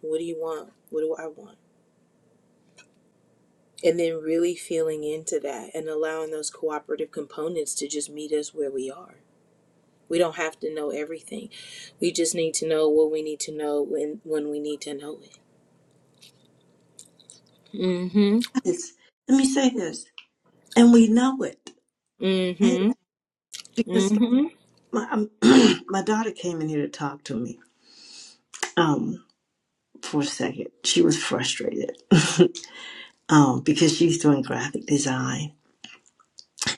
A: what do you want what do i want and then really feeling into that and allowing those cooperative components to just meet us where we are We don't have to know everything. We just need to know what we need to know when when we need to know it. Mm Mhm.
D: Yes. Let me say this, and we know it,
A: Mm
D: right?
A: Mhm. Mm
D: Because
A: Mhm.
D: my um, my daughter came in here to talk to me um, for a second. She was frustrated um, because she's doing graphic design,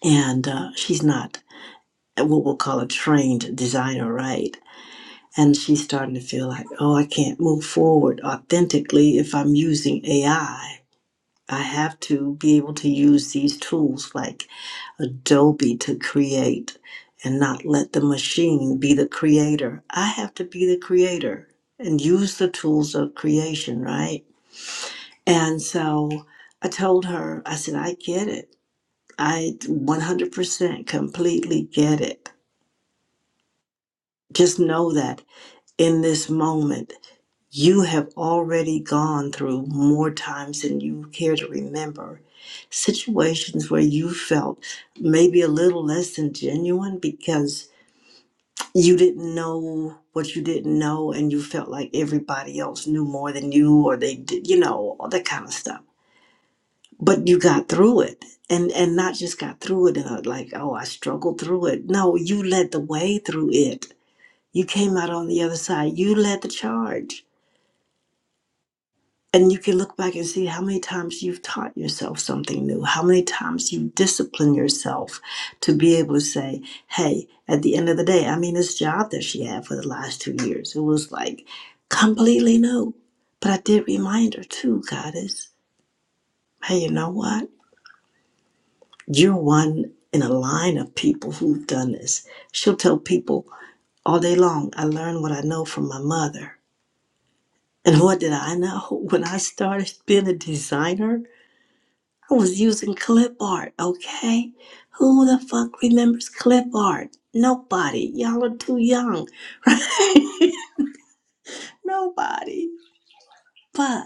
D: and uh, she's not what we'll call a trained designer, right? And she's starting to feel like, oh, I can't move forward authentically if I'm using AI. I I have to be able to use these tools like Adobe to create and not let the machine be the creator. I have to be the creator and use the tools of creation, right? And so I told her, I said, I get it. I 100% completely get it. Just know that in this moment, You have already gone through more times than you care to remember. Situations where you felt maybe a little less than genuine because you didn't know what you didn't know and you felt like everybody else knew more than you or they did, you know, all that kind of stuff. But you got through it and and not just got through it and uh, like, oh, I struggled through it. No, you led the way through it. You came out on the other side. You led the charge And you can look back and see how many times you've taught yourself something new, how many times you've disciplined yourself to be able to say, hey, at the end of the day, I mean, this job that she had for the last two years, it was like completely new. But I did remind her too, Goddess, hey, you know what? You're one in a line of people who've done this. She'll tell people all day long, I learned what I know from my mother. And what did I know when I started being a designer? I was using clip art, okay? Who the fuck remembers clip art? Nobody. Y'all are too young, right? Nobody. But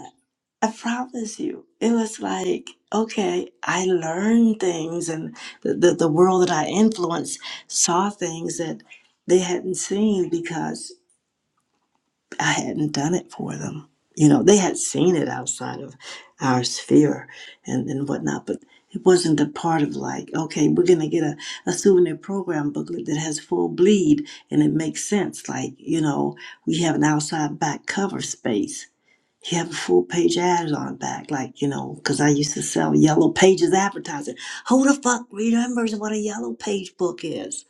D: I promise you, it was like, okay, I learned things and the, the, the world that I influenced saw things that they hadn't seen because. I hadn't done it for them. You know, they had seen it outside of our sphere and, and whatnot, but it wasn't a part of like, okay, we're going to get a, a souvenir program booklet that has full bleed and it makes sense. Like, you know, we have an outside back cover space. You have a full page ad on back, like, you know, because I used to sell yellow pages advertising. Who the fuck remembers what a yellow page book is?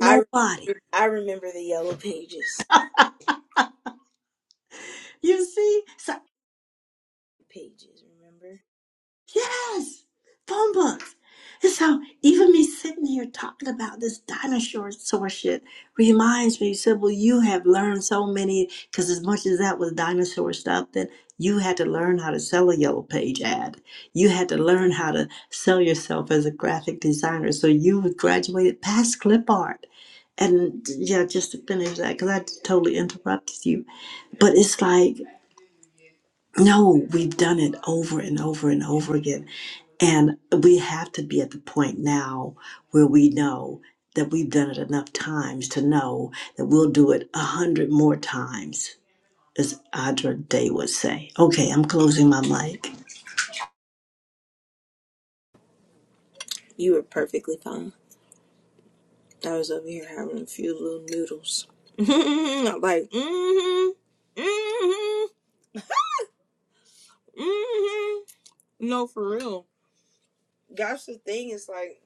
A: I
D: Nobody.
A: I remember the yellow pages.
D: You see? So
A: Pages, remember?
D: Yes, phone books. And so even me sitting here talking about this dinosaur sort shit reminds me, said, well, you have learned so many, because as much as that was dinosaur stuff, then you had to learn how to sell a yellow page ad. You had to learn how to sell yourself as a graphic designer. So you graduated past clip art. And yeah, just to finish that, because I totally interrupted you. But it's like no, we've done it over and over and over again. And we have to be at the point now where we know that we've done it enough times to know that we'll do it a hundred more times, as Audra Day would say. Okay, I'm closing my mic.
A: You were perfectly fine. I was over here having a few little noodles. I'm like, mhm. Mhm. Mhm. No, for real. That's the thing. It's like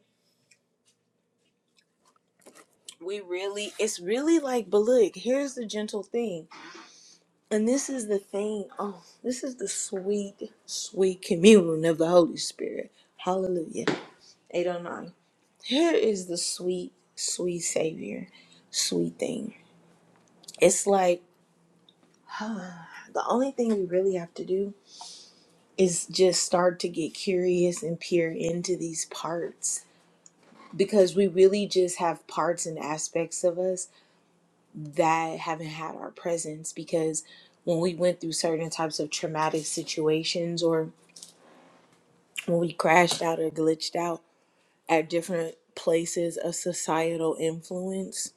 A: we really. It's really like, but look, here's the gentle thing. And this is the thing. Oh, this is the sweet, sweet communion of the Holy Spirit. Hallelujah. 809. Here is the sweet, sweet Savior, sweet thing. It's like ah, the only thing we really have to do is just start to get curious and peer into these parts because we really just have parts and aspects of us that haven't had our presence because when we went through certain types of traumatic situations or when we crashed out or glitched out at different places of societal influence,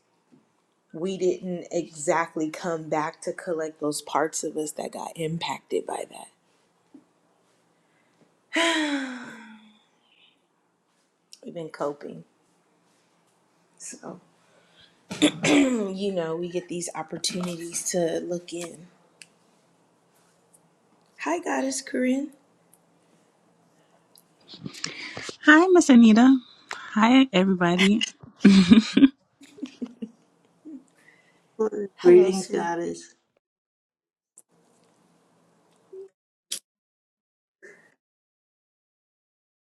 A: we didn't exactly come back to collect those parts of us that got impacted by that. We've been coping. So, Hmm, you know, we get these opportunities to look in. Hi, Goddess Corinne.
E: Hi, Miss Anita. Hi, everybody.
A: Hello,
D: Greetings,
A: sweet.
D: goddess.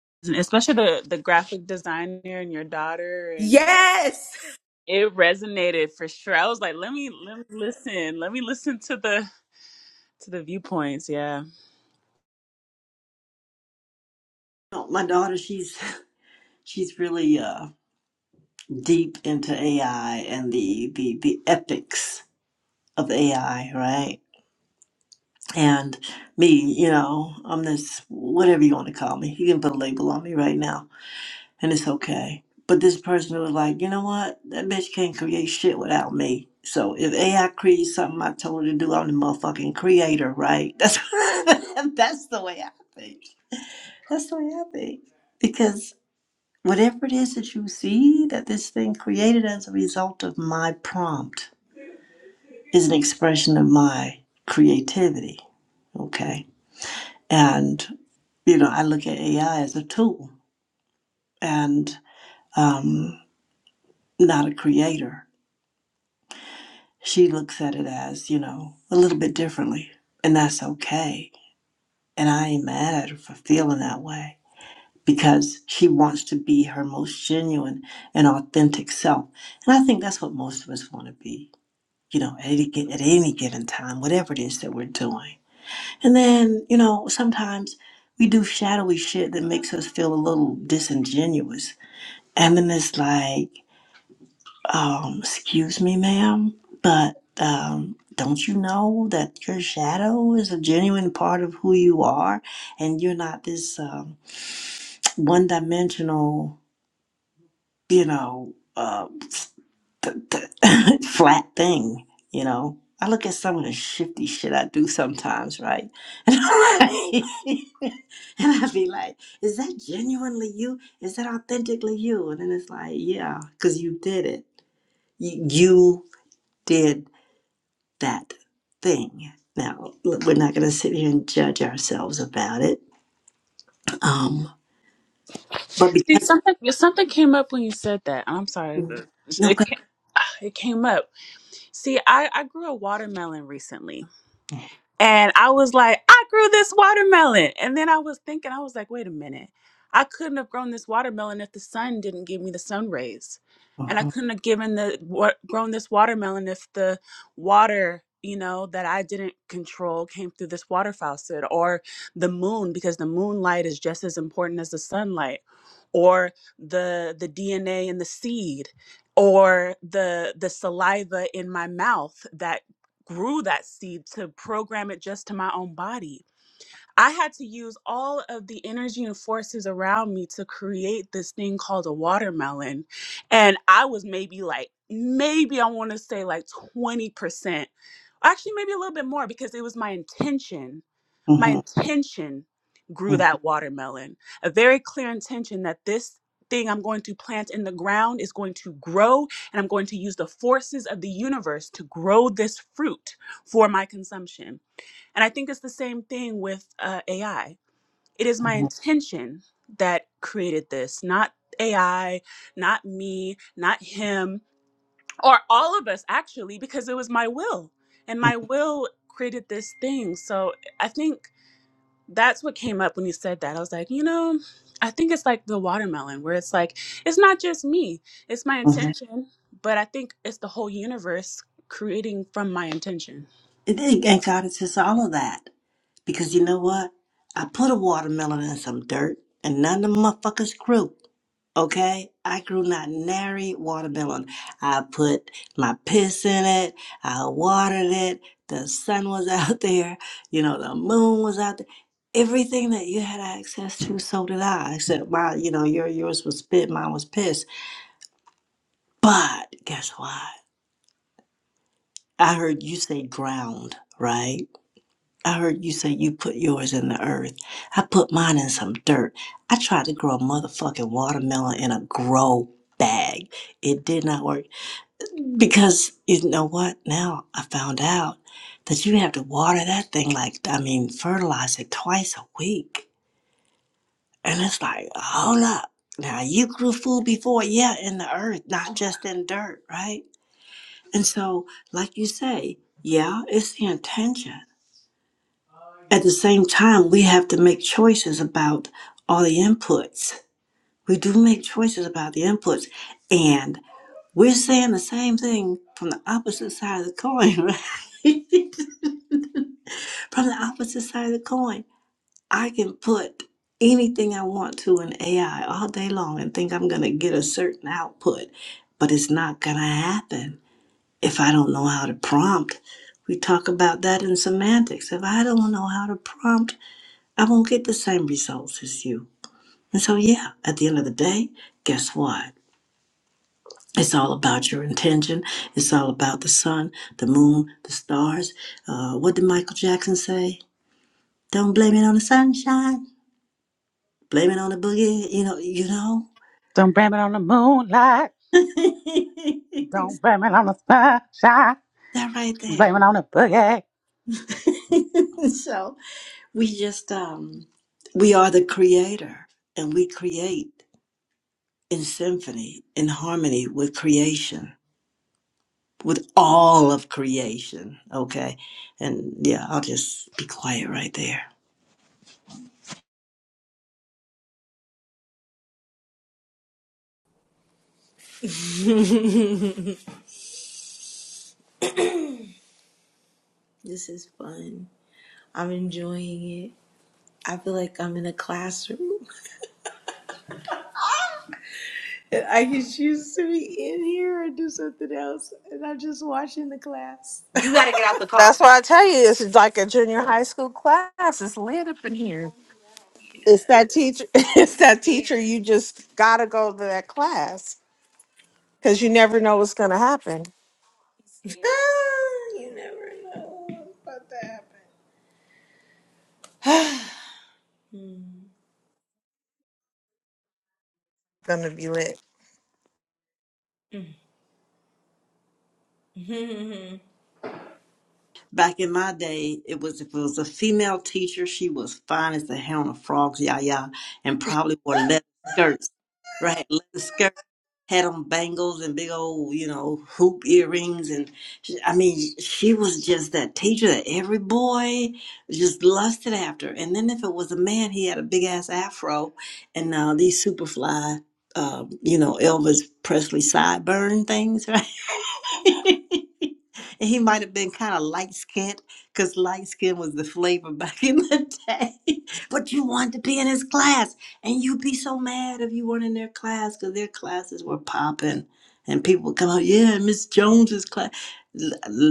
E: Especially the, the graphic designer and your daughter, and
A: Yes!
E: it resonated for sure. I was like, let me let me listen, let me listen to the to the viewpoints. Yeah,
D: Oh, My daughter, she's she's really uh, deep into AI and the, the the epics of AI, right? and me, you know, I'm this whatever you want to call me. You can put a label on me right now, and it's okay. But this person was like, you know what? That bitch can't create shit without me. So if AI creates something I told her to do, I'm the motherfucking creator, right? That's that's the way I think. That's the way I think. Because whatever it is that you see that this thing created as a result of my prompt is an expression of my creativity. Okay. And You know, I look at AI as a tool and um, not a creator. She looks at it as, you know, a little bit differently, and that's okay. And I ain't mad at her for feeling that way because she wants to be her most genuine and authentic self. And I think that's what most of us want to be, you know, at any, gi- at any given time, whatever it is that we're doing. And then, you know, sometimes we do shadowy shit that makes us feel a little disingenuous. And then it's like, um, excuse me, ma'am, but um, don't you know that your shadow is a genuine part of who you are and you're not this um, one dimensional, you know, uh, th- th- flat thing, you know? I look at some of the shifty shit I do sometimes, right? And i and I'd be like, is that genuinely you? Is that authentically you? And then it's like, yeah, because you did it. You, you did that thing. Now, we're not going to sit here and judge ourselves about it. Um, but
E: see
D: because,
E: something something came up when you said that. I'm sorry,
D: no,
E: but it
D: go ahead.
E: ca- it came up. See, I I grew a watermelon recently, And I was like, I grew this watermelon. And then I was thinking, I was like, wait a minute. I couldn't have grown this watermelon if the sun didn't give me the sun rays. And I
D: Mhm.
E: couldn't have given the wa- grown this watermelon if the water, you know, that I didn't control came through this water faucet or the moon because the moonlight is just as important as the sunlight or the the DNA in the seed or the the saliva in my mouth that grew that seed to program it just to my own body. I had to use all of the energy and forces around me to create this thing called a watermelon. And I was maybe like, maybe I want to say like 20%, actually, maybe a little bit more because it was my intention my
D: Mhm.
E: intention grew
D: Mhm.
E: that watermelon a very clear intention that this thing i'm going to plant in the ground is going to grow and i'm going to use the forces of the universe to grow this fruit for my consumption and i think it's the same thing with uh, ai it is my
D: Mhm.
E: intention that created this not ai not me not him or all of us actually because it was my will and my will created this thing so I think that's what came up when you said that. I was like, you know, I think it's like the watermelon, where it's like, it's not just me, it's my
D: Mhm.
E: intention, but I think it's the whole universe creating from my intention.
D: And and God is just all of that. Because you know what? I put a watermelon in some dirt and none of the motherfuckers grew. Okay? I grew not nary watermelon. I put my piss in it. I watered it. The sun was out there. You know, the moon was out there. Everything that you had access to, so did I. Except my, you know, your yours was spit, mine was piss. But guess what? I heard you say ground, right? I heard you say you put yours in the earth. I put mine in some dirt. I tried to grow a motherfucking watermelon in a grow bag. It did not work because you know what? Now I found out that you have to water that thing like I mean fertilize it twice a week. And it's like, hold up. Now you grew food before, yeah, in the earth, not just in dirt, right? And so, like you say, yeah, it's the intention At the same time, we have to make choices about all the inputs. We do make choices about the inputs, and we're saying the same thing from the opposite side of the coin, right? from the opposite side of the coin. I can put anything I want to in AI all day long and think I'm going to get a certain output, but it's not going to happen if I don't know how to prompt. We talk about that in semantics. If I don't know how to prompt, I won't get the same results as you. And so, yeah, at the end of the day, guess what? It's all about your intention. It's all about the sun, the moon, the stars. Uh, what did Michael Jackson say? Don't blame it on the sunshine. Blame it on the boogie. You know, you know. that right there. so we just um, we are the creator, and we create in symphony, in harmony with creation with all of creation. Okay. And yeah, I'll just be quiet right there.
A: this is fun. I'm enjoying it. I feel like I'm in a classroom. I can choose to be in here or do something else, and I'm just watching the class.
C: The That's call. why I tell you, this is like a junior high school class. It's lit up in here.
A: Yeah.
C: It's that teacher. It's that teacher. You just gotta go to that class because you never know what's gonna happen.
A: you never know what's about to happen.
C: Gonna be lit.
A: Hmm.
D: Back in my day, it was if it was a female teacher, she was fine as the hound of frogs, yah yah, and probably wore leather skirts, right? Leather skirts had on bangles and big old, you know, hoop earrings. And she, I mean, she was just that teacher that every boy just lusted after. And then if it was a man, he had a big ass afro and uh, these super fly, uh, you know, Elvis Presley sideburn things, right? And he might have been kind of light skinned because light skin was the flavor back in the day. But you wanted to be in his class. And you'd be so mad if you weren't in their class because their classes were popping. And people would come out, yeah, Miss Jones's class. L-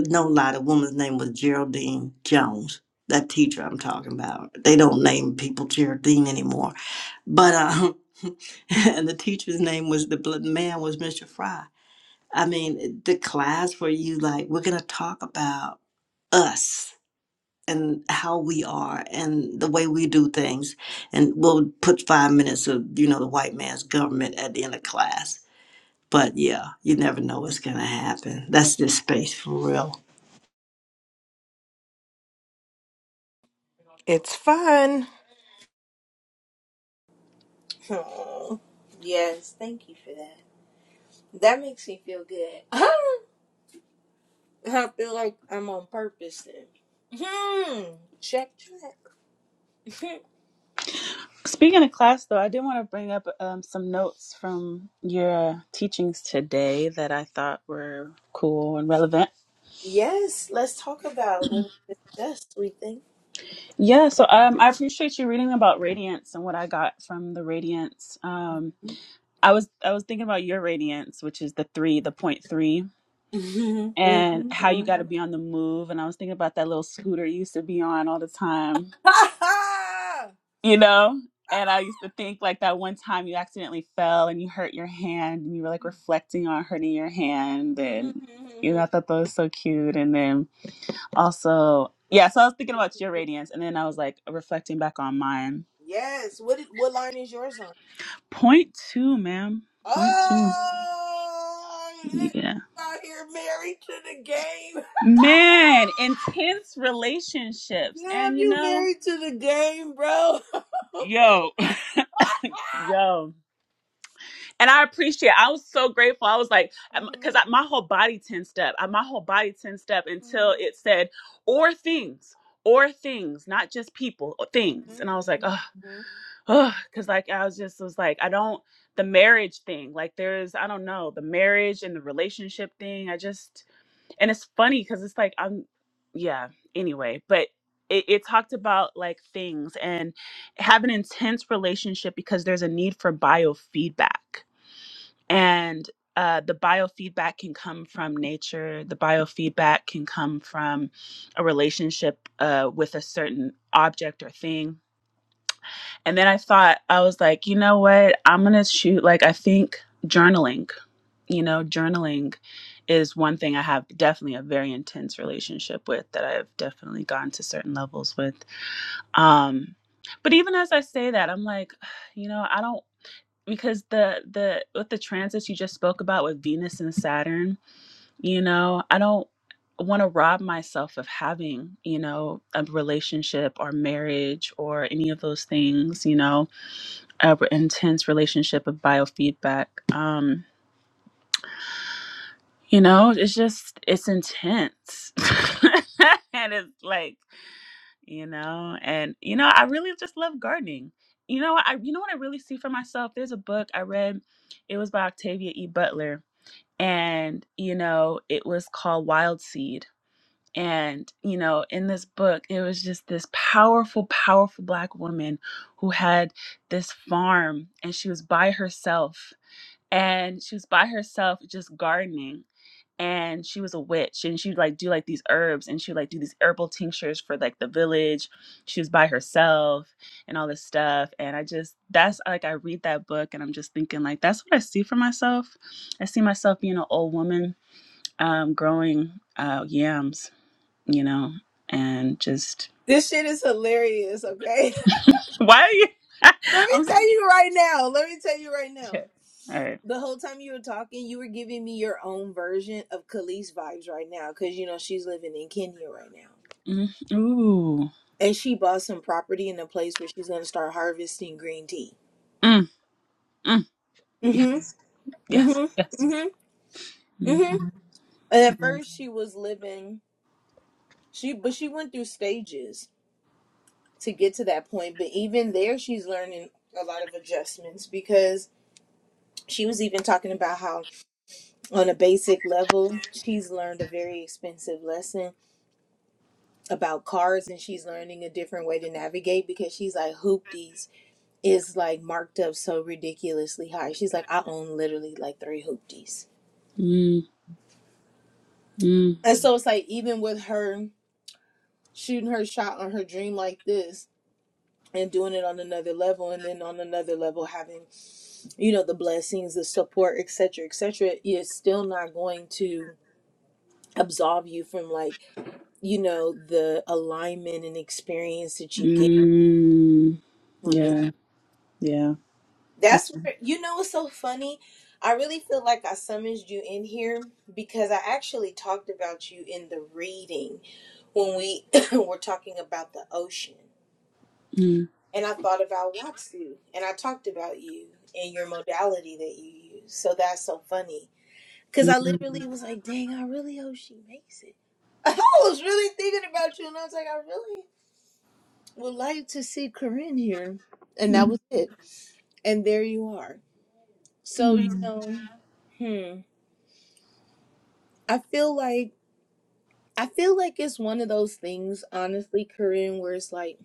D: No lie, the woman's name was Geraldine Jones. That teacher I'm talking about. They don't name people Geraldine anymore. But um and the teacher's name was the bl- man was Mr. Fry I mean, the class where you like, we're going to talk about us and how we are and the way we do things. And we'll put five minutes of, you know, the white man's government at the end of class. But yeah, you never know what's going to happen. That's just space for real.
C: It's fun.
A: Oh, yes, thank you for that. That makes me feel good. I feel like I'm on purpose then. Hmm. Check, check.
E: Speaking of class, though, I did want to bring up um, some notes from your teachings today that I thought were cool and relevant.
A: yes, let's talk about what we discussed, we think.
E: Yeah, so um, I appreciate you reading about radiance and what I got from the radiance. Um, I was I was thinking about your radiance, which is the three, the point three.
A: Mm-hmm.
E: and how you
A: Mm-hmm.
E: got to be on the move. And I was thinking about that little scooter you used to be on all the time,
A: Mm-hmm.
E: you know? And I used to think like that one time you accidentally fell and you hurt your hand and you were like reflecting on hurting your hand. And, you know, I thought that was so cute. And then also, yeah, so I was thinking about your radiance and then I was like reflecting back on mine.
A: yes. What did, what line is yours on?
E: Point two, ma'am. Point two.
A: Oh, this
E: Yeah.
A: out here married to the game.
E: Man, intense relationships.
A: Damn,
E: And, you
A: you
E: know,
A: married to the game, bro.
E: yo. Yo. And I appreciate. I was so grateful. I was like, because
A: Mhm,
E: my whole body tensed up. I, my whole body tensed up
A: mhm,
E: until it said, "or things, or things, not just people, or things."
A: mhm,
E: And I was like,
A: mhm,
E: oh,
A: mhm.
E: oh," because like I was just was like, I don't the marriage thing. Like there's, I don't know, the marriage and the relationship thing. I just, and it's funny because it's like I'm, yeah. Anyway, but. It, it talked about like things and have an intense relationship because there's a need for biofeedback and uh, the biofeedback can come from nature the biofeedback can come from a relationship uh, with a certain object or thing and then i thought i was like you know what i'm gonna shoot like i think journaling you know journaling is one thing i have definitely a very intense relationship with that i've definitely gone to certain levels with um but even as i say that i'm like you know i don't because the the with the transits you just spoke about with Venus and Saturn, you know, I don't want to rob myself of having, you know, a relationship or marriage or any of those things, you know, a r- intense relationship of biofeedback. Um, you know, it's just it's intense. and it's like, you know, and you know, I really just love gardening. You know, I you know what I really see for myself? There's a book I read. It was by Octavia E. Butler and you know it was called wild seed and you know in this book it was just this powerful powerful black woman who had this farm and she was by herself and she was by herself just gardening and she was a witch and she'd like do like these herbs and she would like do these herbal tinctures for like the village she was by herself and all this stuff and i just that's like i read that book and i'm just thinking like that's what i see for myself i see myself being an old woman um, growing uh, yams, you know, and just
A: This shit is hilarious, okay?
E: why are you?
A: let me
E: I'm
A: tell you right now. Let me tell you right now.
E: shit. All right.
A: The whole time you were talking, you were giving me your own version of Khalees vibes right now, because you know she's living in Kenya right now,
E: Mm, ooh.
A: and she bought some property in a place where she's gonna start harvesting green tea.
E: Mm, mm,
A: Mhm.
E: yes. Yes.
A: Mhm.
E: Yes.
A: Mhm.
E: Mm,
A: Mhm. And at
E: mm,
A: first, she was living she, but she went through stages to get to that point. But even there, she's learning a lot of adjustments because she was even talking about how, on a basic level, she's learned a very expensive lesson about cars and she's learning a different way to navigate because she's like hoopties is like marked up so ridiculously high. She's like, I own literally like three hoopties.
E: mm,
A: And so it's like even with her shooting her shot on her dream like this and doing it on another level and then on another level having you know the blessings the support et cetera, etc etc is still not going to absolve you from like you know the alignment and experience that you get
E: mm.
A: when
E: Yeah. Yeah. That's,
A: That's where you know it's so funny. I really feel like I summoned you in here because I actually talked about you in the reading when we were talking about the ocean.
E: mm,
A: And I thought about Watsu and I talked about you and your modality that you use. So that's so funny. Cause
E: mm,
A: I literally was like, dang, I really hope she makes it. I was really thinking about you and I was like, I really would like to see Corinne here. And that
E: mm,
A: was it. And there you are. So, you
E: mm,
A: know, hmm. I feel like I feel like it's one of those things, honestly, Corinne, where it's like,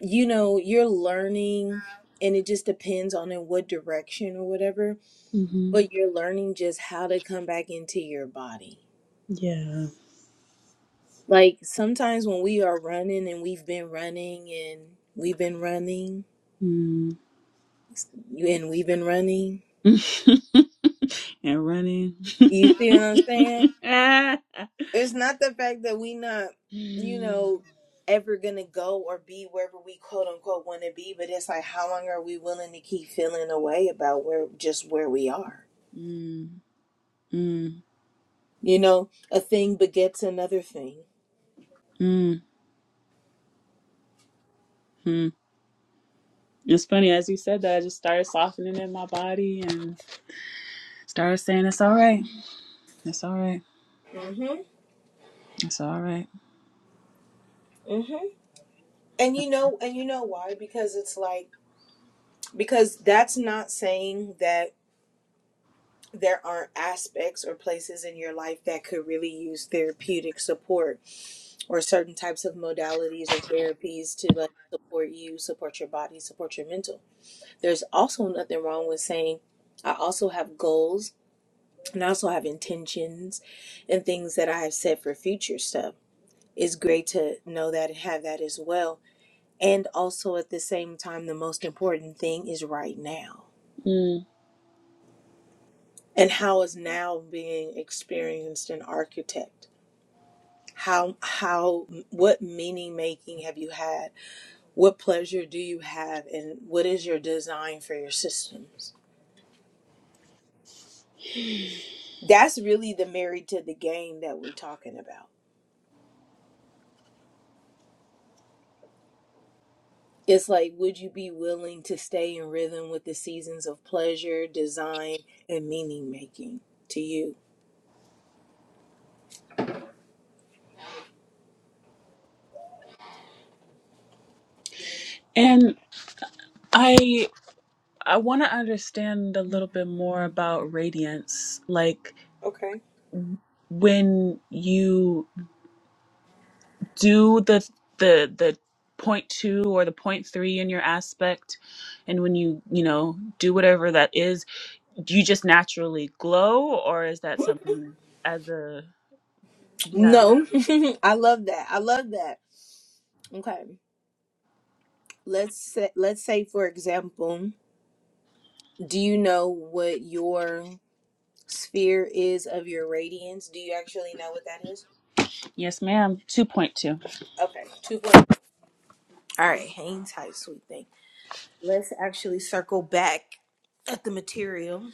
A: you know, you're learning and it just depends on in what direction or whatever,
E: mm
A: but you're learning just how to come back into your body.
E: Yeah.
A: Like sometimes when we are running and we've been running and we've been running
E: Mm.
A: and we've been running,
E: and running.
A: you see what I'm saying? it's not the fact that we not you
E: Mm,
A: know ever gonna go or be wherever we quote unquote want to be but it's like how long are we willing to keep feeling away about where just where we are
E: mm,
A: you know a thing begets another thing
E: mm, Hmm. It's funny, as you said that, I just started softening in my body and started saying, "It's all right. It's all right.
A: mhm
E: It's all right."
A: mhm and you know and you know why because it's like because that's not saying that there are aspects or places in your life that could really use therapeutic support or certain types of modalities or therapies to like support you, support your body, support your mental. There's also nothing wrong with saying, I also have goals and I also have intentions and things that I have set for future stuff. It's great to know that and have that as well. And also at the same time, the most important thing is right now.
E: Mm.
A: And how is now being experienced and architect? how how what meaning making have you had what pleasure do you have and what is your design for your systems that's really the married to the game that we're talking about it's like would you be willing to stay in rhythm with the seasons of pleasure design and meaning making to you
E: And I I want to understand a little bit more about radiance, like
A: Okay.
E: when you do the the the point two or the point three in your aspect, and when you you know do whatever that is, do you just naturally glow, or is that something as a yeah?
A: no i love that i love that okay let's say let's say for example do you know what your sphere is of your radiance. Do you actually know what that is?
E: Yes, ma'am. Two point two.
A: Okay, two point. All right, hang tight, sweet thing. Let's actually circle back at the material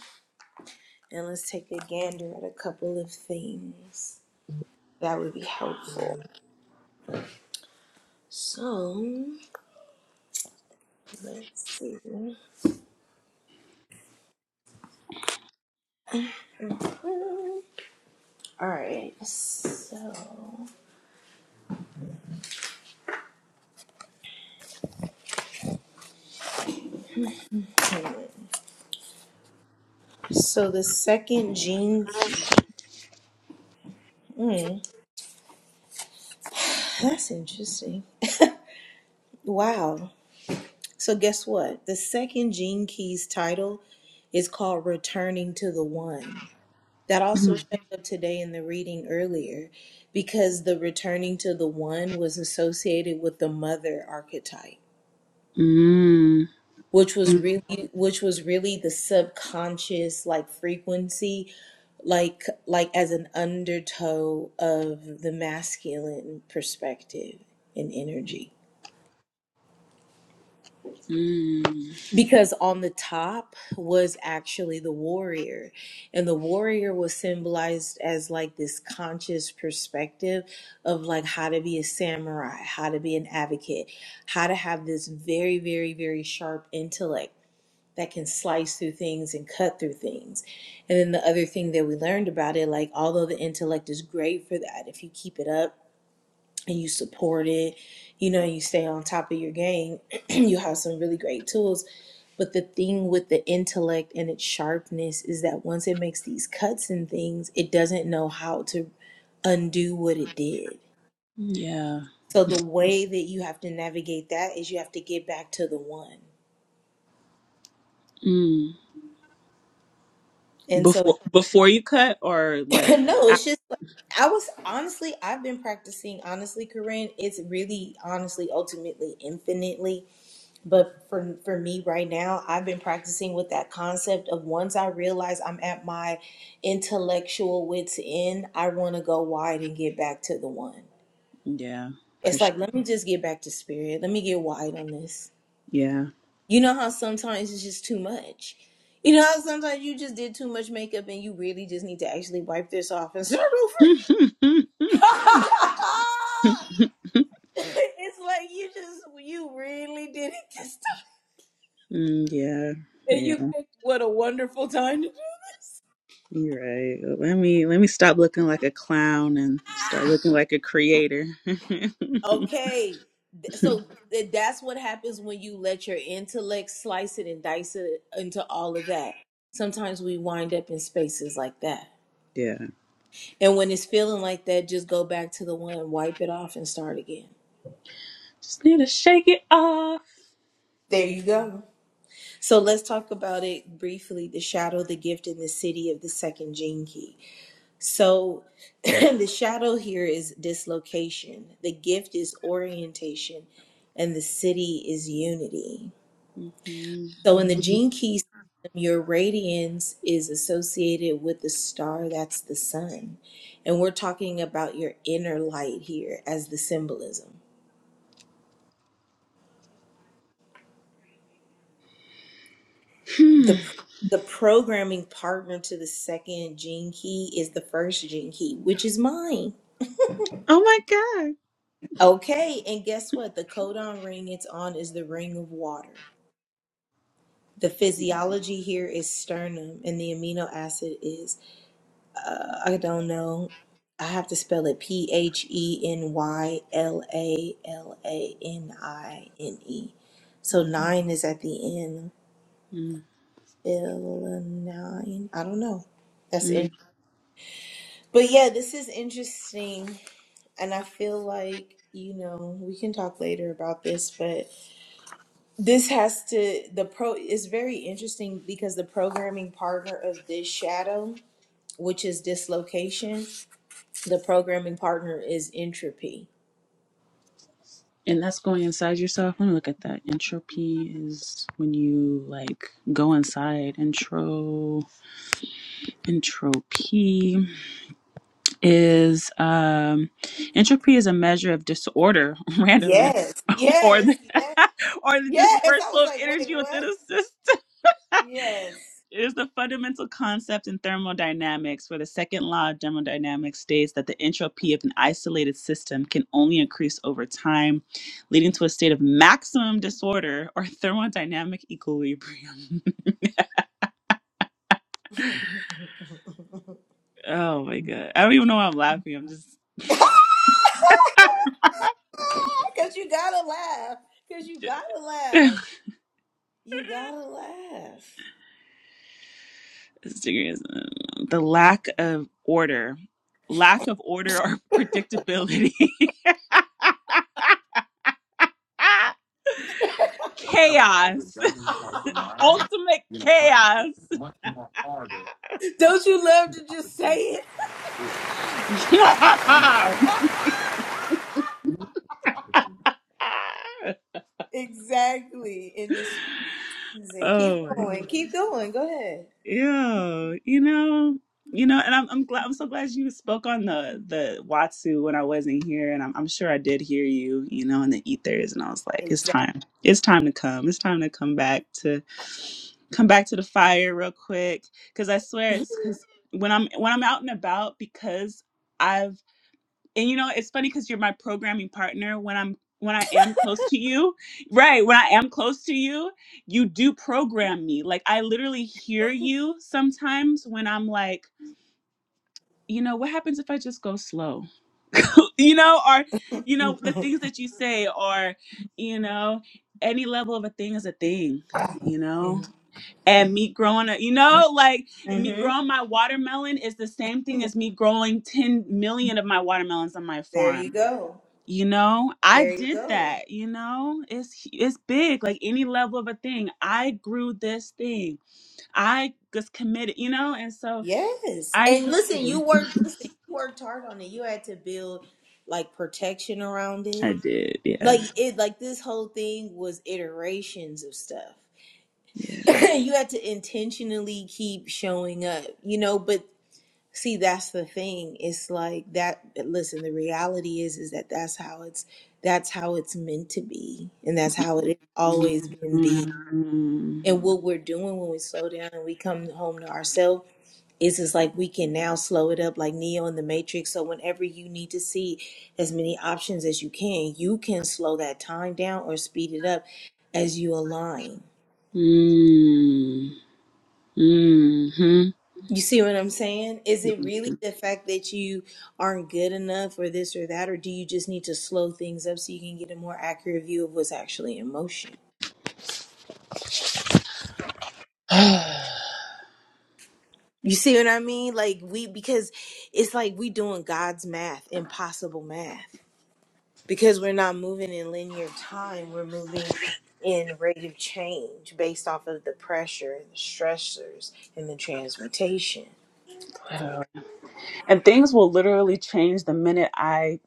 A: and let's take a gander at a couple of things that would be helpful. So let's see. All right, so hmm. so the second gene key. Hmm, that's interesting. Wow. So guess what? The second Gene Keys title is called Returning to the One. That also
E: Mm.
A: showed up today in the reading earlier because the returning to the one was associated with the mother archetype, which was
E: Mm.
A: really which was really the subconscious like frequency like like as an undertow of the masculine perspective and energy. because on the top was actually the warrior and the warrior was symbolized as like this conscious perspective of like how to be a samurai how to be an advocate how to have this very very very sharp intellect that can slice through things and cut through things and then the other thing that we learned about it like although the intellect is great for that if you keep it up and you support it, you know, you stay on top of your game, you have some really great tools. But the thing with the intellect and its sharpness is that once it makes these cuts and things, it doesn't know how to undo what it did.
E: Yeah.
A: So the way that you have to navigate that is you have to get back to the one.
E: Mm.
A: And so,
E: Before before you cut or like
A: no,
E: ah,
A: it's just like, I was honestly, I've been practicing, honestly, Corinne, it's really, honestly, ultimately, infinitely But for for me right now, I've been practicing with that concept of once I realize I'm at my intellectual wits end, I want to go wide and get back to the one.
E: yeah, for
A: It's
E: sure.
A: like let me just get back to spirit. Let me get wide on this.
E: Yeah.
A: You know how sometimes it's just too much. You know how sometimes you just did too much makeup and you really just need to actually wipe this off and start over.
E: mm,
A: it's like you just you really did it this time,
E: yeah.
A: and you
E: Yeah.
A: picked what a wonderful time to do. this.
E: You're right. Let me let me stop looking like a clown and start looking like a creator.
A: Okay. Th- So th- that's what happens when you let your intellect slice it and dice it into all of that. Sometimes we wind up in spaces like that.
E: yeah.
A: And when it's feeling like that, just go back to the one, wipe it off, and start again.
E: Just need to shake it off.
A: There
E: Yeah.
A: you go. So let's talk about it briefly the shadow, the gift, and the city of the second gene key. So the shadow here is dislocation, the gift is orientation, and the city is unity.
E: hmm
A: So in the gene key system, your radiance is associated with the star that's the sun. And we're talking about your inner light here as the symbolism. The the programming partner to the second gene key is the first gene key, which is mine.
E: Oh my god.
A: Okay, and guess what? The codon ring it's on is the ring of water. The physiology here is sternum and the amino acid is uh, I don't know. I have to spell it P H E N Y L A L A N I N E. So nine is at the end.
E: Mm-hmm.
A: Phil nine. I don't know. That's
E: Mm-hmm.
A: in. But yeah, this is interesting, and I feel like you know we can talk later about this, but this has to the pro is very interesting because the programming partner of this shadow, which is dislocation, the programming partner is entropy
E: And that's going inside yourself. Let me look at that. Entropy is when you like go inside. Intro entropy is um entropy is a measure of disorder, randomness,
A: Yes,
E: or the
A: yes, yes,
E: or the
A: yes. I
E: dispersal
A: was
E: of
A: like, wait,
E: energy within
A: what?
E: a system.
A: Yes.
E: It is the fundamental concept in thermodynamics where the second law of thermodynamics states that the entropy of an isolated system can only increase over time, leading to a state of maximum disorder or thermodynamic equilibrium. oh my god. I don't even know why I'm laughing. I'm just
A: Because you gotta laugh. Because you gotta laugh.
E: This
A: You gotta laugh.
E: thing is, um, the lack of order. Lack of order or predictability. Ah,
F: right? Because you're
E: chaos.
F: judging because your mind,
E: Ultimate
F: you're gonna find that it's
E: chaos.
F: much more harder for
A: Don't you love
F: the
A: to just say
F: opportunity.
A: it?
F: If
E: Yeah.
F: you the opportunity,
A: exactly. In this season. Keep
E: oh my
A: going. Keep going. Go ahead.
E: yeah. You know, you know, and I'm I'm glad I'm so glad you spoke on the the Watsu when I wasn't here and I'm I'm sure I did hear you, you know, in the ethers and I was like, it's
A: Exactly.
E: time. It's time to come. It's time to come back to come back to the fire real quick. Cause I swear it's cause when I'm when I'm out and about because I've. and you know it's funny because you're my programming partner when i'm when i am close to you right when i am close to you you do program me like i literally hear you sometimes when i'm like you know what happens if i just go slow you know or you know the things that you say or you know any level of a thing is a thing you know and me growing a you know like me
A: hmm
E: growing my watermelon is the same thing as me growing 10 million of my watermelons on my
A: There you
E: farm
A: go.
E: you know i
A: There you
E: did
A: go.
E: that you know it's it's big like any level of a thing i grew this thing i just committed you know and so
A: Yes.
E: i
A: And
E: hear
A: listen, you
E: you
A: worked listen, you worked hard on it. You had to build like protection around
E: i
A: it.
E: did yeah
A: Like it like this whole thing was iterations of stuff.
E: yeah
A: you had to intentionally keep showing up, you know, but see that's the thing. It's like that listen, the reality is is that that's how it's that's how it's meant to be and that's how it has
E: Mm,
A: always been be.
E: mm,
A: And what we're doing when we slow down and we come home to ourselves it's just like we can now slow it up like Neo in the Matrix. So whenever you need to see as many options as you can, you can slow that time down or speed it up as you align.
E: mhm.
A: You see what I'm saying? Is it really the fact that you aren't good enough or this or that, or do you just need to slow things up so you can get a more accurate view of what's actually in motion? You see what I mean? Like we because it's like we doing God's math, impossible math. because we're not moving in linear time we're moving in rate of change based off of the pressure the stressors and the transmutation
E: and things will literally change the minute i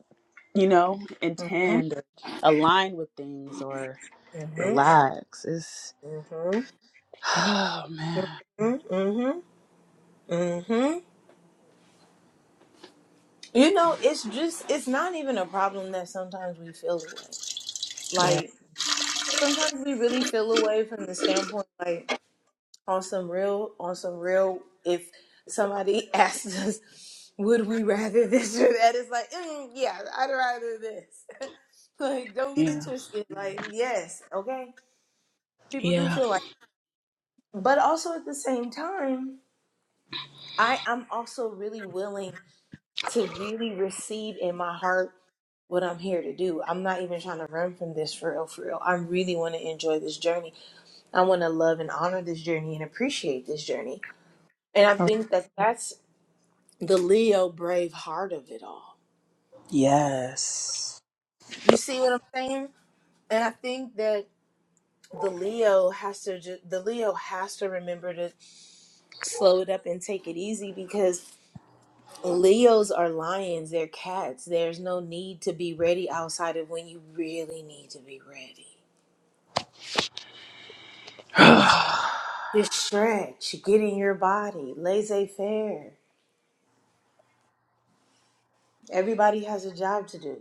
E: you know
A: mm-hmm
E: intend or align with things or
A: mm-hmm
E: relax it's
A: mm-hmm
E: oh man
A: mm-hmm mm-hmm you know it's just it's not even a problem that sometimes we feel away
E: Yeah.
A: like sometimes we really feel away from the standpoint like on some real on some real if somebody asked us would we rather this or that it's like mm, yeah i'd rather this like don't get it
E: Yeah.
A: twisted like yes okay people do
E: Yeah.
A: feel like but also at the same time i i'm also really willing to really receive in my heart what i'm here to do i'm not even trying to run from this for real for real i really want to enjoy this journey i want to love and honor this journey and appreciate this journey and I
E: Oh,
A: think that that's the Leo brave heart of it all.
E: Yes.
A: You see what I'm saying? And I think that the Leo has to ju- the Leo has to remember to slow it up and take it easy because Leos are lions, they're cats. There's no need to be ready outside of when you really need to be ready. Just stretch, get in your body, laissez faire. Everybody has a job to do.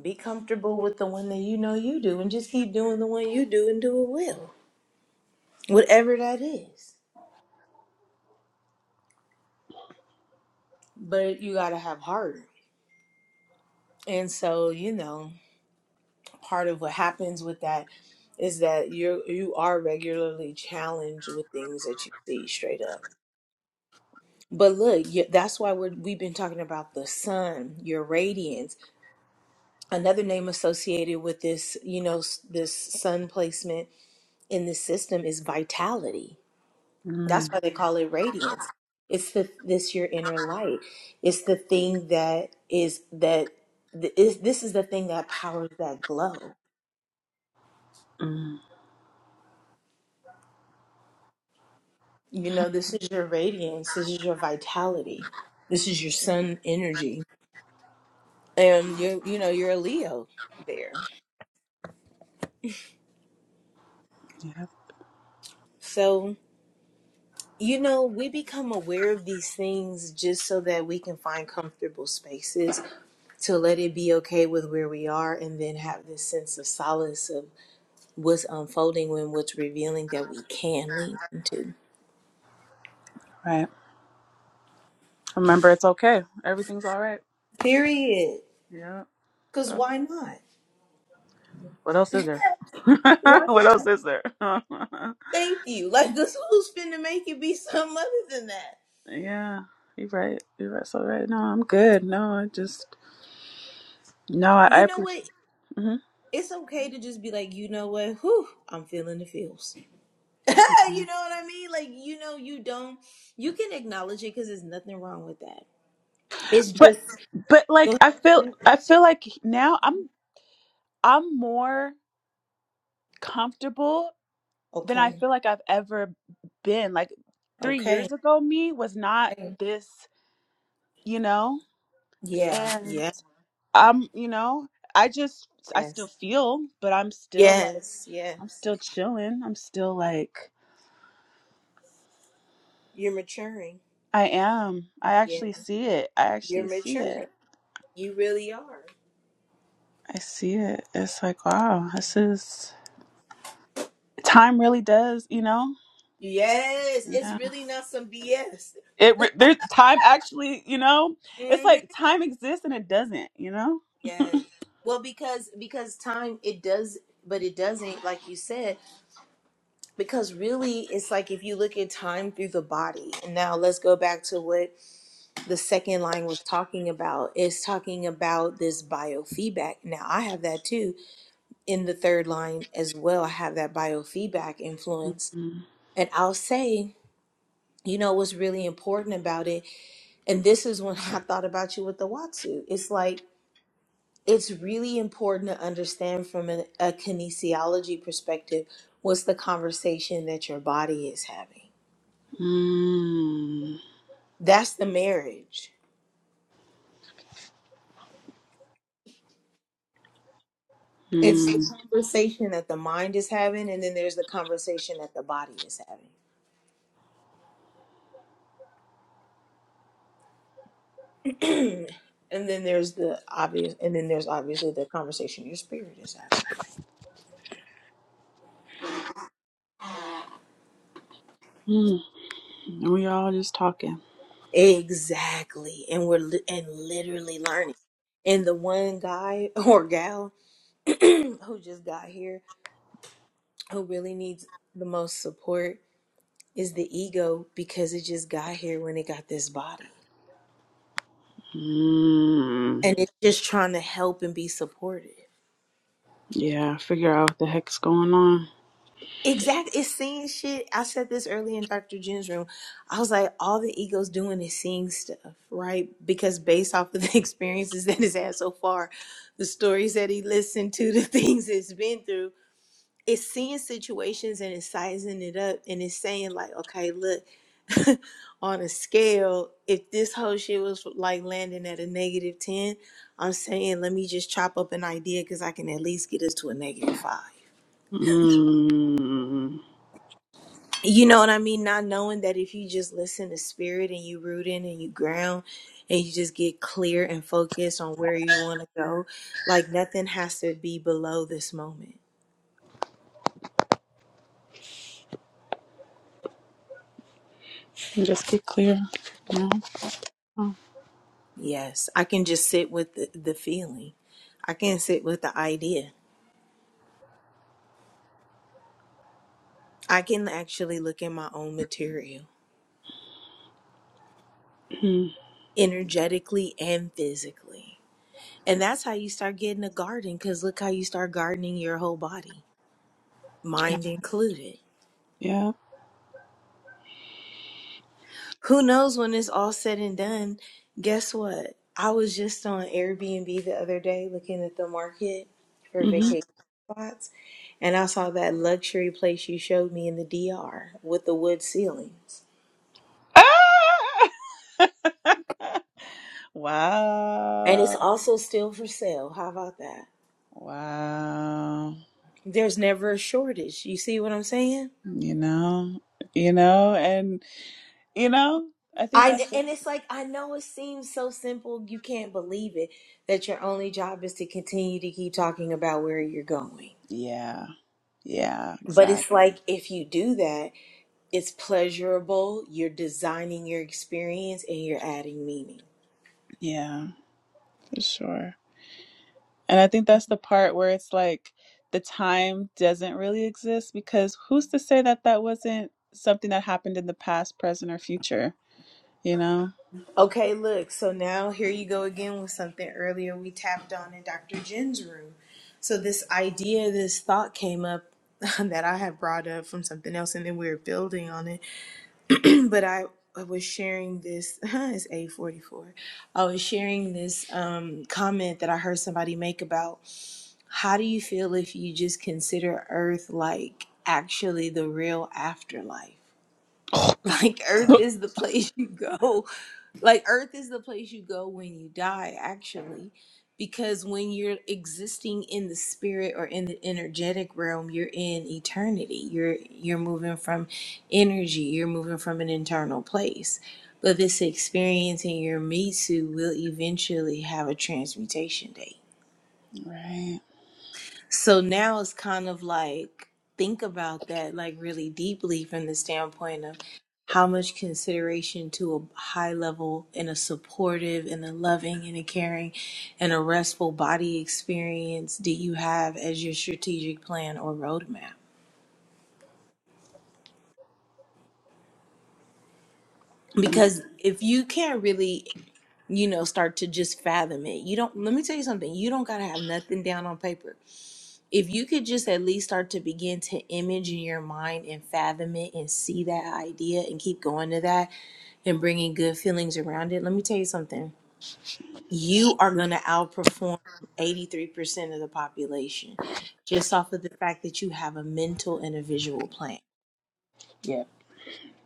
A: Be comfortable with the one that you know you do and just keep doing the one you do and do it well. Whatever that is. but you got to have heart. And so, you know, part of what happens with that is that you you are regularly challenged with things that you see straight up. But look, you, that's why we're, we've been talking about the sun, your radiance. Another name associated with this, you know, s- this sun placement in this system is vitality That's
E: Mm,
A: why they call it radiance. It's the this your inner light. It's the thing that is that th- is this is the thing that powers that glow.
E: Mm.
A: You know, this is your radiance. This is your vitality. This is your sun energy, and you you know you're a Leo there.
E: yep.
A: So you know we become aware of these things just so that we can find comfortable spaces to let it be okay with where we are, and then have this sense of solace of. what's unfolding and what's revealing that we can lean into.
E: Right. Remember, it's okay. Everything's all right.
A: Period.
E: Yeah.
A: Cause
E: So,
A: why not?
E: what else is there?
A: Why
E: what else
A: not?
E: is there?
A: Thank you. Like, cause who's finna make it be something other than that?
E: yeah. You're right. You're right. So right. No, I'm good. No, I just no. I, I
A: You know
E: appreciate.
A: what?
E: Mhm.
A: It's okay to just be like, you know what? Whew, I'm feeling the feels. you know what I mean? Like, you know, you don't. You can acknowledge it because there's nothing wrong with that. It's just
E: But but like
A: go.
E: I feel
A: Ahead.
E: I feel like now I'm I'm more comfortable than I
A: Okay.
E: feel like I've ever been. Like three
A: Okay.
E: years ago, me was not
A: Okay.
E: this, you know?
A: Yeah.
E: And
A: Yeah.
E: I'm, you know, I just, I still
A: Yes.
E: feel, but I'm still like,
A: Yes.
E: I'm
A: Yes.
E: still chilling. I'm still like,
A: You're maturing.
E: I am. I
A: Yeah.
E: actually see it. I
A: You're
E: actually see
A: maturing.
E: it.
A: You really are.
E: I see it. It's like, wow, this is, time really does, you know?
A: Yes, it's
E: Yeah.
A: really not some BS.
E: It, re- there's time actually, you know? It's
A: hmm
E: like time exists and it doesn't, you know?
A: Yes. Well, because because time it does, but it doesn't. Like you said, because really, it's like if you look at time through the body. And now let's go back to what the second line was talking about. It's talking about this biofeedback. Now I have that too in the third line as well. I have that biofeedback influence, and I'll say, you know, what's really important about it And this is when I thought about you with the Watsu. It's like it's really important to understand from an, a kinesiology perspective what's the conversation that your body is having.
E: Mm,
A: That's the marriage. It's the
E: mm,
A: conversation that the mind is having, and then there's the conversation that the body is having. and then there's the obvious, and then there's obviously the conversation your spirit is having.
E: mm. We all just talking.
A: Exactly. And we're li- and literally learning. And the one guy or gal who just got here who really needs the most support is the ego because it just got here when it got this body
E: Mm,
A: and it's just trying to help and be supported
E: yeah, figure out what the heck's going on.
A: exactly it's seeing shit i said this early in dr jen's room i was like all the ego's doing is seeing stuff right because based off of the experiences that it's had so far the stories that he listened to the things it's been through it's seeing situations and it's sizing it up and it's saying like okay look on a scale, if this whole shit was like landing at a negative 10, I'm saying let me just chop up an idea because I can at least get us to a negative five.
E: Mm,
A: You know what I mean? Not knowing that if you just listen to spirit and you root in and you ground and you just get clear and focused on where you
E: and
A: want to go, like nothing has to be below this moment.
E: just get clear. Yeah, oh,
A: Yes, I can just sit with the, the feeling, I can sit with the idea, I can actually look at my own material.
E: mm,
A: energetically and physically. And that's how you start getting a garden because look how you start gardening your whole body,
E: yeah.
A: mind included.
E: yeah.
A: Who knows when it's all said and done? Guess what? I was just on Airbnb the other day looking at the market for
E: Mm-hmm.
A: vacation spots, and I saw that luxury place you showed me in the DR with the wood ceilings.
E: Ah!
A: And it's
E: Wow.
A: also still for sale. How about that?
E: Wow.
A: There's never a shortage. You see what I'm saying?
E: You know, you know, and, you know, I think
A: I
E: that's,
A: and it's like I know it seems so simple you can't believe it that your only job is to continue to keep talking about where you're going.
E: yeah, yeah,
A: But
E: exactly.
A: it's like if you do that, it's pleasurable, you're designing your experience and you're adding meaning.
E: Yeah, for sure. And I think that's the part where it's like the time doesn't really exist because who's to say that that wasn't something that happened in the past, present, or future, you know?
A: Okay, look, so now here you go again with something earlier we tapped on in Dr. Jen's room. So this idea, this thought came up that I had brought up from something else and then we were building on it but I, I was sharing this. it's eight forty four. I was sharing this um, comment that I heard somebody make about how do you feel if you just consider Earth like actually the real afterlife? Like Earth is the place you go like earth is the place you go when you die actually because when you're existing in the spirit or in the energetic realm you're in eternity you're you're moving from energy you're moving from an internal place but this experience in your mitsu will eventually have a transmutation date
E: Right.
A: so now it's kind of like think about that like really deeply from the standpoint of how much consideration to a high level and a supportive and a loving and a caring and a restful body experience do you have as your strategic plan or roadmap?
E: Mm.
A: because if you can't really you know start to just fathom it you don't let me tell you something you don't got to have nothing down on paper if you could just at least start to begin to image in your mind and fathom it and see that idea and keep going to that and bringing good feelings around it let me tell you something you are going to outperform 83% of the population just off of the fact that you have a mental and a visual plan
E: Yeah.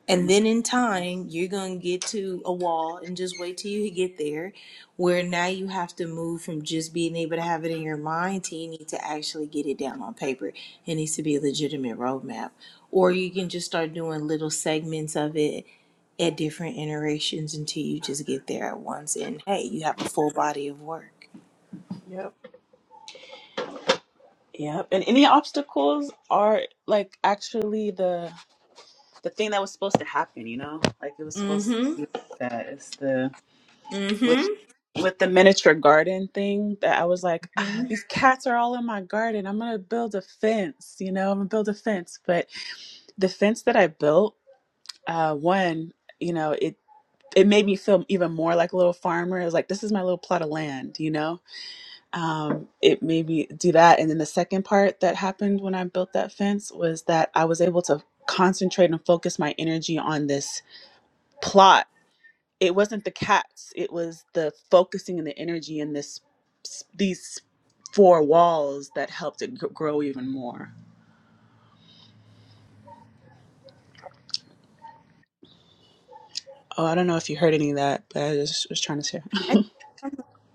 A: and then in time, you're going to get to a wall and just wait till you get there, where now you have to move from just being able to have it in your mind to you need to actually get it down on paper. It needs to be a legitimate roadmap. Or you can just start doing little segments of it at different iterations until you just get there at once. And hey, you have a full body of work.
E: Yep. Yep. And any obstacles are like actually the the thing that was supposed to happen, you know? Like it was
A: Mm
E: supposed to
A: hmm.
E: be that it's the
A: Mm
E: with with the miniature garden thing that I was like,
A: hmm.
E: ah,
A: Mm-hmm.
E: these cats are all in my garden. I'm gonna build a fence, you know, I'm gonna build a fence. but the fence that I built, uh, one, you know, it it made me feel even more like a little farmer. It was like, this is my little plot of land, you know. Um, it made me do that. And then the second part that happened when I built that fence was that I was able to concentrate and focus my energy on this plot. It wasn't the cats. It was the focusing and the energy in this these four walls that helped it gr- grow even more. Oh, I don't know if you heard any of that, but I just was trying to share.
A: I,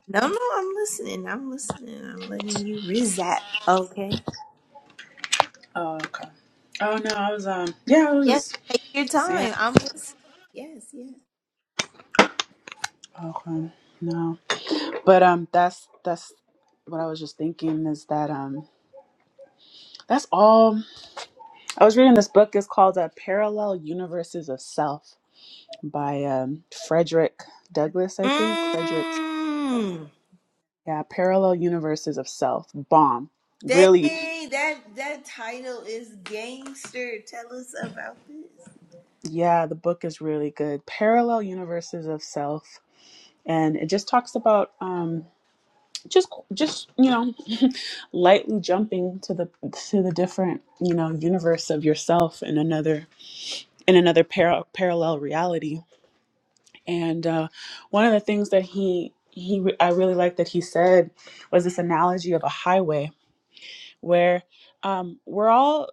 A: no, no, I'm listening. I'm listening. I'm letting you rizap. Okay.
E: Oh, okay. Oh no, I was um yeah, I was
A: Yes,
E: just
A: take your
E: saying
A: time. I'm listening. Yes, yes.
E: okay. No. But um that's that's what I was just thinking is that um that's all I was reading this book It's called uh, Parallel Universes of Self by um Frederick Douglass, I think. Frederick's
A: Mmm.
E: yeah, Parallel Universes of Self. Bomb. Really,
A: Dang, that that title is gangster. Tell us about this.
E: yeah, the book is really good. Parallel Universes of Self. And it just talks about um just just you know lightly jumping to the to the different you know universe of yourself in another in another para- parallel reality and uh, one of the things that he he re- i really like that he said was this analogy of a highway where um, we're all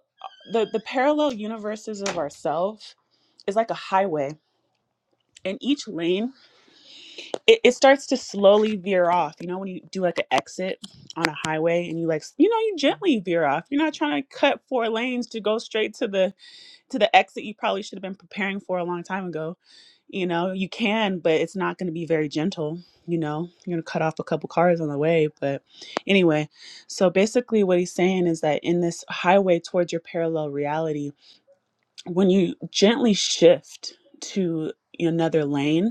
E: the the parallel universes of ourselves is like a highway and each lane it, it starts to slowly veer off. You know, when you do like an exit on a highway and you like, s- you know, you gently veer off. You're not trying to cut four lanes to go straight to the to the exit you probably should have been preparing for a long time ago. You know, you can, but it's not going to be very gentle. You know, you're going to cut off a couple cars on the way. But anyway, so basically, what he's saying is that in this highway towards your parallel reality, when you gently shift to another lane,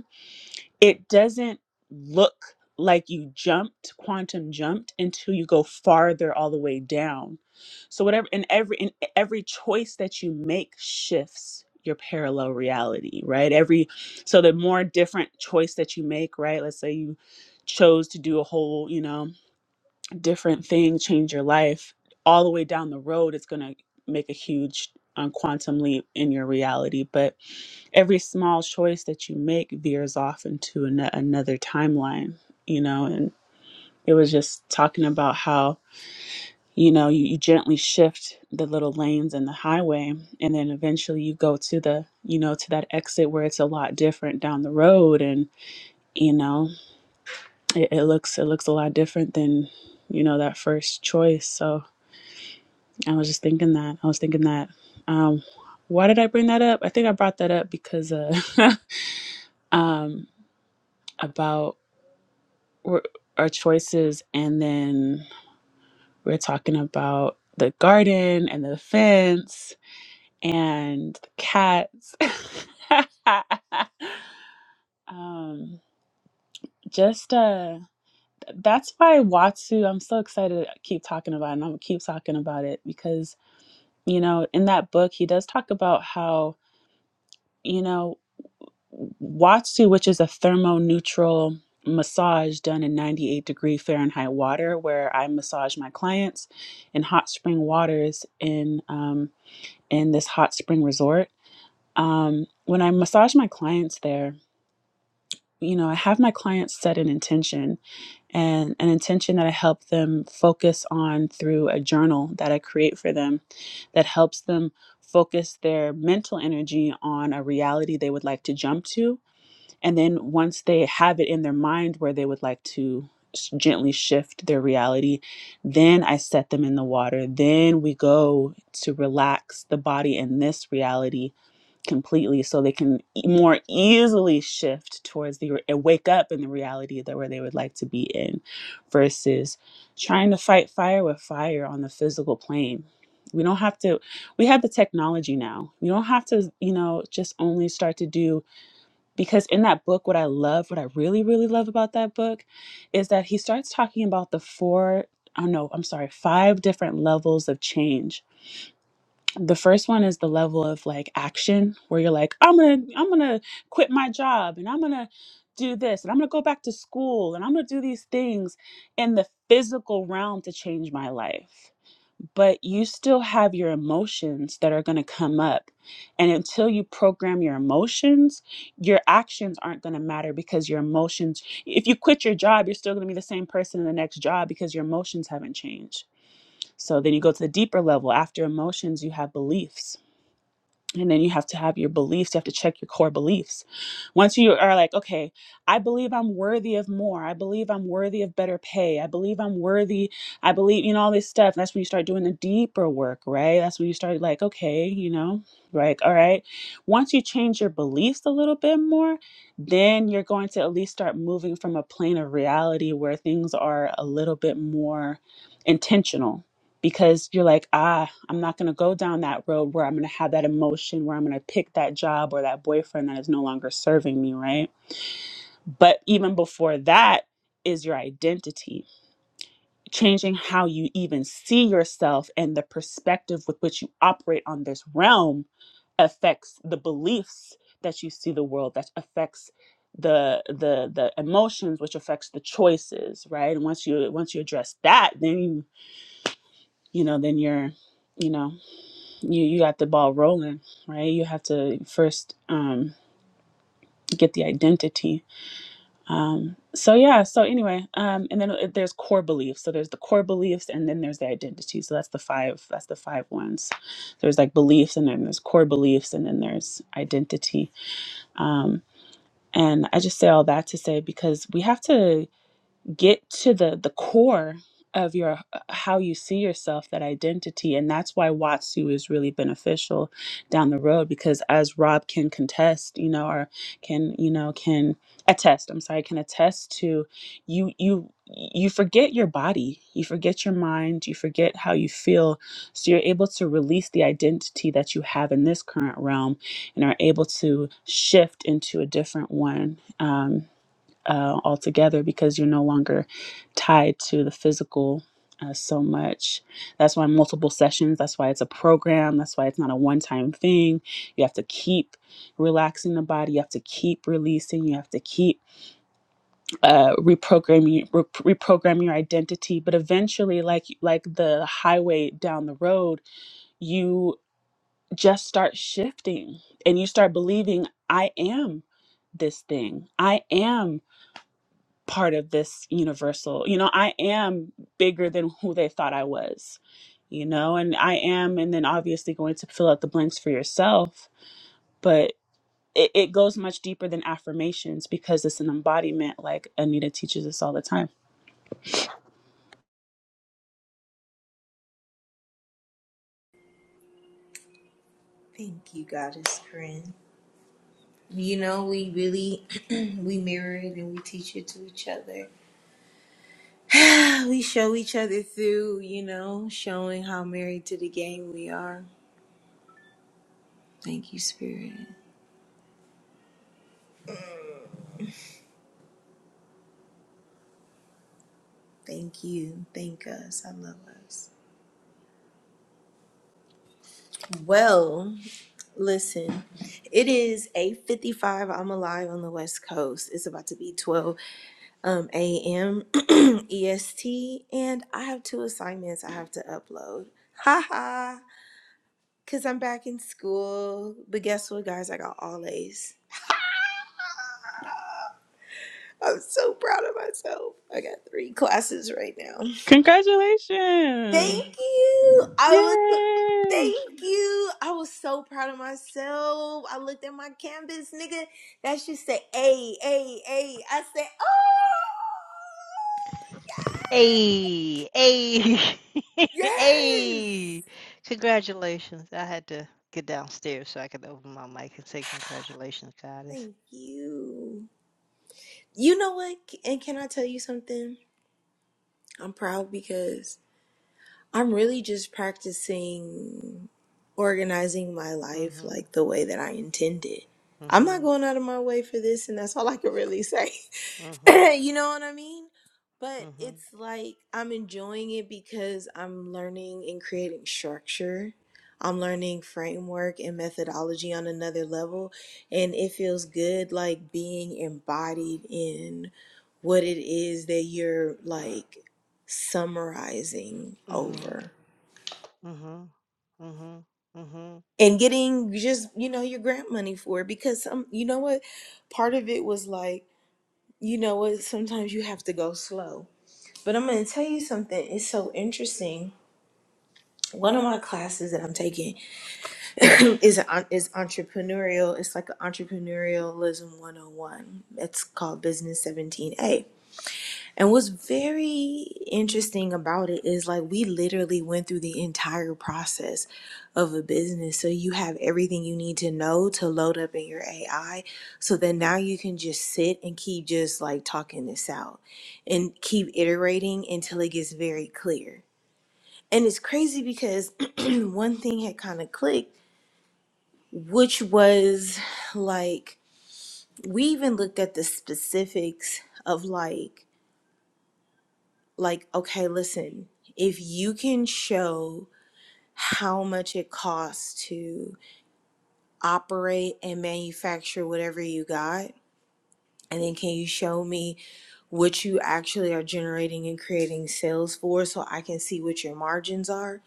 E: it doesn't look like you jumped quantum jumped until you go farther all the way down so whatever in every in every choice that you make shifts your parallel reality right every so the more different choice that you make right let's say you chose to do a whole you know different thing change your life all the way down the road it's going to make a huge um, quantum leap in your reality but every small choice that you make veers off into an- another timeline, you know. And it was just talking about how, you know, you, you gently shift the little lanes in the highway, and then eventually you go to the, you know, to that exit where it's a lot different down the road, and you know, it, it looks it looks a lot different than, you know, that first choice. So I was just thinking that I was thinking that. Um, why did I bring that up? I think I brought that up because uh, um, about we're, our choices and then we're talking about the garden and the fence and the cats um just uh that's why Watsu, I'm so excited to keep talking about it, and I'm gonna keep talking about it because, you know, in that book, he does talk about how, you know, Watsu, which is a thermo-neutral massage done in 98 degree Fahrenheit water, where I massage my clients in hot spring waters in um, in this hot spring resort. Um, when I massage my clients there, you know, I have my clients set an intention, and an intention that I help them focus on through a journal that I create for them, that helps them focus their mental energy on a reality they would like to jump to and then once they have it in their mind where they would like to s- gently shift their reality, then I set them in the water. Then we go to relax the body in this reality completely so they can e- more easily shift towards the re- and wake up in the reality that where they would like to be in versus trying to fight fire with fire on the physical plane. We don't have to we have the technology now. We don't have to, you know, just only start to do because in that book what i love what i really really love about that book is that he starts talking about the four i know i'm sorry five different levels of change the first one is the level of like action where you're like i'm gonna i'm gonna quit my job and i'm gonna do this and i'm gonna go back to school and i'm gonna do these things in the physical realm to change my life but you still have your emotions that are going to come up. And until you program your emotions, your actions aren't going to matter because your emotions, if you quit your job, you're still going to be the same person in the next job because your emotions haven't changed. So then you go to the deeper level. After emotions, you have beliefs and then you have to have your beliefs you have to check your core beliefs once you are like okay i believe i'm worthy of more i believe i'm worthy of better pay i believe i'm worthy i believe you know all this stuff that's when you start doing the deeper work right that's when you start like okay you know like all right once you change your beliefs a little bit more then you're going to at least start moving from a plane of reality where things are a little bit more intentional because you're like, ah, I'm not going to go down that road where I'm going to have that emotion, where I'm going to pick that job or that boyfriend that is no longer serving me, right? But even before that is your identity, changing how you even see yourself and the perspective with which you operate on this realm affects the beliefs that you see the world that affects the the the emotions which affects the choices right and once you once you address that then you you know then you're you know you you got the ball rolling, right? You have to first um, get the identity. Um, so yeah. So anyway, um, and then uh, there's core beliefs. So there's the core beliefs, and then there's the identity. So that's the five. That's the five ones. There's like beliefs, and then there's core beliefs, and then there's identity. Um, and I just say all that to say because we have to get to the the core of your how you see yourself that identity and that's why watsu is really beneficial down the road because as rob can contest you know or can you know can attest i'm sorry can attest to you you you forget your body you forget your mind you forget how you feel so you're able to release the identity that you have in this current realm and are able to shift into a different one Um, uh, altogether because you're no longer tied to the physical uh, so much. That's why multiple sessions, that's why it's a program, that's why it's not a one time thing. You have to keep relaxing the body, you have to keep releasing, you have to keep uh, reprogramming re- reprogramming your identity, but eventually like like the highway down the road, you just start shifting and you start believing I am this thing. I am part of this universal. You know, I am bigger than who they thought I was, you know, and I am, and then obviously going to fill out the blanks for yourself. But it, it goes much deeper than affirmations because it's an embodiment, like Anita teaches us all the time.
A: Thank you, goddess friend. You know, we really we mirror it and we teach it to each other. we show each other through, you know, showing how married to the game we are. Thank you, Spirit. Thank you. Thank us. I love us. Well. Listen, it is 8:55. I'm alive on the West Coast. It's about to be 12 um, a.m. EST, and I have two assignments I have to upload. Ha ha! Cause I'm back in school. But guess what, guys? I got all A's. I'm so proud of myself. I got three classes right now.
E: Congratulations!
A: Thank you. I was
E: Yay!
A: thank you. I was so proud of myself. I looked at my canvas, nigga. That shit said A, A, A. I said,
D: Hey, hey,
A: oh yes.
D: hey. Congratulations. I had to get downstairs so I could open my mic and say congratulations, goddess.
A: Thank you. You know what? And can I tell you something? I'm proud because I'm really just practicing organizing my life like the way that I intended. I'm not going out of my way for this, and that's all I can really say. you know what I mean? But it's like I'm enjoying it because I'm learning and creating structure. I'm learning framework and methodology on another level. And it feels good like being embodied in what it is that you're like summarizing
D: Mm-hmm.
A: over
D: Mm-hmm. Mm-hmm. Mm-hmm.
A: and getting just, you know, your grant money for it. Because some, you know what? Part of it was like, you know what? Sometimes you have to go slow But I'm going to tell you something. It's so interesting. One of my classes that I'm taking is a, is entrepreneurial. It's like an entrepreneurialism 101. It's called Business 17A. And what's very interesting about it is like we literally went through the entire process of a business. So you have everything you need to know to load up in your AI so that now you can just sit and keep just like talking this out and keep iterating until it gets very clear and it's crazy because one thing had kind of clicked, which was like we even looked at the specifics of like like okay, listen, if you can show how much it costs to operate and manufacture whatever you got, and then can you show me what you actually are generating and creating sales for so I can see what your margins are?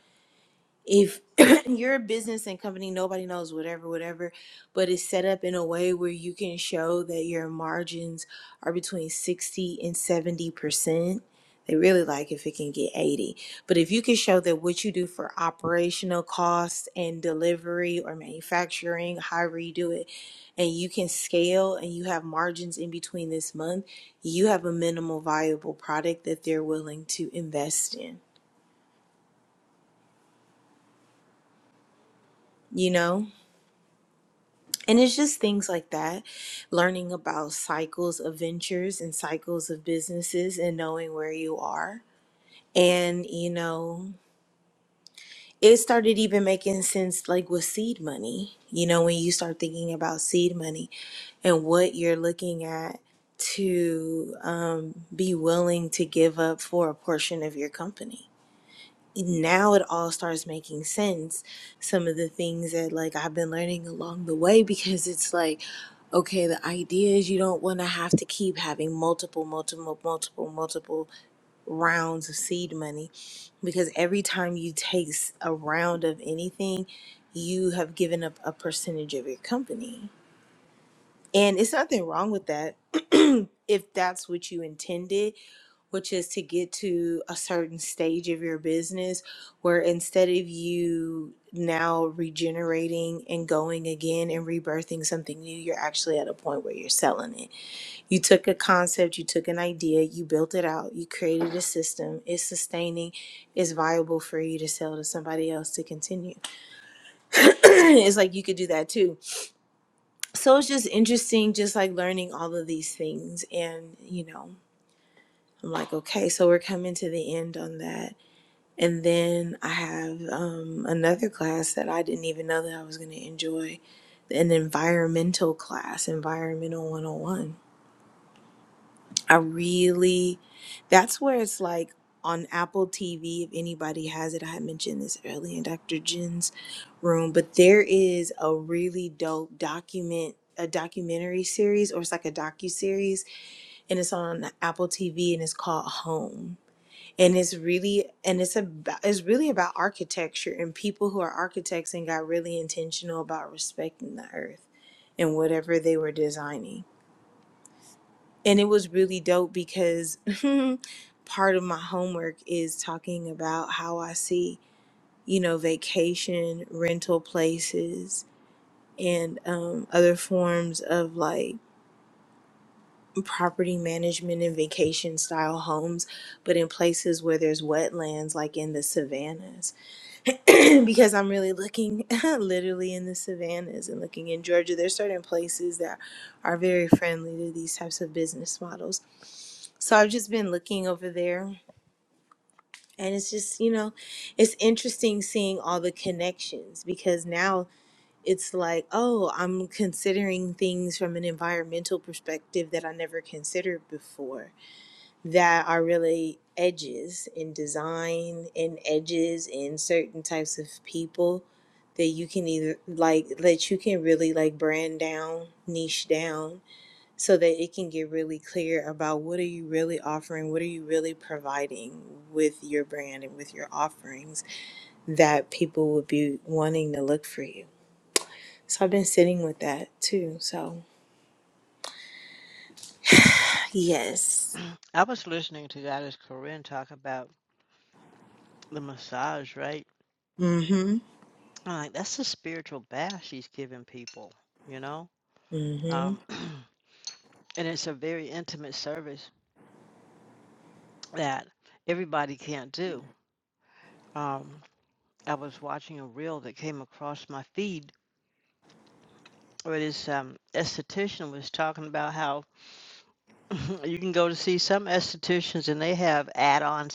A: if you're a business and company nobody knows whatever whatever but it's set up in a way where you can show that your margins are between 60 and 70 percent they really like if it can get 80 but if you can show that what you do for operational costs and delivery or manufacturing however you do it and you can scale and you have margins in between this month you have a minimal viable product that they're willing to invest in you know And it's just things like that, learning about cycles of ventures and cycles of businesses and knowing where you are. And, you know, it started even making sense like with seed money, you know, when you start thinking about seed money and what you're looking at to um, be willing to give up for a portion of your company now it all starts making sense some of the things that like i've been learning along the way because it's like okay the idea is you don't want to have to keep having multiple multiple multiple multiple rounds of seed money because every time you take s- a round of anything you have given up a percentage of your company and it's nothing wrong with that if that's what you intended which is to get to a certain stage of your business where instead of you now regenerating and going again and rebirthing something new, you're actually at a point where you're selling it. You took a concept, you took an idea, you built it out, you created a system, it's sustaining, it's viable for you to sell to somebody else to continue. it's like you could do that too. So it's just interesting, just like learning all of these things. And, you know, I'm like, okay, so we're coming to the end on that And then I have um, another class that I didn't even know that I was going to enjoy an environmental class, Environmental 101. I really, that's where it's like on Apple TV, if anybody has it, I had mentioned this earlier in Dr. Jen's room, but there is a really dope document. A documentary series, or it's like a docu series, and it's on Apple TV, and it's called Home and it's really and it's about it's really about architecture and people who are architects and got really intentional about respecting the earth and whatever they were designing and it was really dope because part of my homework is talking about how i see you know vacation rental places and um, other forms of like property management and vacation style homes but in places where there's wetlands like in the savannas because I'm really looking literally in the savannas and looking in Georgia. There's certain places that are very friendly to these types of business models. So I've just been looking over there and it's just, you know, it's interesting seeing all the connections because now it's like, oh, I'm considering things from an environmental perspective that I never considered before that are really edges in design and edges in certain types of people that you can either like that you can really like brand down niche down so that it can get really clear about what are you really offering what are you really providing with your brand and with your offerings that people would be wanting to look for you so i've been sitting with that too so yes
D: I was listening to Goddess Corinne talk about the massage, right?
A: mm-hmm
D: I'm like, that's a spiritual bath she's giving people, you know?
A: mm-hmm
D: Um, and it's a very intimate service that everybody can't do. Um, I was watching a reel that came across my feed where this um, esthetician was talking about how you can go to see some estheticians and they have add-on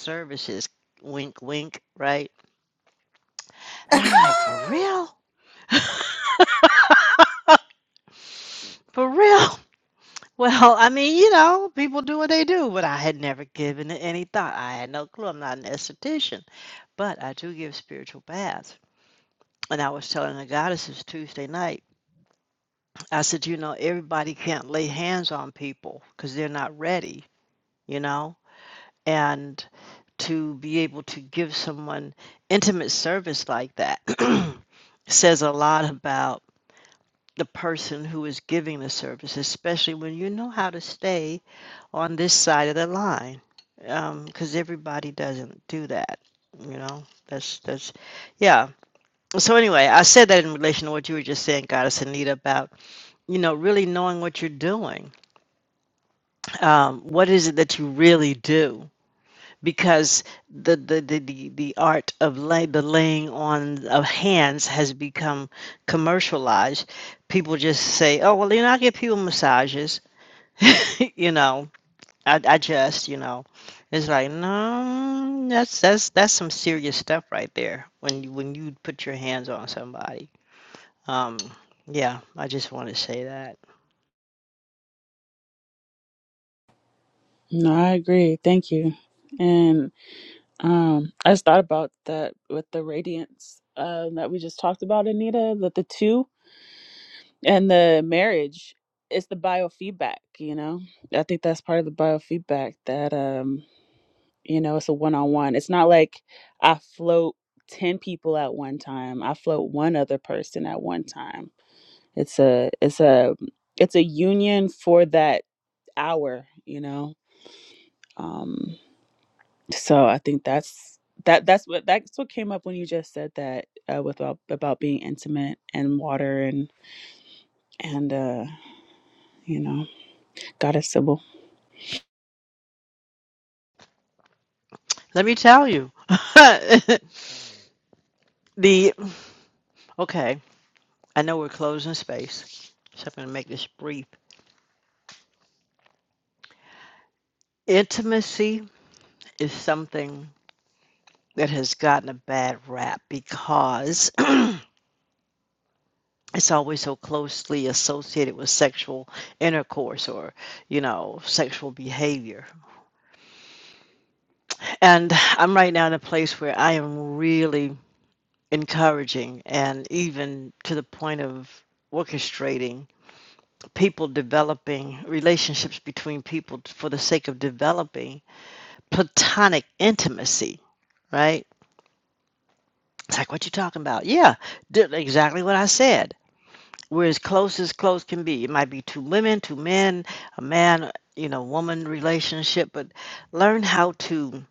D: services, wink, wink, right? And I'm like, for real? For real? Well, I mean, you know, people do what they do, but I had never given it any thought. I had no clue. I'm not an esthetician, but I do give spiritual baths. And I was telling the goddesses Tuesday night, I said, you know, everybody can't lay hands on people because they're not ready, you know? And to be able to give someone intimate service like that says a lot about the person who is giving the service, especially when you know how to stay on this side of the line. because Um, 'cause everybody doesn't do that, you know. That's that's yeah. So anyway, I said that in relation to what you were just saying, Goddess Anita, about, you know, really knowing what you're doing. Um, what is it that you really do? Because the the the the, the art of lay, the laying on of hands has become commercialized. People just say, "Oh, well, you know, I give people massages," you know I, I just, you know, it's like, no, that's that's that's some serious stuff right there when you when you put your hands on somebody. Um, yeah, I just want to say that.
E: No, I agree. Thank you. And um, I just thought about that with the radiance uh, that we just talked about, Anita, that the two. and the marriage it's the biofeedback you know i think that's part of the biofeedback that um you know it's a one-on-one it's not like i float 10 people at one time i float one other person at one time it's a it's a it's a union for that hour you know um so i think that's that that's what that's what came up when you just said that uh, with about, about being intimate and water and and uh you know goddess sybil
D: Let me tell you, the okay, I know we're closing space, so I'm gonna make this brief. Intimacy is something that has gotten a bad rap because it's always so closely associated with sexual intercourse or you know sexual behavior and i'm right now in a place where i am really encouraging and even to the point of orchestrating people developing relationships between people for the sake of developing platonic intimacy right it's like what you talking about yeah did exactly what i said we're as close as close can be. It might be two women, two men, a man, you know, woman relationship, but learn how to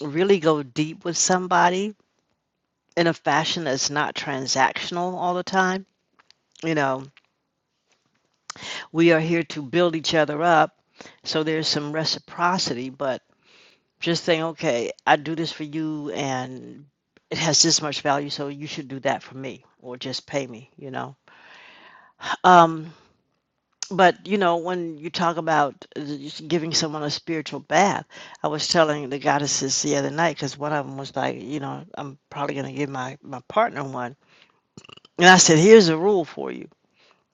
D: really go deep with somebody in a fashion that's not transactional all the time. You know, we are here to build each other up, so there's some reciprocity, but just saying, okay, I do this for you and it has this much value, so you should do that for me or just pay me, you know. Um, but you know when you talk about uh, giving someone a spiritual bath i was telling the goddesses the other night because one of them was like you know i'm probably going to give my my partner one and i said here's a rule for you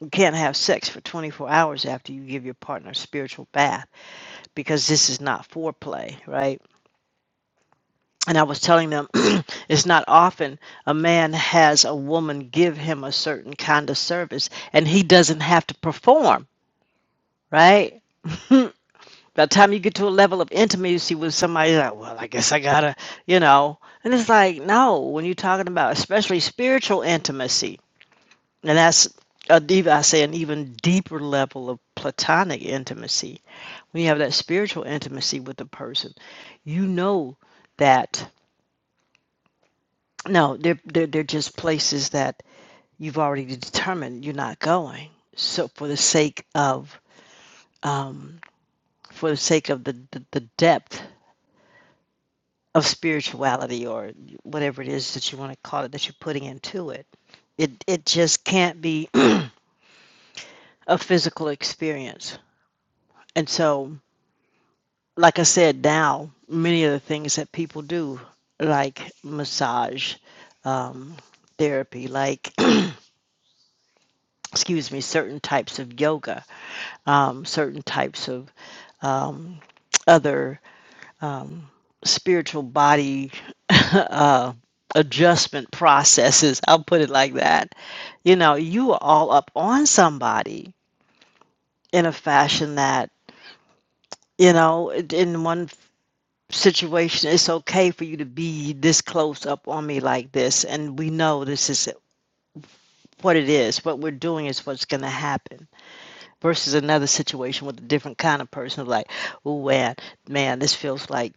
D: you can't have sex for 24 hours after you give your partner a spiritual bath because this is not foreplay right and i was telling them it's not often a man has a woman give him a certain kind of service and he doesn't have to perform right By the time you get to a level of intimacy with somebody, you're like, well, I guess I gotta, you know. And it's like, no, when you're talking about especially spiritual intimacy, and that's a deep, I say, an even deeper level of platonic intimacy. When you have that spiritual intimacy with a person, you know that no, they're they're, they're just places that you've already determined you're not going. So for the sake of um, for the sake of the, the, the depth of spirituality or whatever it is that you want to call it that you're putting into it it it just can't be a physical experience and so like i said now many of the things that people do like massage um, therapy like excuse me certain types of yoga um, certain types of um, other um, spiritual body uh, adjustment processes. I'll put it like that. You know, you are all up on somebody in a fashion that, you know, in one situation, it's okay for you to be this close up on me like this. And we know this is what it is. What we're doing is what's going to happen. Versus another situation with a different kind of person, like, oh man, man, this feels like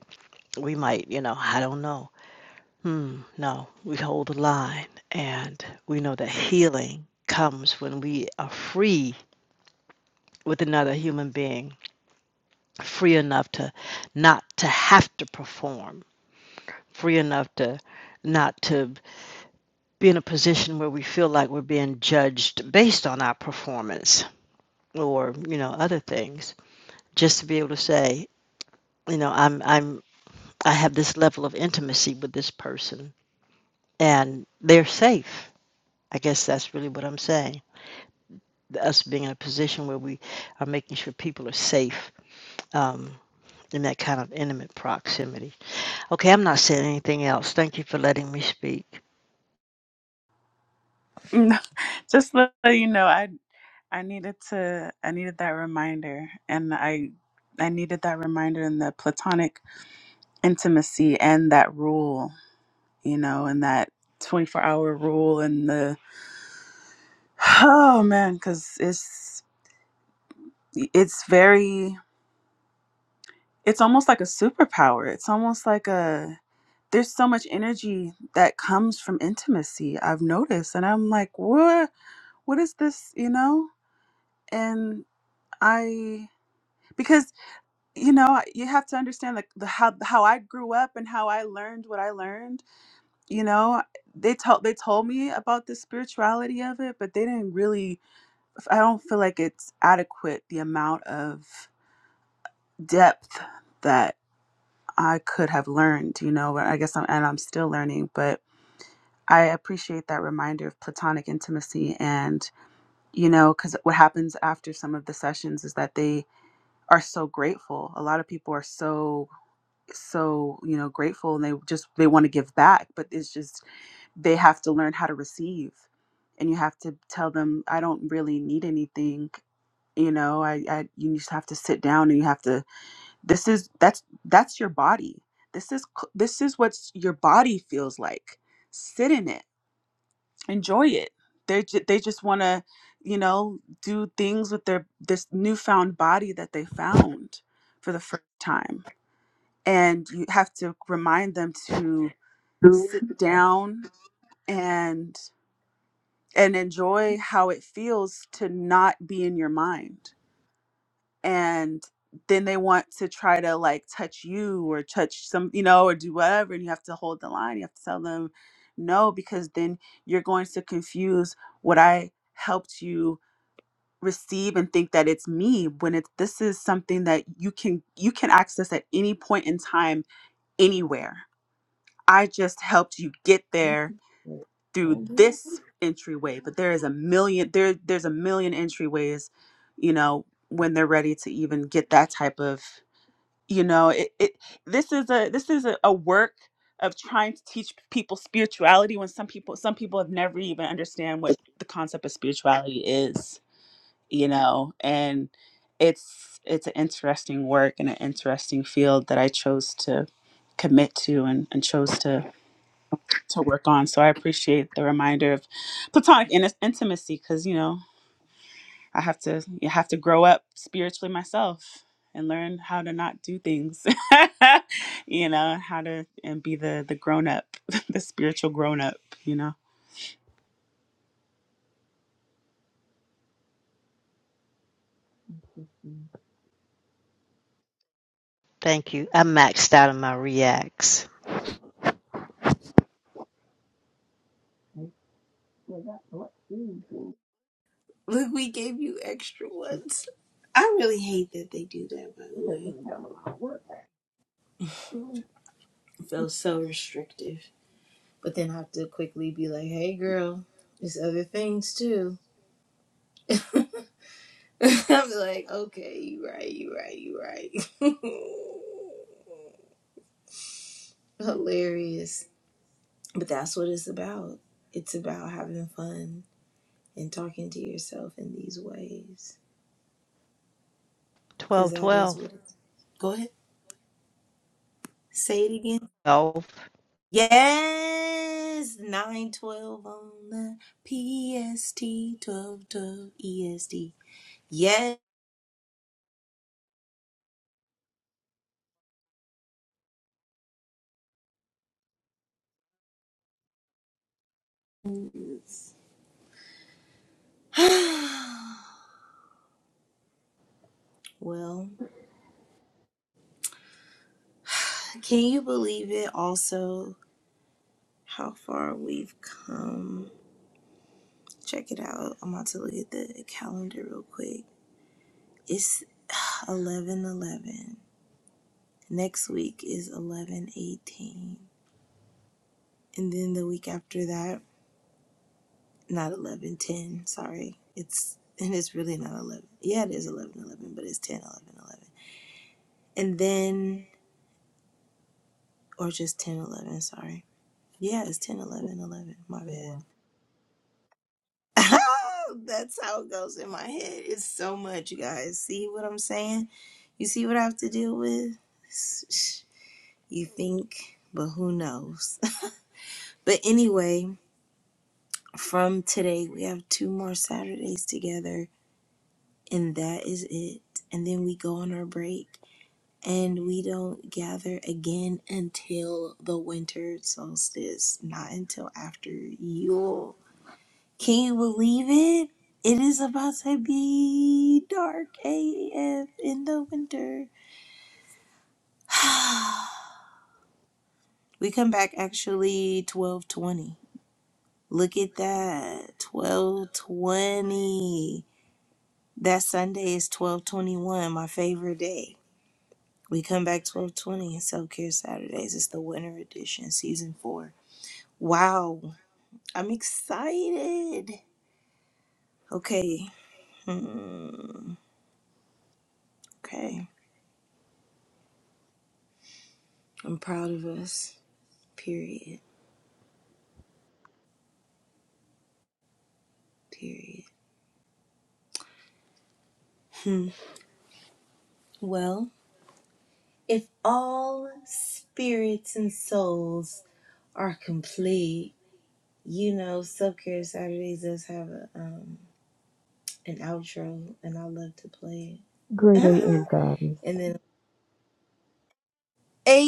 D: we might, you know, I don't know Hmm, no, we hold the line, and we know that healing comes when we are free with another human being, free enough to not to have to perform, free enough to not to be in a position where we feel like we're being judged based on our performance or, you know, other things. Just to be able to say, you know, I'm I'm I have this level of intimacy with this person and they're safe. I guess that's really what I'm saying the, us being in a position where we are making sure people are safe um, in that kind of intimate proximity. Okay, I'm not saying anything else. Thank you for letting me speak.
E: No, just let you know, I I needed to I needed that reminder, and I I needed that reminder in the platonic intimacy and that rule, you know, and that twenty four hour rule and the oh man, because it's it's very it's almost like a superpower. It's almost like a there's so much energy that comes from intimacy. I've noticed, and I'm like, what what is this, you know? And I because you know you have to understand like the, how how I grew up and how I learned what I learned. You know, they told they told me about the spirituality of it, but they didn't really. I don't feel like it's adequate the amount of depth that I could have learned. You know, I guess I'm and I'm still learning, but I appreciate that reminder of platonic intimacy and you know because what happens after some of the sessions is that they are so grateful a lot of people are so so you know grateful and they just they want to give back but it's just they have to learn how to receive and you have to tell them i don't really need anything you know i, I you just have to sit down and you have to this is that's that's your body this is c- this is what your body feels like sit in it enjoy it they ju- they just want to you know do things with their this newfound body that they found for the first time and you have to remind them to
G: down.
E: sit down and and enjoy how it feels to not be in your mind and then they want to try to like touch you or touch some you know or do whatever and you have to hold the line you have to tell them no because then you're going to confuse what i helped you receive and think that it's me when it's this is something that you can you can access at any point in time anywhere I just helped you get there through this entryway, but there is a million there there's a million entryways, you know, when they're ready to even get that type of you know, it, it this is a this is a, a work of trying to teach people spirituality when some people some people have never even understand what the concept of spirituality is, you know, and it's it's an interesting work and an interesting field that I chose to commit to and, and chose to to work on. So I appreciate the reminder of platonic in- intimacy because you know I have to you have to grow up spiritually myself and learn how to not do things, you know, how to and be the the grown up, the spiritual grown up, you know.
D: Thank you. I maxed out on my reacts.
A: Look, we gave you extra ones. I really hate that they do that, by the way. It feels so restrictive. But then I have to quickly be like, hey, girl, there's other things too. I'm like, okay, you right, you right, you right. Hilarious. But that's what it's about. It's about having fun and talking to yourself in these ways. Because
D: Twelve,
A: that is
D: twelve,
A: what. it. Go ahead. Say it again.
D: twelve.
A: Yes, 912 on the PST, 1212 EST. Yes. well, can you believe it also how far we've come? Check it out. I'm about to look at the calendar real quick. It's 11:11. Next week is 11:18. And then the week after that not 11, 10. sorry. It's, and it's really not 11. Yeah, it is 11, 11, but it's 10, 11, 11, And then, or just 10, 11. sorry. Yeah, it's 10, 11, 11. my bad. That's how it goes in my head. It's so much, you guys. See what I'm saying? You see what I have to deal with? You think, but who knows? but anyway, from today, we have two more Saturdays together, and that is it. And then we go on our break and we don't gather again until the winter solstice, not until after Yule. Can you believe it? It is about to be dark AF in the winter. we come back actually 1220. Look at that. 1220. That Sunday is 1221, my favorite day. We come back 1220 and Self Care Saturdays. It's the winter edition, season four. Wow, I'm excited. Okay. Hmm. Okay. I'm proud of us. Period. Period. Hmm. Well, if all spirits and souls are complete, you know, Self Care Saturdays does have a, um, an outro, and I love to play it.
G: Great AM Goddess.
A: and then, hey,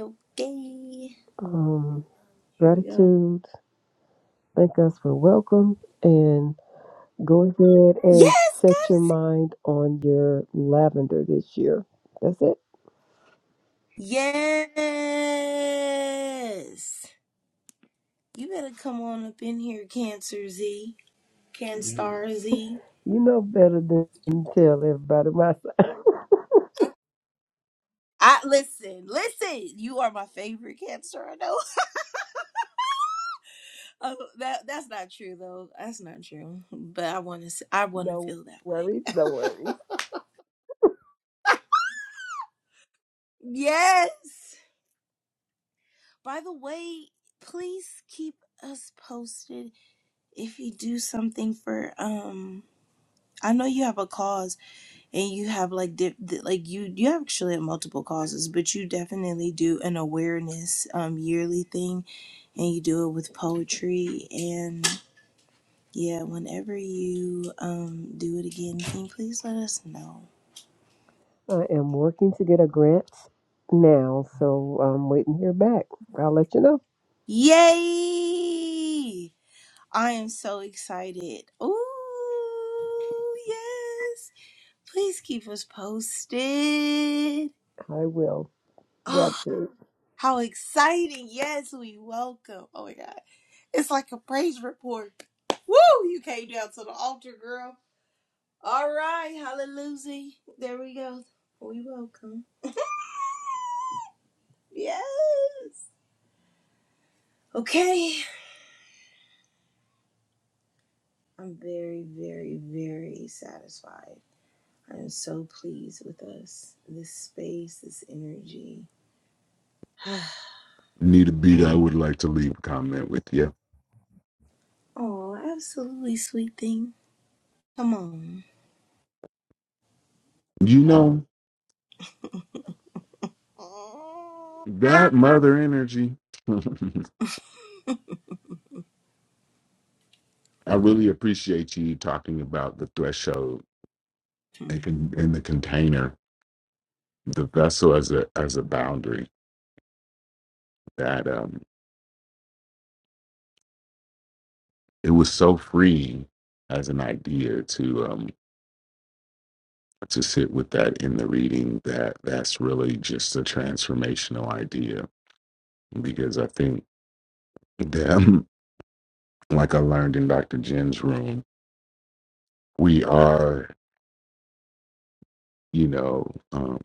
A: okay,
G: Um,
A: here we go.
G: gratitude. Thank us for welcome and go ahead and
A: Yes,
G: set your mind on your lavender this year. That's it.
A: Yes. You better come on up in here, Cancer Z. Canstar Z.
G: You know better than to tell everybody myself.
A: I listen, listen. You are my favorite Cancer. I know. Oh, that that's not true though. That's not true. But I want to. I want to
G: No
A: feel that way.
G: worries, no worries.
A: Yes. By the way, please keep us posted if you do something for. Um, I know you have a cause and you have like di- di- like you you actually have multiple causes but you definitely do an awareness um yearly thing and you do it with poetry and yeah whenever you um do it again can you please let us know
G: I am working to get a grant now, so I'm waiting to hear back. I'll let you know.
A: yay i am so excited oh yes please keep us posted
G: I will.
A: Oh,
G: Gratitude.
A: How exciting. Yes, we welcome. Oh my God. It's like a praise report. Woo! You came down to the altar, girl. All right. Hallelujah. There we go. We welcome. Yes. Okay. I'm very, very, very satisfied. I'm so pleased with us, this space, this energy.
F: need a beat, I would like to leave a comment with you.
A: oh, absolutely sweet thing. Come on.
F: You know that mother energy. I really appreciate you talking about the threshold and con- and the container, the vessel as a as a boundary. That um, it was so freeing as an idea to um to sit with that in the reading that that's really just a transformational idea because I think that, like I learned in Dr. Jen's room, we are, you know, um,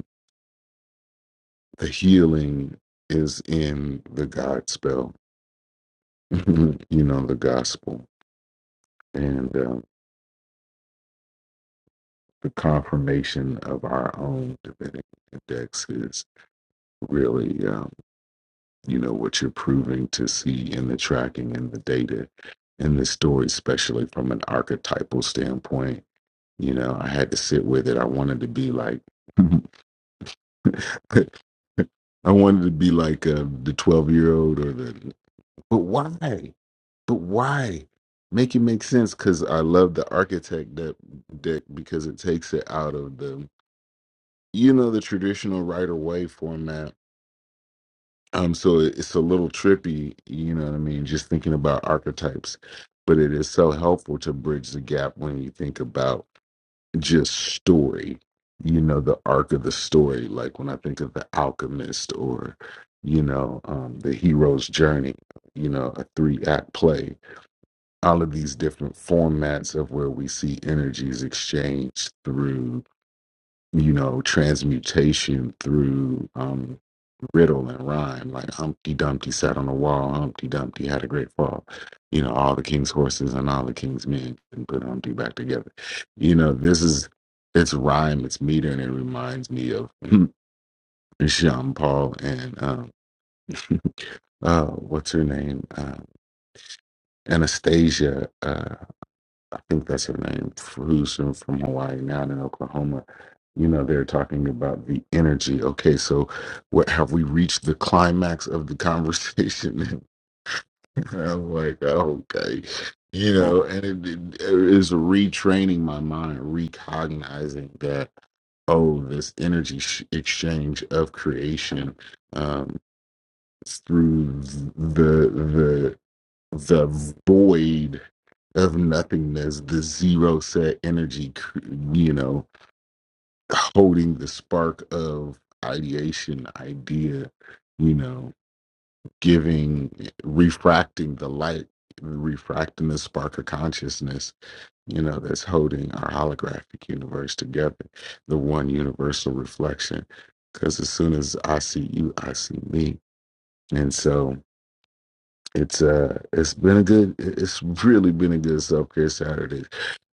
F: the healing is in the God spell, you know, the gospel. And um, the confirmation of our own divinity index is really. um, you know what you're proving to see in the tracking and the data and the story especially from an archetypal standpoint you know i had to sit with it i wanted to be like i wanted to be like uh, the 12 year old or the but why but why make it make sense because i love the architect that deck because it takes it out of the you know the traditional right away format Um, so it- it's a little trippy, you know what I mean, just thinking about archetypes, but it is so helpful to bridge the gap when you think about just story, you know, the arc of the story. Like when I think of the alchemist or, you know, um, the hero's journey, you know, a three act play, all of these different formats of where we see energies exchanged through, you know, transmutation through, um, riddle and rhyme, like Humpty Dumpty sat on the wall, Humpty Dumpty had a great fall. You know, all the king's horses and all the king's men and put Humpty back together. You know, this is it's rhyme, it's meter, and it reminds me of Jean Paul and um, uh, what's her name? Uh, Anastasia, uh, I think that's her name, who's from from Hawaii now in Oklahoma. You know, they're talking about the energy. Okay, so what have we reached the climax of the conversation? I'm like, oh, okay. You know, and it, it is retraining my mind, recognizing that, oh, this energy sh- exchange of creation um, through the, the, the void of nothingness, the zero set energy, cr- you know, holding the spark of ideation, idea, you know giving refracting the light refracting the spark of consciousness you know that's holding our holographic universe together the one universal reflection because as soon as i see you i see me and so it's uh it's been a good it's really been a good self-care saturday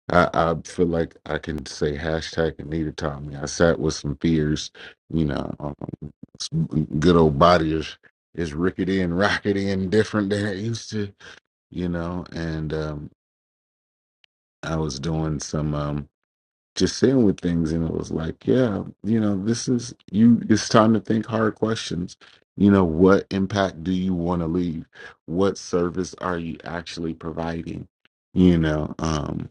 F: I, I feel like I can say hashtag Anita taught me. I sat with some fears, you know, um, some good old body is, is rickety and rockety and different than it used to, you know. And um, I was doing some um, just sitting with things, and it was like, yeah, you know, this is you. It's time to think hard questions. You know, what impact do you want to leave? What service are you actually providing? You know, um,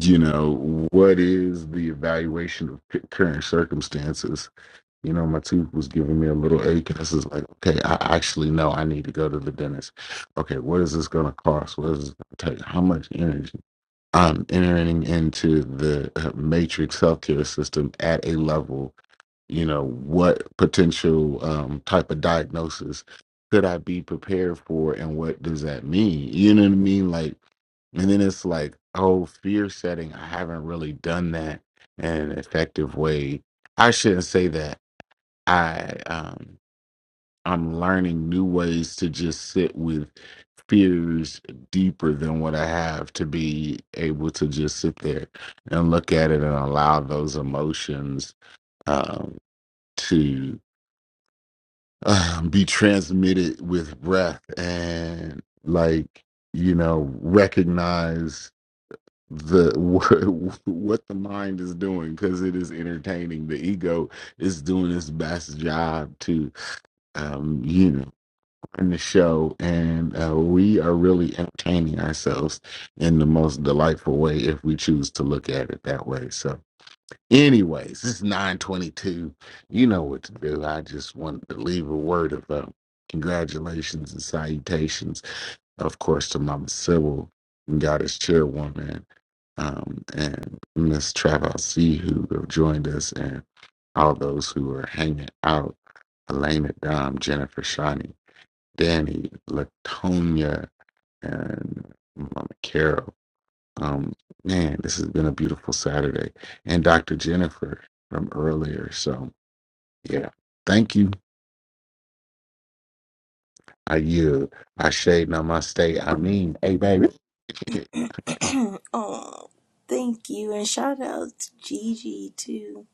F: you know, what is the evaluation of c- current circumstances? You know, my tooth was giving me a little ache, and this is like, okay, I actually know I need to go to the dentist. Okay, what is this going to cost? What is this going to take? How much energy? I'm entering into the uh, matrix healthcare system at a level you know what potential um, type of diagnosis could i be prepared for and what does that mean you know what i mean like and then it's like oh fear setting i haven't really done that in an effective way i shouldn't say that i um i'm learning new ways to just sit with fears deeper than what i have to be able to just sit there and look at it and allow those emotions um to uh, be transmitted with breath and like you know recognize the what, what the mind is doing because it is entertaining the ego is doing its best job to um you know run the show and uh, we are really entertaining ourselves in the most delightful way if we choose to look at it that way so Anyways, it's 922. You know what to do. I just wanted to leave a word of uh, congratulations and salutations, of course, to Mama Sybil, Goddess Chairwoman, um, and Miss Travis C, who have joined us, and all those who are hanging out. Elena Dom, Jennifer Shani, Danny, Latonia, and Mama Carol. Um, man, this has been a beautiful Saturday. And Dr. Jennifer from earlier. So, yeah, thank you. I yield. I shade namaste. I
A: Hmm.
F: mean, hey, baby.
A: oh, thank you. And shout out to Gigi, too,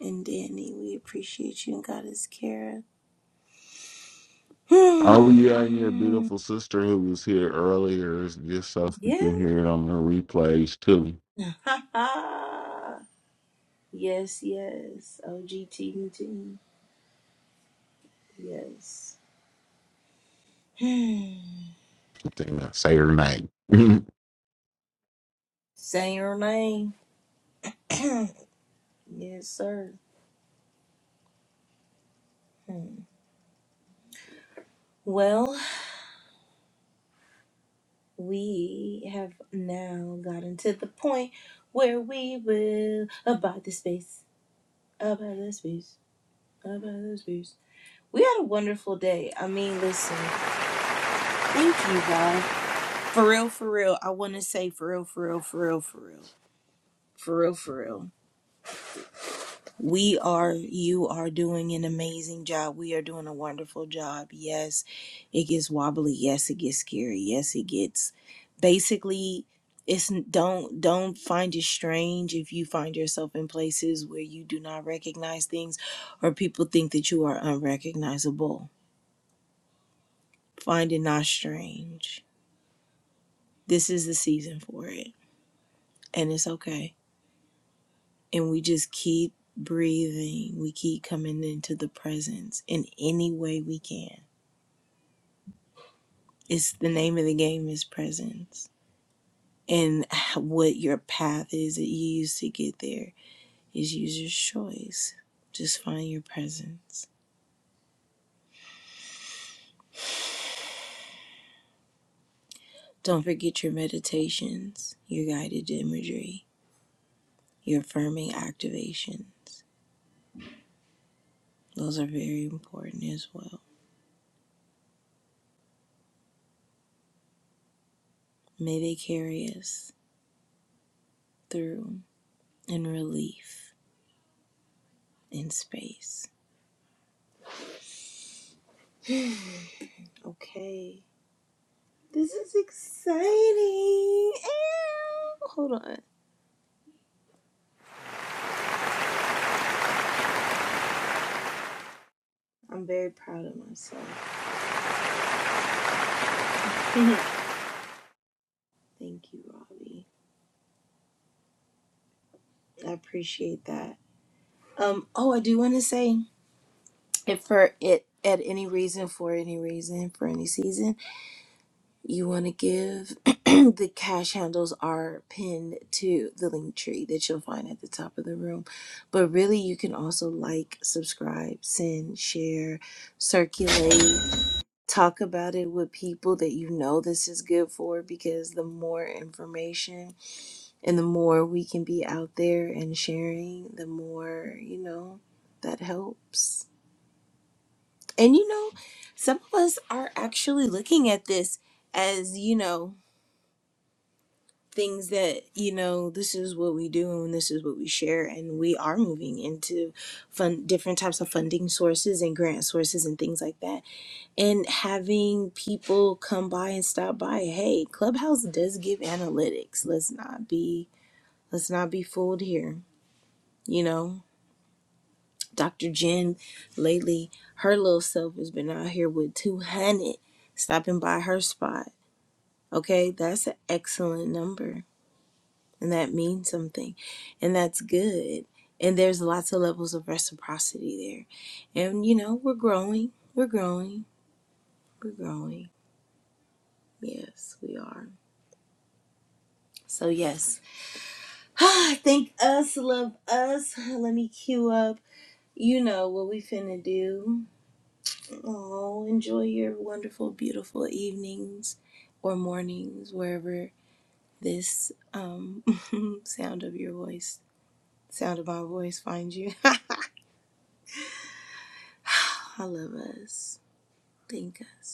A: and Danny. We appreciate you and Goddess Kara.
F: Oh, yeah, and your beautiful sister who was here earlier is just so you can
A: yeah.
F: hear it on the replays, too.
A: yes, yes. OGT routine. Yes. Hmm.
F: I think I say her name.
A: Say your name. yes, sir. Hmm. Well, we have now gotten to the point where we will abide the space. Abide the space. We had a wonderful day. I mean, listen, thank you, Rob. For real, for real. I want to say for real, for real, for real, for real. For real, for real. We are, you are doing an amazing job. We are doing a wonderful job. Yes, it gets wobbly. Yes, it gets scary. Yes, it gets basically. It's don't don't find it strange if you find yourself in places where you do not recognize things or people think that you are unrecognizable finding not strange. This is the season for it, and it's okay. And we just keep breathing. We keep coming into the presence in any way we can. It's the name of the game is presence, and what your path is that you use to get there is user's choice. Just find your presence. Don't forget your meditations, your guided imagery, your affirming activations. Those are very important as well. May they carry us through in relief in space. Okay. This is exciting. Ew. Hold on. I'm very proud of myself. Thank you, Robbie. I appreciate that. Um, oh, I do want to say if for it at any reason, for any reason, for any season. you want to give, the cash handles are pinned to the link tree that you'll find at the top of the room. But really, you can also like, subscribe, send, share, circulate, talk about it with people that you know this is good for because the more information and the more we can be out there and sharing, the more, you know, that helps. And you know, some of us are actually looking at this as, you know, things that you know this is what we do and this is what we share and we are moving into fun different types of funding sources and grant sources and things like that and having people come by and stop by hey clubhouse does give analytics let's not be let's not be fooled here you know dr jen lately her little self has been out here with 200 stopping by her spot okay that's an excellent number and that means something and that's good and there's lots of levels of reciprocity there and you know we're growing we're growing we're growing yes we are so yes thank us love us let me cue up you know what we finna do oh enjoy your wonderful beautiful evenings or mornings wherever this um sound of your voice sound of my voice finds you i love us Thank us.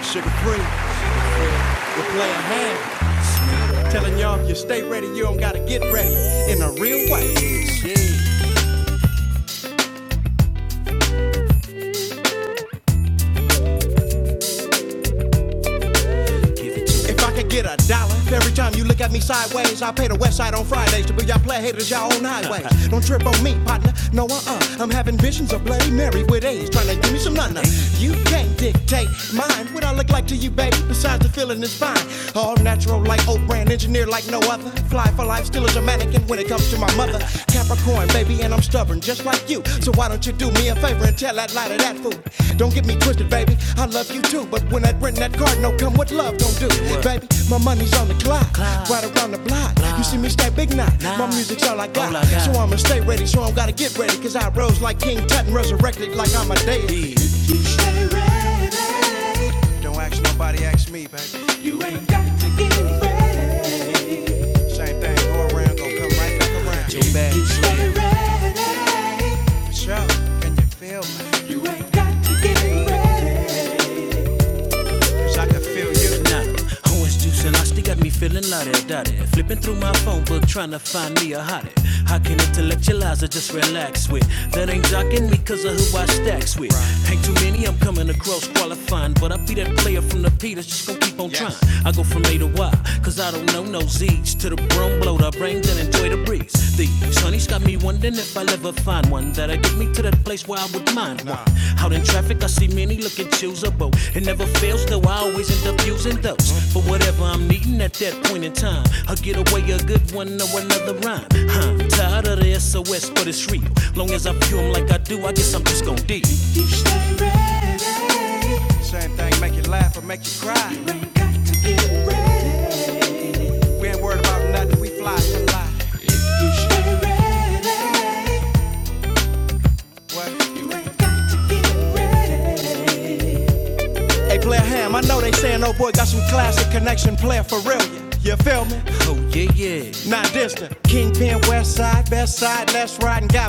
B: Sugar free, we'll play a hand. Telling y'all if you stay, you don't gotta get ready in a real way. If I could get a dollar every time you look at me, say the west side on Fridays, to be haters y'all on highways. don't trip on me, partner. No, uh uh. I'm having visions of Bloody Mary with A's, trying to give me some nana. You can't dictate mine without letting this fine. All natural like Oprah, brand engineer like no other. Fly for life, still is a master. my mother. Capricorn, baby, and I'm stubborn. Just so why don't you do me a favor and tell that lighter? Don't get me twisted, baby. I love you too, but when I rent that, what love don't do, baby? My money's on the clock, right around the block. You see me stay big now. My music's all I got, so I'ma stay ready. So I'm gotta get ready, 'cause I rose like King Tut and resurrected like I'm a deity. You stay ready. Don't ask nobody, ask me, baby. You Got to get ready. Same thing, go around, gon' come right back around. Too bad. Stay ready. For sure, can you feel me? You ain't got to get ready. Cause I can feel you. Nah, who is juicing? I still got me feeling loaded, dotted. Flipping through my phone book, trying to find me a hottie. How can intellectualize or just relax with? That ain't jocking me cause of who I stacks with. Ain't too many, I'm coming across qualifying. But I be that player from the P that's just gon' keep on Yes. trying. I go from A to Y, cause I don't know no Z's. To the broom blow, the brain done and enjoy the breeze. These honeys got me wondering if I'll ever find one that'll get me to that place where I would mind one. Out in traffic, I see many looking choosable. It never fails, though I always end up using those. For whatever I'm needing at that point in time, I'll get away a good one or another rhyme. Huh, tired of the SOS, but it's real. Long as I view 'em like I do, I guess I'm just gon' deal. You stay ready. Same thing, make you laugh or make you cry. You ain't got to get ready. We ain't worried about nothing, we fly to lie. If you should get ready, What? You ain't got to get ready. Hey, player Ham, I know they saying old boy got some classic connection, player for real. yeah. You feel me? Oh yeah, yeah. Not distant. Kingpin West, best side, left, right, and got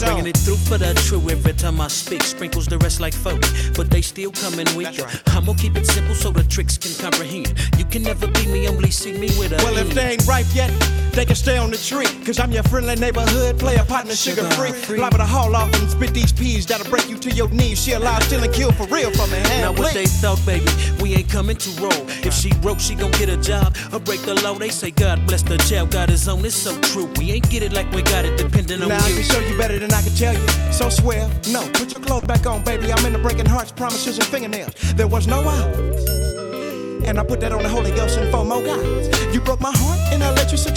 B: it down. Bringing it through for the true every time I speak. Sprinkles the rest like foley, but they still coming weaker. Right. I'ma keep it simple so the tricks can comprehend. You can never beat me, only see me with a. Well, end. if they ain't ripe yet, they can stay on the tree. Cause I'm your friendly neighborhood player, partner, sugar sugar free. Liable to haul off and spit these peas that'll break you to your knees. She alive, still and kill for real from a hand. Now what they thought, baby, we ain't coming to roll. If she broke, she gon' get a job or break the law. They say God bless the jail, God is on It's so true. We ain't get it like we got it, depending on Now, you. if you and I can tell you, so swell. No, put your clothes back on, baby. I'm in the breaking hearts, promises, and fingernails. There was no out, and I put that holy girl mo guy. Huh? And I let you sit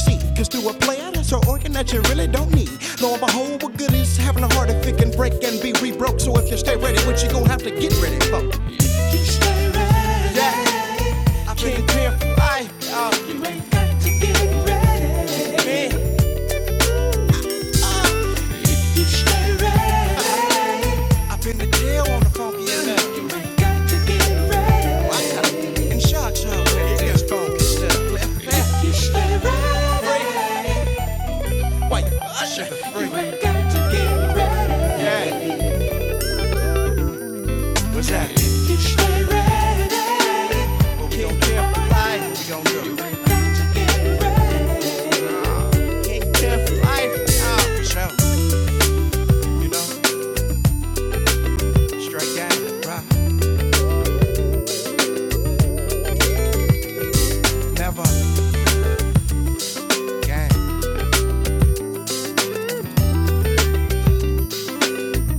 B: with play out, so organ I don't need. Lo and behold, we're goodies, having a heart if it can break and be re broke. So if you stay ready, what you gonna have to get ready for? Stay ready. Yeah, being pimp, I, uh, You ain't got to get ready. man. Stay ready. You ain't got to get ready. You stay ready. We've got to get ready. Yeah. What's happening? But we don't care for life. We don't do it. We've got to get ready. Can't care for life. Ah, so, you know, straight gang, rock, never gang.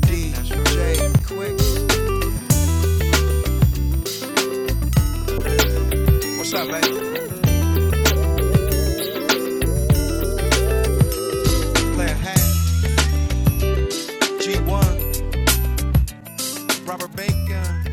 B: DJ Quick. What's up, lady? Playing hat. G1, Robert Bacon.